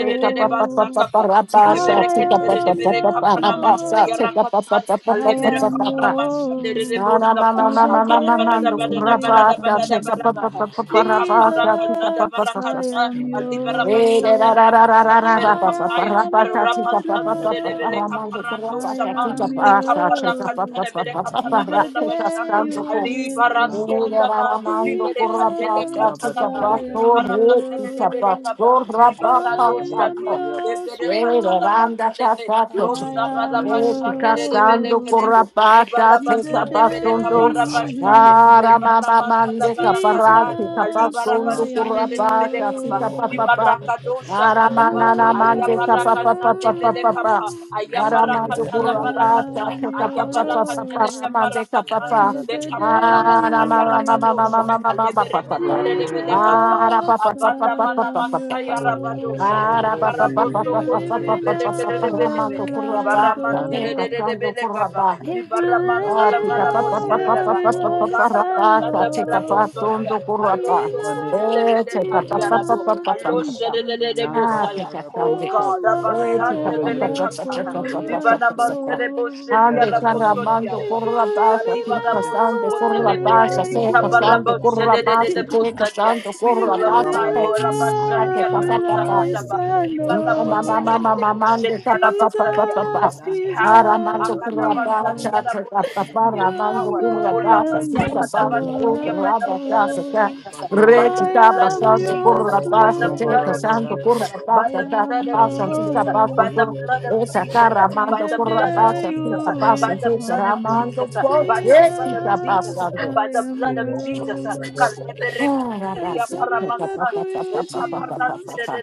S3: own. I am
S7: lebele
S3: yours,
S7: kapana masaya
S9: Jesus,
S3: Lord.
S7: rakatai
S3: I
S7: alebere
S3: am your
S7: kapara mashande
S3: own.
S9: Jesus,
S7: rebosaba
S3: Till the
S7: abara bara
S3: day
S7: da
S4: Anamando
S7: bara
S3: you
S7: da bara
S3: will
S7: da bara da
S3: come.
S7: ba
S9: Jesus,
S7: le
S9: the
S3: Jesus,
S9: divine.
S7: kapara kazada
S3: I
S4: Kurapasha.
S7: barakata
S3: am
S9: Ibayos,
S7: alibara bashande
S3: your own.
S7: rabasande bere
S9: Meniabe
S7: kapaya
S3: I
S9: Baro,
S3: am
S9: da da da
S3: your
S9: da.
S7: arabasante rebele
S3: own.
S7: kaparando
S9: Yes,
S3: I
S7: shaba
S3: am
S7: le
S9: Menemedi,
S3: your
S7: kapara
S9: Hababo,
S3: own.
S7: kantare bere
S9: Rabos,
S3: Till
S7: kapana
S3: the
S7: bara
S3: day
S7: bashande.
S3: you will
S7: alibara
S9: Eana da
S7: sonda
S3: come.
S9: da.
S7: ba
S3: Jesus,
S7: libere kadele
S9: Yaba de
S7: katalaba
S9: Bede
S3: I
S9: Bedi
S3: am
S7: libara
S3: your
S9: Simaru,
S7: mantele rebele
S3: own.
S7: kaba Libarado
S9: Yaba
S3: I am
S9: Neba
S7: Shadia,
S9: Yaba da
S3: yours,
S7: Levere
S9: Badia Beret,
S3: Lord.
S7: Catalamanteleve, Los
S3: I
S4: Randa
S3: am
S4: Oh,
S9: Urese
S7: Rabalabashande
S9: Bade Manu
S4: Casando
S3: yours.
S7: Rebelekedebo,
S9: Siabaya.
S4: corrapata,
S3: Till
S4: te
S3: the
S7: Libarabasande Bereka
S3: day
S4: capazondo,
S9: Ah,
S3: you will
S7: Barabashande,
S9: Jesus,
S4: para
S3: come.
S4: mamá
S9: Rabbi
S7: Levaramantala
S4: mande
S9: Sayin,
S7: Barakaza,
S4: caparrate,
S3: Jesus, I
S4: capazondo
S9: Rabbi
S7: Alibarabashande
S3: am
S9: Sayin
S3: your
S9: da
S4: corrapata,
S9: da
S7: Rebelekaba,
S9: da.
S4: fica
S3: own.
S4: papapá,
S7: Libarakado
S4: para
S9: Robe de
S7: Shavalaba,
S9: Bedi
S4: manana mande
S3: I am
S9: Manias,
S3: your
S9: Hababe,
S7: Ayabarakazande
S4: capapapapapapá,
S7: Velekapa,
S3: own.
S4: para
S9: Yende de
S4: mando
S9: de de
S7: Ayabarakatala
S9: Bedi
S4: corrapata,
S7: Barakata,
S3: I
S9: Abos,
S3: am
S4: te
S3: your
S9: Maro.
S4: capapapapá, para
S7: Ayabarakateleka
S3: own
S4: mande
S7: Barakataya,
S4: capapá,
S9: Yanda
S3: till the
S9: data
S7: Lekapana
S3: day you
S4: para
S7: Masaya
S4: mamá mamá
S3: will
S9: ebadabatis.
S4: mamá
S7: Rabadosha,
S4: mamá
S3: come.
S4: mamá
S7: alebere
S4: papapá,
S7: mentere
S9: Rame
S3: Jesus,
S7: lebele kapa
S9: bedebenis.
S4: para
S7: avanda
S3: I
S7: mana
S3: am
S7: masaya
S4: papapapapapapapá.
S3: yours.
S7: rabadosha
S9: Ore
S7: libara
S3: If you
S7: boso
S9: bedebenis.
S3: leave
S7: kote
S3: me
S9: Yanda
S7: lebele kere
S9: data
S3: now, where
S9: baya.
S7: lebelebe
S3: will I
S7: libara
S9: Yando
S3: go?
S9: bere bedebe.
S7: kapa
S3: If you
S7: libara
S3: leave me
S7: mantala
S9: Yasu
S3: now,
S7: barabosha
S9: bedebeni
S3: where
S7: radaba
S3: will
S9: ebarua
S7: o
S3: I
S7: gada
S9: badabati
S3: stand?
S7: basanda
S9: ebedebe.
S3: Oh,
S7: barabosolia
S9: Yes,
S7: Aroso
S9: mane
S7: kutele
S3: Jesus,
S9: hababe
S7: kadiarabo.
S9: vanos.
S3: Jesus,
S7: Aloshe de
S3: Jesus,
S9: Yanda
S7: bosaya.
S9: data
S3: you
S7: Oh
S9: baya.
S3: are
S7: God,
S3: my
S7: abasande vele
S3: anchor
S9: Robedebetis
S7: kata.
S3: for
S9: malia.
S7: Dibana
S3: life.
S7: mantele boshe
S3: Oh.
S4: Ande
S9: Yana
S7: diarabo
S9: nanamba.
S4: caramando
S3: If
S4: corra
S3: you leave
S4: baixa,
S3: me
S4: fica
S3: now,
S4: sando
S9: Robedebetis
S3: where
S4: corra
S3: will
S7: Kadibarabosokoteleve,
S9: yado.
S4: baixa,
S3: I
S4: seca sando
S3: go?
S4: corra baixa,
S9: Yebedebedia.
S4: seca
S7: likabaraboshedededededebosadia.
S4: sando
S7: We
S3: If
S4: corra
S3: you leave
S4: baixa,
S7: nullify,
S3: me
S9: Ramano
S7: Lord,
S4: seca.
S3: now,
S4: sando
S9: bedebedia.
S7: Abashadia
S3: where will
S4: corra baixa,
S3: I
S7: Rabosakataba,
S3: stand? Oh,
S9: Yesibaramaniapa.
S7: Libaraboshekedeboshedia Rabasadia.
S3: Jesus,
S7: every
S9: Yanda dada.
S7: power,
S3: Jesus, Jesus,
S9: Aru
S7: Akadabasadia Raboshedi,
S3: you
S9: sebedebedia.
S7: evil
S3: are
S7: power,
S3: my anchor
S9: Yebanubaya.
S3: for
S7: Olabasakadabashadia, by
S3: life.
S7: the blood blood
S3: Oh,
S7: of Jesus,
S9: Lesibade
S7: by the blood
S3: I
S9: maniapaya.
S3: am
S7: of Jesus,
S3: yours,
S7: by the
S3: Lord.
S7: blood of
S9: Erobarabada
S7: Jesus, by
S3: I
S7: the
S3: am
S7: blood of Jesus, by the
S3: yours.
S7: blood of Jesus,
S3: till
S7: by
S3: the
S7: the blood of
S3: day
S7: Jesus,
S3: you will
S7: by the blood of
S3: come.
S7: Jesus, by the
S3: Jesus,
S7: blood of Jesus,
S3: I
S7: by the
S3: am
S4: Ramando,
S7: blood of
S3: your
S7: Jesus.
S3: own.
S7: Kalevere
S3: I
S7: kenteria
S3: surrender to
S7: paramasai.
S3: you,
S7: Ekaparante
S3: Jesus.
S7: de de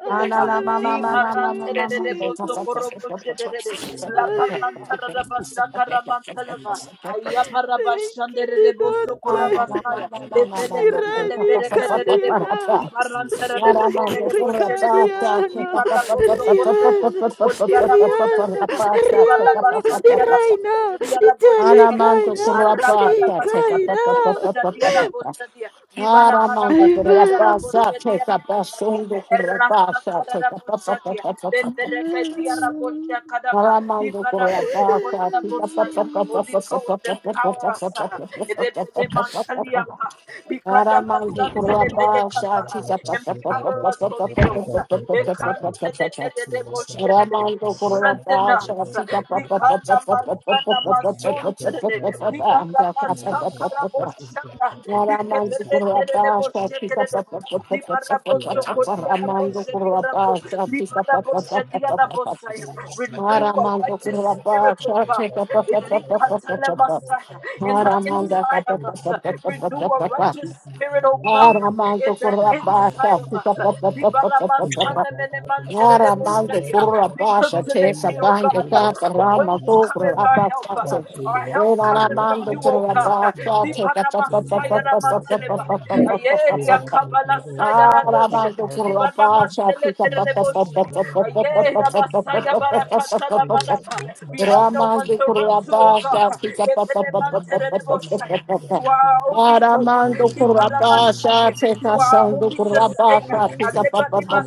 S3: I
S7: Di
S4: Anamando
S3: surrender to
S7: parante
S3: you,
S7: de de de
S3: Jesus.
S7: La
S3: I
S7: paranta da da basa karamanteleva. Aya
S3: thank
S7: de de
S3: you, Lord.
S7: Leveleke de
S3: Irani
S7: de de
S3: Kaliana,
S7: Di parante de de de de
S3: Rikili
S4: Kurapata,
S7: Di
S3: Kaliana,
S7: barabo sokore
S3: Rihanna,
S7: de de
S3: Rihanna, Rihanna, Iraina, Itali Kaina,
S4: take up a
S3: Ikaina.
S4: papa. Aramando
S3: I
S4: por la pasa, checa pasando por la pasa, checa pasa, pasa, pasa, pasa. Aramando por la pasa, checa pasa,
S3: love.
S4: pasa,
S7: Holy
S4: pasa, pasa,
S7: Ghost,
S4: pasa, pasa,
S7: empower us.
S4: pasa,
S7: ah. Rebele
S4: pasa, pasa.
S7: mantalia
S4: pasa.
S7: pa. Bikada
S4: Aramando por
S7: basante
S4: la
S7: lebele
S4: pasa,
S7: kapaha.
S4: checa pasa, pasa,
S7: Empower us,
S4: pasa, pasa,
S7: Holy
S4: pasa,
S7: Ghost.
S4: pasa, pasa,
S10: you.
S7: Ekante
S4: pasa,
S7: de
S4: pasa.
S7: de de de go
S10: Thank
S7: shene de.
S4: Aramando por la
S7: Strengthen
S4: pasa,
S7: us.
S4: checa pasa, pasa, pasa,
S7: Likana
S4: pasa, pasa, pasa,
S7: masana
S4: pasa,
S7: masonte
S4: pasa,
S7: de de.
S4: pasa,
S7: Libara
S4: pasa, pasa,
S7: masakara bo
S4: pasa. pasa.
S7: shanda.
S4: Ramandu
S7: Likebere de de de bo
S4: Kurabasha,
S7: sheke
S4: Chica
S7: de de
S4: Papa,
S7: Dibarabo Sokotiarabo
S4: Ramandu
S7: Shediarabo,
S4: Kurabasha, Chica
S7: Dibarabo
S4: Papa,
S7: Shediarabo Saya. Renew a
S4: Ramandu
S7: righteous spirit, O
S4: Kurabasha,
S7: God.
S4: Chica
S7: in
S4: Papa,
S7: Ilikatalemasaya. In the
S4: Ramanda
S7: inside of us. Renew a
S4: Papa,
S7: righteous spirit, O God. In
S4: Ramandu
S7: the inside of us.
S4: Kurabasha, Chica Papa,
S7: Dibaramasanemenemanterebo
S11: No.
S4: Narabande
S7: Shedia.
S10: you.
S7: We look
S10: Thank
S4: Kurabasha
S7: to the
S4: takes a
S7: hill, oh
S4: bind the
S7: God.
S4: Kaparama
S7: Whence
S4: Kukra
S7: cometh our help?
S4: Abasate.
S7: Our help cometh from you,
S4: Renarabande
S7: O God.
S4: Kurabasha take a papa.
S7: Dibaramasayaramantelebai. Ayeria kabala saya radosh.
S4: Arabando Kurabasha
S7: masele kereboshi. Ayera basaya barakata la
S4: take a
S7: manaba. We have no one
S4: Ramande
S7: to run to, O God.
S4: Kurabasha take a papa.
S7: Lebere mantere reboshaya. You are
S10: you.
S7: our only hope.
S4: Aramando
S7: Libada
S4: Kurabasha
S7: mashande.
S4: take
S7: You
S4: a
S10: Thank
S7: are our
S4: Sandu
S7: only sustainer.
S4: Kurabasha take a
S7: Areba deba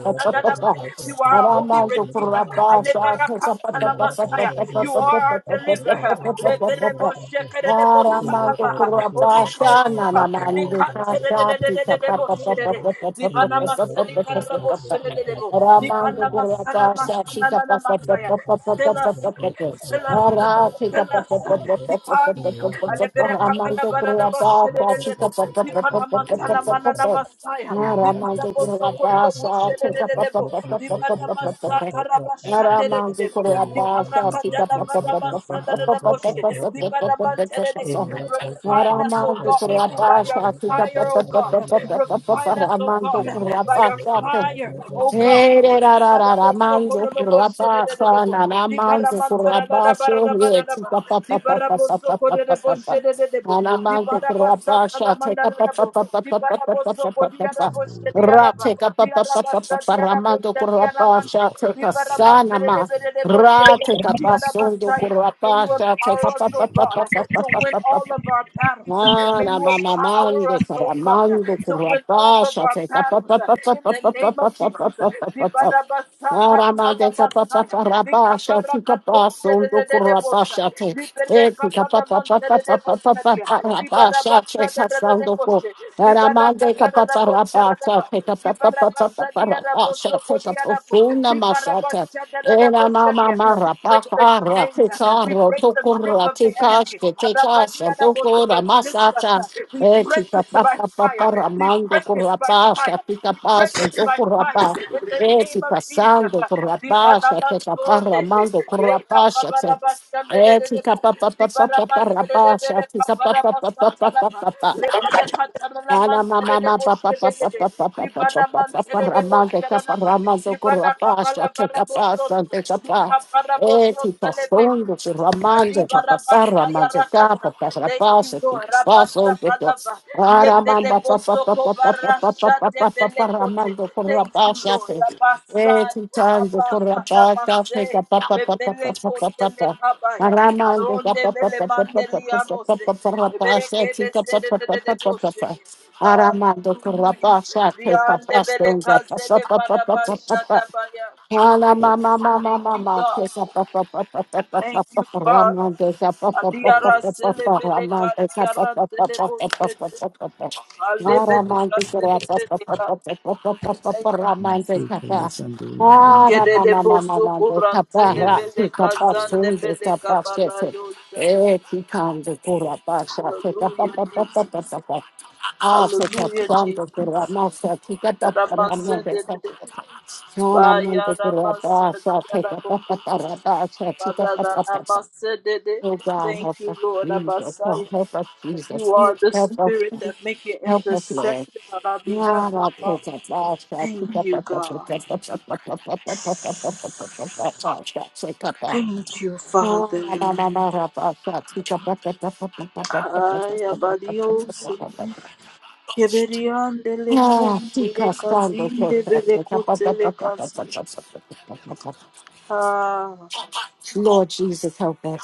S4: papa.
S7: sadadaba. You are our only
S4: Aramando
S7: redeemer. Alevarakata la Messiah. You are our deliverer. Holy
S4: kurabasha
S7: Ghost.
S4: na na mande kasha tika pa
S7: Likaterebo
S4: pa pa
S7: shedede. Dibana maselika rebo shededebo.
S4: Aramando
S7: Dibana masana
S4: kurabasha
S7: masana
S4: tika
S7: na na
S4: pa pa pa
S7: Messiah.
S4: pa pa pa pa
S7: Fill us. Fill us
S4: Ara tika
S7: fill
S4: pa pa
S7: us.
S4: pa pa pa
S7: Depart. Aleberekabana
S4: Aramando
S7: banana
S4: kurabasha tika
S7: boshedelebo.
S4: pa pa pa pa pa
S7: Dipana
S4: pa pa
S7: matala
S10: you.
S7: manana masaya.
S10: Thank
S7: Lipana bozokoro boshedelebo. Dipana masakara bashandelebo. Dipana kadala bana masandana boshe. Dipana mantelele. Refine us, O God, by your fire, O God. Refine us, O God, by your
S4: Ramando
S7: fire, O God. Di bada bosso
S4: Manzo por la
S7: de de de
S4: pasa,
S7: bo.
S4: nana
S7: Di bara
S4: manzo por la
S7: da da bara
S4: paso,
S7: da da ba.
S4: chica pa
S7: Di
S4: pa pa
S7: bara
S4: pa
S7: bosso
S4: pa pa pa pa pa pa.
S7: de de de bo.
S4: Nana
S7: Di
S4: manzo
S7: bada
S4: por la
S7: bassa tala
S4: pasa, chica
S7: da
S4: pa pa
S7: bo.
S4: pa pa
S7: Di
S4: pa pa pa
S7: bada bosso
S4: pa pa pa
S7: codia
S4: pa.
S7: di ada
S4: Ra chica pa
S7: Di
S4: pa
S7: ada
S4: pa pa pa pa,
S7: di ada
S4: ramando por
S7: di
S4: la
S7: ada
S4: pasa,
S7: Di
S4: chica
S7: bara
S4: sana
S7: de
S4: ma.
S7: de de de bosche
S4: Ra chica
S7: Di ada
S4: pasando por
S7: ya.
S4: la
S7: May you
S4: pasa,
S7: empower
S4: chica
S7: us,
S4: pa pa pa
S7: oh
S4: pa
S7: God,
S4: pa
S7: to
S4: pa
S7: win
S4: pa pa
S7: all
S4: pa
S7: of our battles. May
S4: Mana
S7: you
S4: mama
S7: empower
S4: mande
S7: us, oh God,
S4: caramando
S7: to win all all of
S4: currapasha,
S7: our
S4: pa pa
S7: battles
S4: pa
S7: uh,
S4: pa pa
S7: in
S4: pa
S7: the
S4: pa pa
S7: name of
S4: pa
S7: Jesus. Uh,
S4: pa pa pa pa. Aramandesa papa
S7: Dibarabasakatalamasaya,
S4: parabasha tika paso do
S7: Likabarakatosheredededebosa,
S4: kurabasha te etika papa papa papa papa
S7: Liberekabaramanteredeboshadia,
S4: parabasha cheka sondo ko
S7: Dibarabasadadadadeboshe,
S4: Aramande papa parabasha
S7: Dibarakadadadabosharadaba,
S4: teka papa papa papa parabasha teka
S7: Dibarabasadiadabosokodiadabo,
S4: profunda masata era mama
S7: Dibarabashadadadaboshadia. We
S4: mara
S7: break the
S4: pakara
S7: chains, uh,
S4: teka
S7: we
S4: ro
S7: break
S4: to
S7: the grip of the
S4: kuratika
S7: enemy.
S4: teka sondo
S7: Arabadiadabotura
S4: kura
S7: resistance,
S4: masata
S7: uh, we break
S4: etika
S7: it by
S4: papa papa
S7: fire. We
S4: ramando
S7: break it by
S4: kurabasha
S7: fire.
S4: tika
S7: We break
S4: paso
S7: it
S4: do
S7: by fire.
S4: kurabasha
S7: In the
S4: Eti
S7: name of Jesus.
S4: pasando
S7: uh,
S4: por la
S7: di
S4: kurapasha te kaparra mando
S7: eh,
S4: kurapasha te. Eti
S7: kapabarabashandelelelebo, di
S4: kapapapapapapapapasha
S7: banamantelelebele
S4: te capa pa. pa pa pa pa pa pa.
S7: lebele
S4: Araman, aman,
S7: katalalamantelelebo
S4: pa, pa, pa, pa, pa, pa,
S7: shedelele,
S4: pa,
S7: di
S4: pa, pa, pa, pa, ramande, pa,
S7: sharanaba,
S4: ramando,
S7: di
S4: corra pa, chate, pa,
S7: banakabalabarabosoto,
S4: santa, pa, eh, si paso, do, si ramande, pa,
S7: Adiba
S4: pa,
S7: Rabasaya
S4: ramande, chate,
S7: Rakata.
S4: pa, chapa,
S7: Thank
S4: pa,
S7: you,
S4: si
S7: Lord.
S4: paso,
S7: Rabasa
S4: do,
S7: Balava.
S4: araman, pa, pa, pa, pa,
S7: Levelebosoko
S4: pa, pa, pa,
S7: Barasha
S4: pa, pa, pa, pa,
S7: Debelekote.
S4: ramando, corra
S7: Thank
S4: pa,
S7: you, Lord.
S4: chate, eh,
S7: Rabasai
S4: si ando, corra
S7: Abafa
S4: pa, chate, pa,
S7: Namase.
S4: pa, pa, pa, pa, pa, pa, pa, pa,
S7: Levelekote
S4: pa,
S7: Lekabaya.
S4: ramande, pa,
S7: Aronde
S4: pa, pa, pa, pa, pa, pa, pa, pa, pa, pa, chate, pa, pa,
S7: Velemandelianose.
S4: pa,
S7: Evereke Bezede
S4: pa,
S7: de
S4: pa, pa, pa,
S7: Deboshe.
S4: pa. Aramando
S7: Hallelujah.
S4: Kurabasa, take up
S7: Diande
S4: us, those up, up,
S7: Velekazele
S4: up, up, up, up, up,
S7: Barabasha
S4: up, up.
S7: Dabaya.
S4: Hala mama mama
S7: Thank you,
S4: mama
S7: God.
S4: take up up up up up up up
S7: Thank
S4: up
S7: you,
S4: up
S7: Father.
S4: Ramon take up up up up up
S7: Aliara
S4: up up up Ramon
S7: Selebeleka
S4: take up up
S7: Diara
S4: up up
S7: Selebo
S4: up up
S7: Shedia
S4: up up up up up Ah, Ramon
S7: Alebeleka
S4: take it up up up up
S7: Zelebeleka.
S4: up up up up up up
S7: Thank
S4: up
S7: you,
S4: Ramon
S7: Jesus.
S4: take up us Hala
S7: Likede de
S4: mama mama mama take
S7: Bosukuran
S4: up
S6: Because
S4: us take
S7: Selebeleka
S4: up us soon take up
S7: Zandebeleka
S4: us get it
S7: Barado Shania.
S4: Eh, he comes the Kurabasa take up up
S7: Hallelujah,
S4: up up up up
S7: Jesus.
S4: up up Ah, se te
S7: Hallelujah,
S4: santo que la
S7: Jesus.
S4: masa chica está parando de
S7: Yarabasende
S4: esa
S7: de
S4: casa.
S7: Baya
S4: Solamente que la
S7: Rabasa
S4: pasa, te capa para pasa,
S7: ba
S4: chica
S7: da da
S4: pasa pasa.
S7: na
S4: Oh God,
S7: Thank
S4: help us,
S7: you, Lord
S4: Jesus. Oh,
S7: Abasaya.
S4: help us,
S7: that
S4: Jesus.
S7: You
S4: Please
S7: are the
S4: help us.
S7: spirit
S4: Please
S7: that make an
S4: help us, Lord.
S7: intercession on our behalf,
S4: Ah,
S7: oh
S4: la
S7: God.
S4: chica pasa, chica
S7: Thank you,
S4: pasa pasa
S7: God.
S4: pasa pasa pasa pasa pasa pasa pasa chica pasa.
S7: Thank you, Father.
S4: Ah, la la la la la pasa, chica pasa pasa pasa pasa pasa
S7: Ay,
S4: pasa pasa
S7: abadiosi.
S4: pasa pasa.
S7: Keberiande le
S4: Ah,
S7: kunte le kazinde bele kunte le kazi. Ah.
S4: Lord Jesus, help us.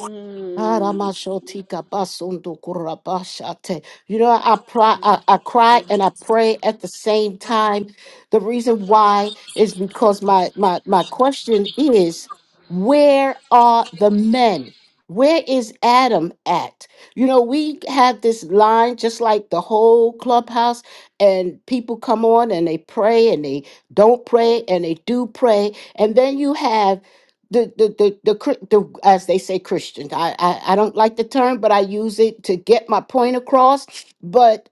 S7: Mm.
S4: Aramashotika basundu kurabashate. You know, I, pri- I, I cry and I pray at the same time. The reason why is because my, my, my question is where are the men? Where is Adam at? You know, we have this line just like the whole clubhouse, and people come on and they pray and they don't pray and they do pray. And then you have the the the the, Chri- the as they say Christians. I, I I don't like the term, but I use it to get my point across. But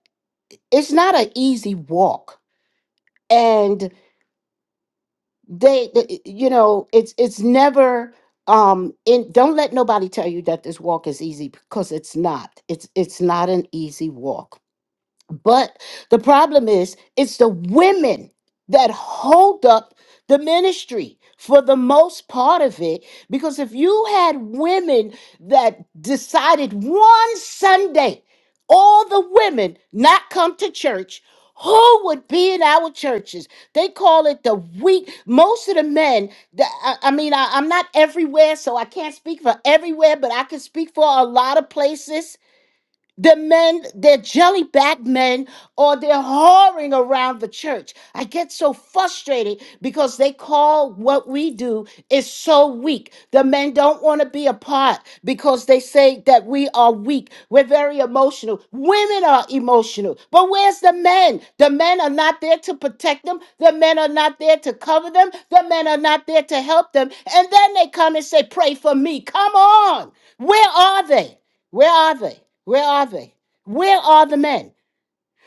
S4: it's not an easy walk, and they, the- you know, it's it's never. Um, and don't let nobody tell you that this walk is easy because it's not. It's it's not an easy walk But the problem is, it's the women that hold up the ministry for the most part of it. Because if you had women that decided one Sunday, all the women not come to church, who would be in our churches? They call it the week. Most of the men, the- I, I mean, I, I'm not everywhere, so I can't speak for everywhere, but I can speak for a lot of places the men, they're jelly back men, or they're whoring around the church. I get so frustrated because they call what we do is so weak. The men don't want to be a part because they say that we are weak. We're very emotional. Women are emotional. But where's the men? The men are not there to protect them. The men are not there to cover them. The men are not there to help them. And then they come and say, Pray for me. Come on. Where are they? Where are they? Where are they? Where are the men?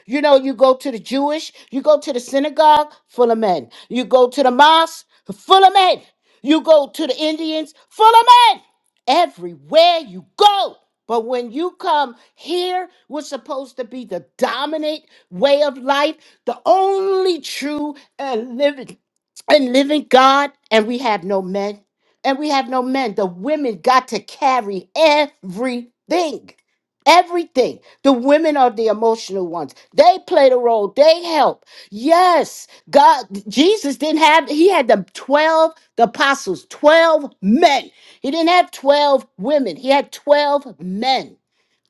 S4: You know, you go to the Jewish, you go to the synagogue, full of men. You go to the mosque, full of men. You go to the Indians, full of men. Everywhere you go. But when you come here, we're supposed to be the dominant way of life, the only true and living and living God, and we have no men. And we have no men. The women got to carry everything. Everything. The women are the emotional ones. They play the role. They help. Yes, God, Jesus didn't have, he had the 12, the apostles, 12 men. He didn't have 12 women. He had 12 men.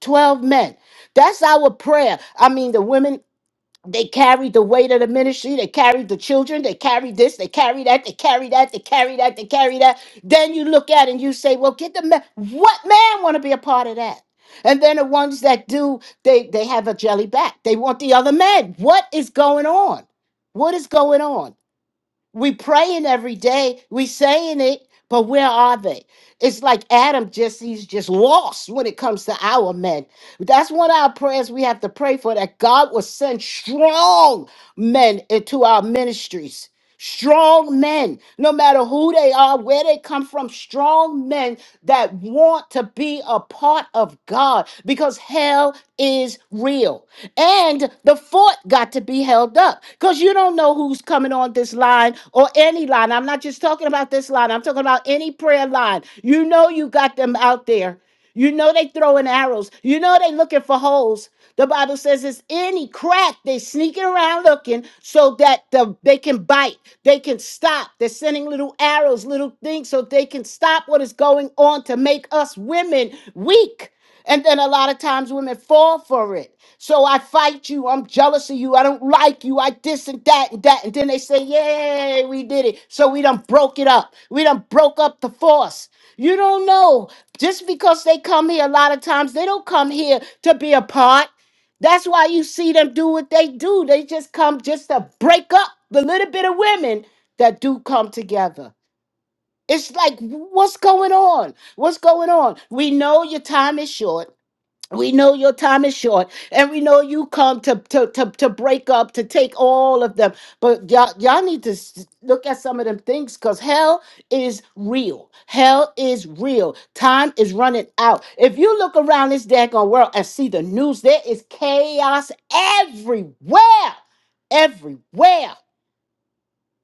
S4: 12 men. That's our prayer. I mean, the women they carried the weight of the ministry. They carried the children. They carried this. They carried that. They carried that. They carried that. They carried that. Then you look at it and you say, "Well, get the man. What man want to be a part of that?" And then the ones that do, they they have a jelly back. They want the other man. What is going on? What is going on? We praying every day. We saying it, but where are they? It's like Adam just he's just lost when it comes to our men. That's one of our prayers we have to pray for that God will send strong men into our ministries. Strong men, no matter who they are, where they come from, strong men that want to be a part of God because hell is real. And the fort got to be held up because you don't know who's coming on this line or any line. I'm not just talking about this line, I'm talking about any prayer line. You know, you got them out there. You know, they throwing arrows. You know, they looking for holes. The Bible says it's any crack they sneaking around looking so that the, they can bite, they can stop. They're sending little arrows, little things so they can stop what is going on to make us women weak. And then a lot of times women fall for it. So I fight you. I'm jealous of you. I don't like you. I this and that and that. And then they say, Yay, we did it. So we done broke it up. We done broke up the force. You don't know. Just because they come here a lot of times, they don't come here to be apart. That's why you see them do what they do. They just come just to break up the little bit of women that do come together. It's like, what's going on? What's going on? We know your time is short. We know your time is short, and we know you come to to to, to break up, to take all of them. But y'all, y'all need to s- look at some of them things because hell is real. Hell is real. Time is running out. If you look around this daggone world and see the news, there is chaos everywhere. Everywhere.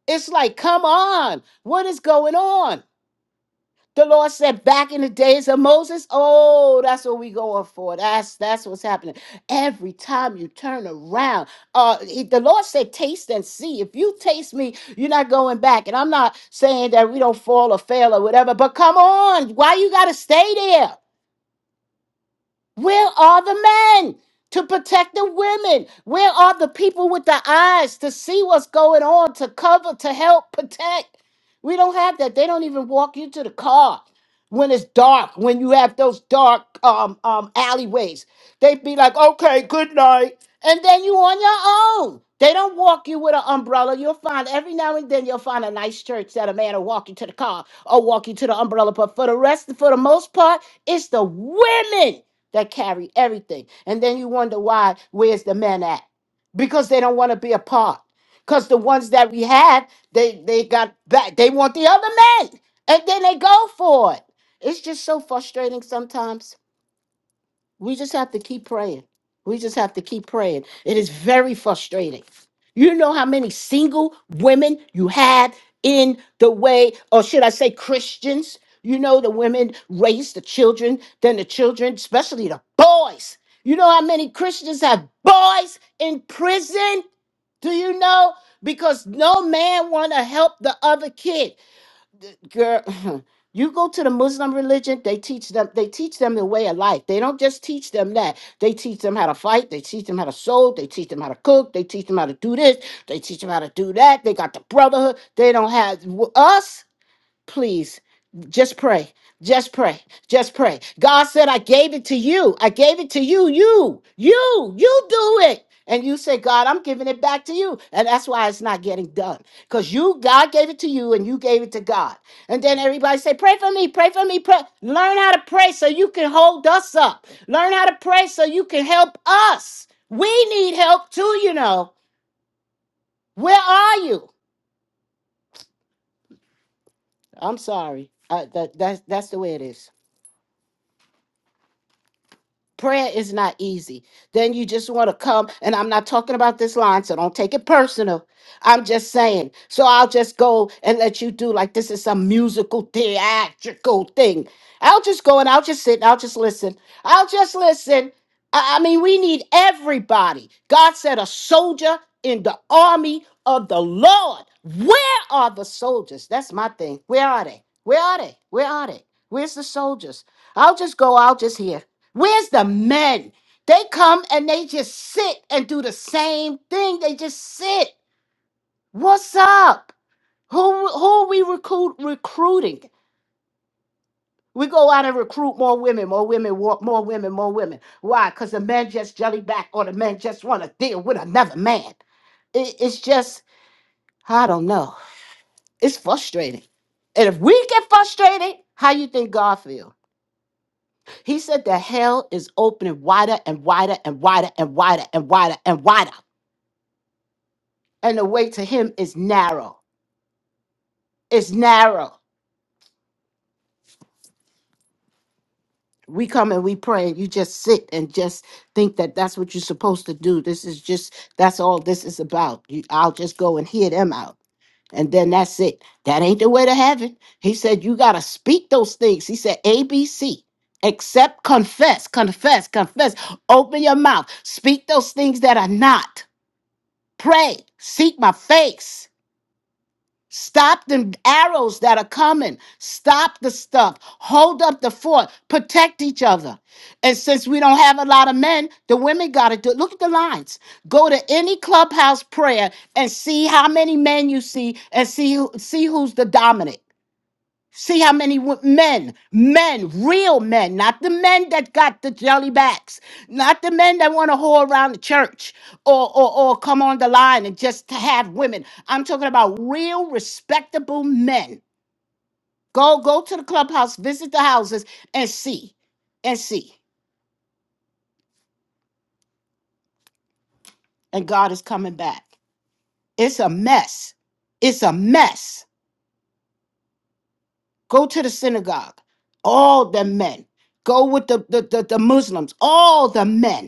S4: It's like, come on, what is going on? The Lord said back in the days of Moses, oh, that's what we going for. That's that's what's happening. Every time you turn around, uh he- the Lord said, taste and see. If you taste me, you're not going back. And I'm not saying that we don't fall or fail or whatever, but come on, why you gotta stay there? Where are the men to protect the women? Where are the people with the eyes to see what's going on, to cover, to help protect? We don't have that. They don't even walk you to the car when it's dark, when you have those dark um, um, alleyways. they would be like, okay, good night. And then you on your own. They don't walk you with an umbrella. You'll find every now and then you'll find a nice church that a man will walk you to the car or walk you to the umbrella. But for the rest, for the most part, it's the women that carry everything. And then you wonder why, where's the men at? Because they don't want to be a part. Because the ones that we had, they they got back. They want the other men. And then they go for it. It's just so frustrating sometimes. We just have to keep praying. We just have to keep praying. It is very frustrating. You know how many single women you had in the way, or should I say Christians? You know, the women raise the children, then the children, especially the boys. You know how many Christians have boys in prison? Do you know? Because no man want to help the other kid girl you go to the muslim religion they teach them they teach them the way of life they don't just teach them that they teach them how to fight they teach them how to sew they teach them how to cook they teach them how to do this they teach them how to do that they got the brotherhood they don't have w- us please just pray just pray just pray god said i gave it to you i gave it to you you you you do it and you say god i'm giving it back to you and that's why it's not getting done because you god gave it to you and you gave it to god and then everybody say pray for me pray for me pray learn how to pray so you can hold us up learn how to pray so you can help us we need help too you know where are you i'm sorry uh, that, that's, that's the way it is Prayer is not easy. Then you just want to come, and I'm not talking about this line, so don't take it personal. I'm just saying. So I'll just go and let you do like this is some musical, theatrical thing. I'll just go and I'll just sit and I'll just listen. I'll just listen. I I mean, we need everybody. God said, a soldier in the army of the Lord. Where are the soldiers? That's my thing. Where are they? Where are they? Where are they? Where's the soldiers? I'll just go out just here. Where's the men? They come and they just sit and do the same thing. They just sit. What's up? Who who are we recruit, recruiting? We go out and recruit more women, more women, wa- more women, more women. Why? Because the men just jelly back or the men just want to deal with another man. It, it's just, I don't know. It's frustrating. And if we get frustrated, how you think God feel? He said the hell is opening wider and wider and wider and wider and wider and wider. And the way to him is narrow. It's narrow. we come and we pray and you just sit and just think that that's what you're supposed to do this is just that's all this is about you, i'll just go and hear them out and then that's it that ain't the way to heaven he said you got to speak those things he said abc accept confess confess confess open your mouth speak those things that are not pray seek my face Stop them arrows that are coming. Stop the stuff. Hold up the fort. Protect each other. And since we don't have a lot of men, the women got to do it. Look at the lines. Go to any clubhouse prayer and see how many men you see and see who, see who's the dominant. See how many wo- men, men, real men, not the men that got the jelly backs, not the men that want to whore around the church or, or, or come on the line and just to have women. I'm talking about real, respectable men. Go, go to the clubhouse, visit the houses, and see, and see. And God is coming back. It's a mess. It's a mess. Go to the synagogue, all the men. Go with the the, the, the Muslims, all the men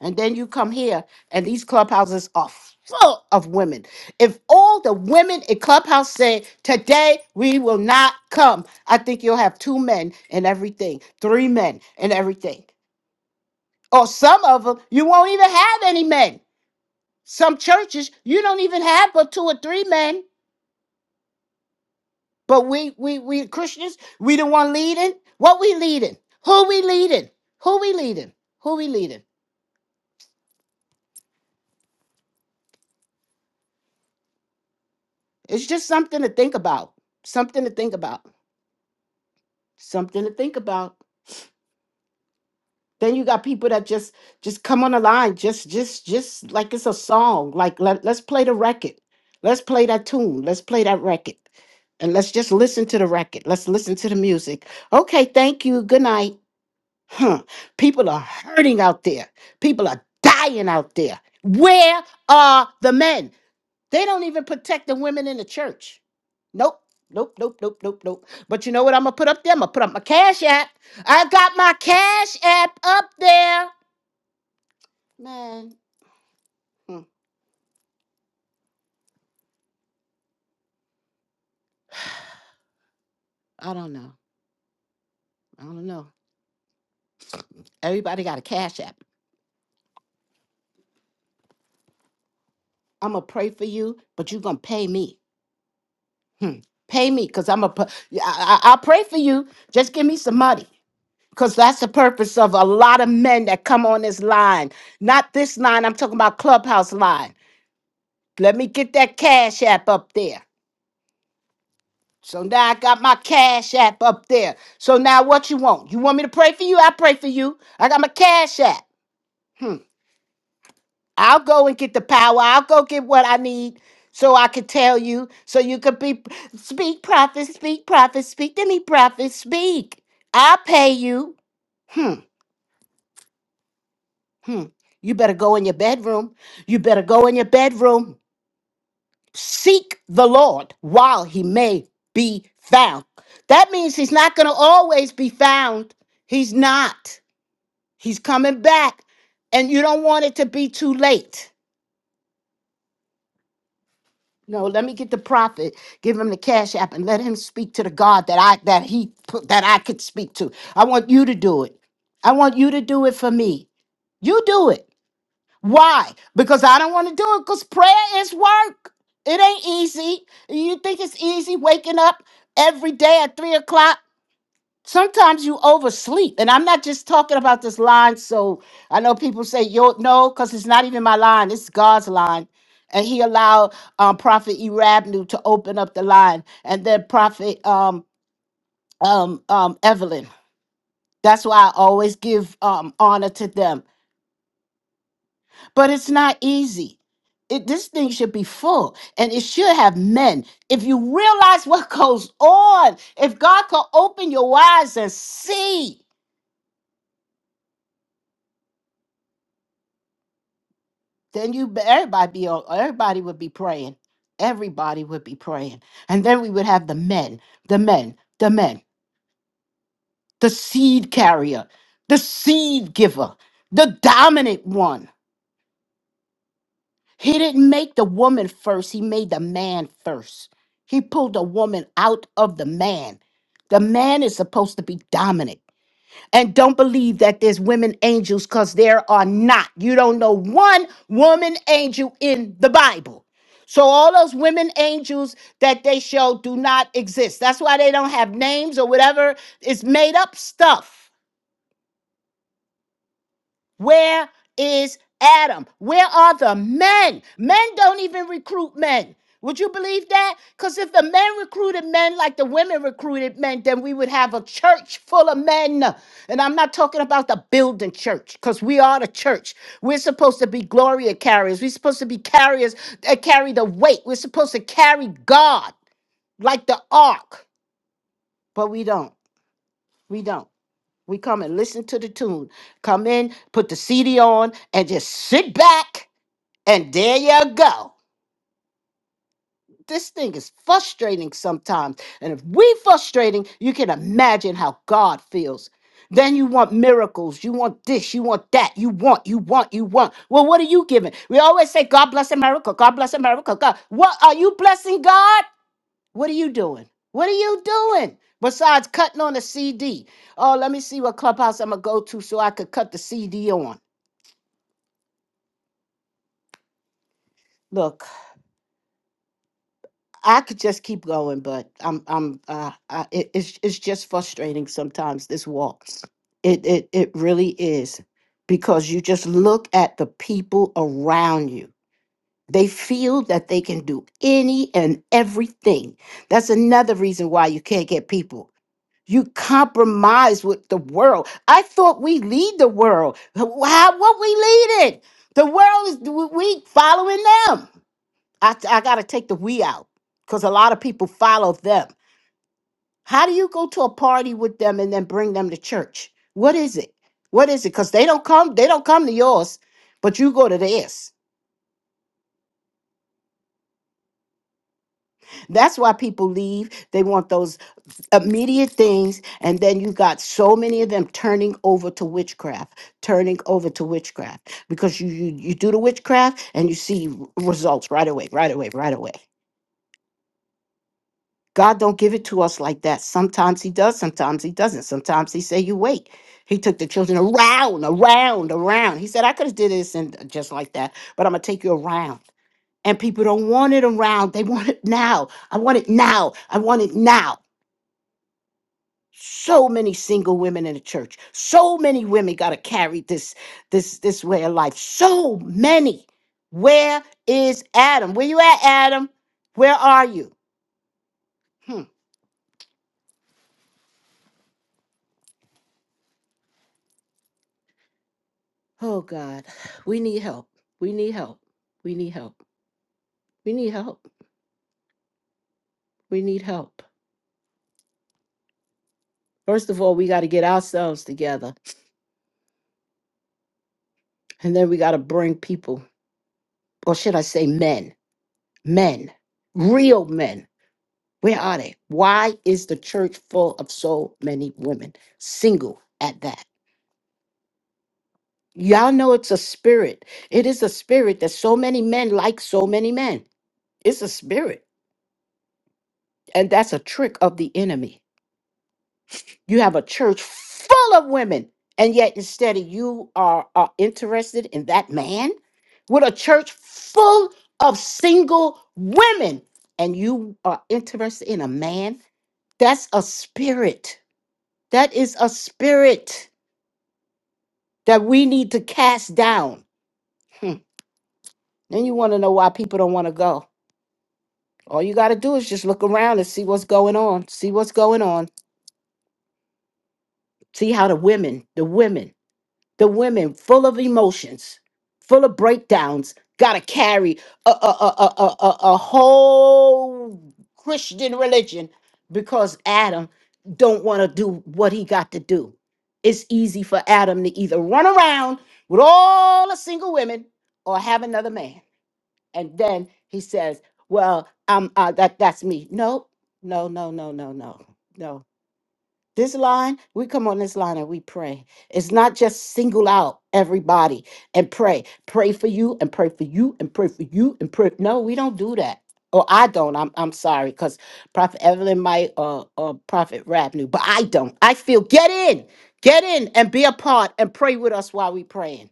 S4: And then you come here, and these clubhouses are full of women. If all the women in clubhouse say, Today we will not come, I think you'll have two men and everything, three men and everything. Or some of them, you won't even have any men. Some churches, you don't even have but two or three men. But we we we Christians, we the one leading. What we leading? Who we leading? Who we leading? Who we leading? It's just something to think about. Something to think about. something to think about then you got people that just just come on the line just just just like it's a song like let, let's play the record let's play that tune let's play that record and let's just listen to the record let's listen to the music okay thank you good night huh people are hurting out there people are dying out there where are the men they don't even protect the women in the church. Nope. Nope, nope, nope, nope, nope. But you know what I'm gonna put up there? I'm gonna put up my cash app. I got my cash app up there. Man, hmm, I don't know. I don't know. Everybody got a cash app. I'm gonna pray for you, but you're gonna pay me. Hmm. Pay me, cause I'm a. I, I, I'll pray for you. Just give me some money, cause that's the purpose of a lot of men that come on this line. Not this line. I'm talking about clubhouse line. Let me get that cash app up there. So now I got my cash app up there. So now what you want? You want me to pray for you? I pray for you. I got my cash app. Hmm. I'll go and get the power. I'll go get what I need so I can tell you. So you could be speak, prophet, speak, prophet, speak to me, prophet, speak. I'll pay you. Hmm. Hmm. You better go in your bedroom. You better go in your bedroom. seek the Lord while he may be found. That means he's not going to always be found. He's not. He's coming back. And you don't want it to be too late. No, let me get the prophet, give him the cash app, and let him speak to the God that I that he put that I could speak to. I want you to do it. I want you to do it for me. You do it. Why? Because I don't want to do it because prayer is work. It ain't easy. You think it's easy waking up every day at three o'clock? Sometimes you oversleep. And I'm not just talking about this line. So I know people say, yo, no, because it's not even my line. It's God's line. And he allowed um, Prophet Erabnu to open up the line and then Prophet um, um, um, Evelyn. That's why I always give um, honor to them but it's not easy. It, this thing should be full and it should have men. If you realize what goes on, if God could open your eyes and see, then you everybody be on- everybody would be praying. Everybody would be praying. And then we would have the men, the men, the men, the seed carrier, the seed giver, the dominant one. He didn't make the woman first, he made the man first. He pulled the woman out of the man. The man is supposed to be dominant. And don't believe that there's women angels because there are not. You don't know one woman angel in the Bible. So all those women angels that they show do not exist. That's why they don't have names or whatever. It's made up stuff. Where is Adam? Where are the men? Men don't even recruit men. Would you believe that? Because if the men recruited men like the women recruited men, then we would have a church full of men. And I'm not talking about the building church, because we are the church. We're supposed to be glory carriers. We're supposed to be carriers that carry the weight. We're supposed to carry God like the ark, but we don't. We don't. We come and listen to the tune. Come in, put the CD on, and just sit back, and there you go. This thing is frustrating sometimes. And if we frustrating, you can imagine how God feels. Then you want miracles. You want this. You want that. You want, you want, you want. Well, what are you giving? We always say, God bless America. God bless America. God. What are you blessing God? What are you doing? What are you doing besides cutting on a CD? Oh, let me see what clubhouse I'm gonna go to so I could cut the CD on. Look, I could just keep going, but I'm I'm uh I, it, it's it's just frustrating sometimes this walk. It it it really is because you just look at the people around you. They feel that they can do any and everything. That's another reason why you can't get people. You compromise with the world. I thought we lead the world. How what we leading? The world is we we following them. I, I gotta take the we out because a lot of people follow them. How do you go to a party with them and then bring them to church? What is it? What is it? Because they don't come, they don't come to yours, but you go to theirs. That's why people leave. They want those immediate things and then you got so many of them turning over to witchcraft turning over to witchcraft because you you, you do the witchcraft and you see r- results right away right away right away god don't give it to us like that sometimes he does sometimes he doesn't sometimes he say you wait he took the children around around around he said i could have did this and just like that but i'm gonna take you around and people don't want it around they want it now i want it now i want it now so many single women in the church so many women got to carry this this this way of life so many where is adam where you at adam where are you hmm. oh god we need help we need help we need help we need help we need help first of all we got to get ourselves together and then we got to bring people or should i say men men real men Where are they? Why is the church full of so many women single at that? Y'all know it's a spirit. It is a spirit that so many men like so many men. It's a spirit. And that's a trick of the enemy. You have a church full of women, and yet instead of you are, are interested in that man with a church full of single women, and you are interested in a man. That's a spirit. That is a spirit. that we need to cast down. Hmm. Then you want to know why people don't want to go. All you got to do is just look around and see what's going on. See what's going on. See how the women, the women, the women, full of emotions, full of breakdowns, got to carry a, a, a, a, a, a a whole Christian religion because Adam don't want to do what he got to do. It's easy for Adam to either run around with all the single women or have another man. and then he says, "Well, um, uh, that that's me." No, no, no, no, no, no, no. This line, we come on this line and we pray. It's not just single out everybody and pray, pray for you and pray for you and pray for you and pray. No, we don't do that. Or I don't. I'm I'm sorry, because Prophet Evelyn might or or Prophet Rap knew, but I don't. I feel get in, get in and be a part and pray with us while we praying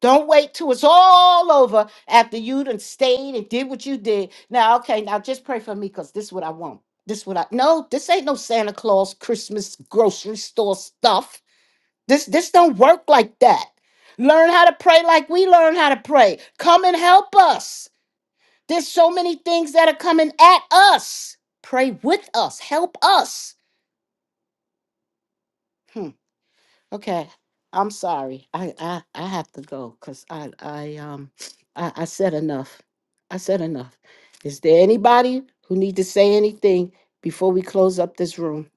S4: don't wait till it's all over after you done stayed and did what you did. Now, okay, now just pray for me because this is what I want. This what I no, this ain't no Santa Claus Christmas grocery store stuff. This this don't work like that. Learn how to pray like we learn how to pray. Come and help us. There's so many things that are coming at us. Pray with us, help us. Hmm. Okay, I'm sorry. I I, I have to go because I I um I, I said enough. I said enough. Is there anybody who need to say anything before we close up this room?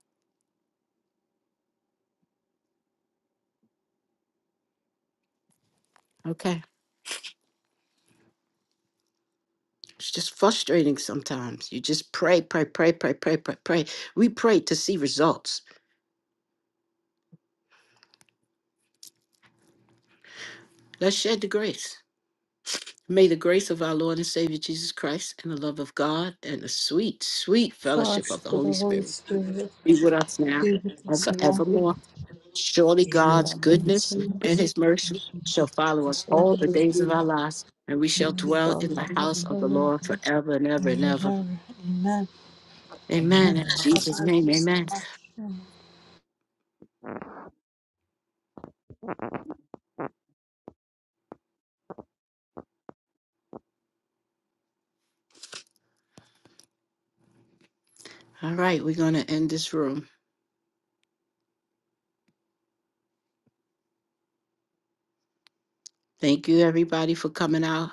S4: Okay. It's just frustrating sometimes. You just pray, pray, pray, pray, pray, pray, pray. We pray to see results. Let's share the grace. May the grace of our Lord and Savior Jesus Christ and the love of God and the sweet, sweet fellowship
S7: Gosh,
S4: of the
S7: for
S4: Holy
S7: the Holy
S4: Spirit
S7: Spirit,
S4: now
S7: be with
S4: and
S7: us now.
S4: forevermore. Surely
S7: Our
S4: God's
S7: sins
S4: goodness and his
S7: and
S4: mercy shall follow us all the
S10: you.
S4: days of our lives.
S7: mercy. Amen. Amen. Amen. God bless you so much.
S4: Thank you, everybody, for coming out.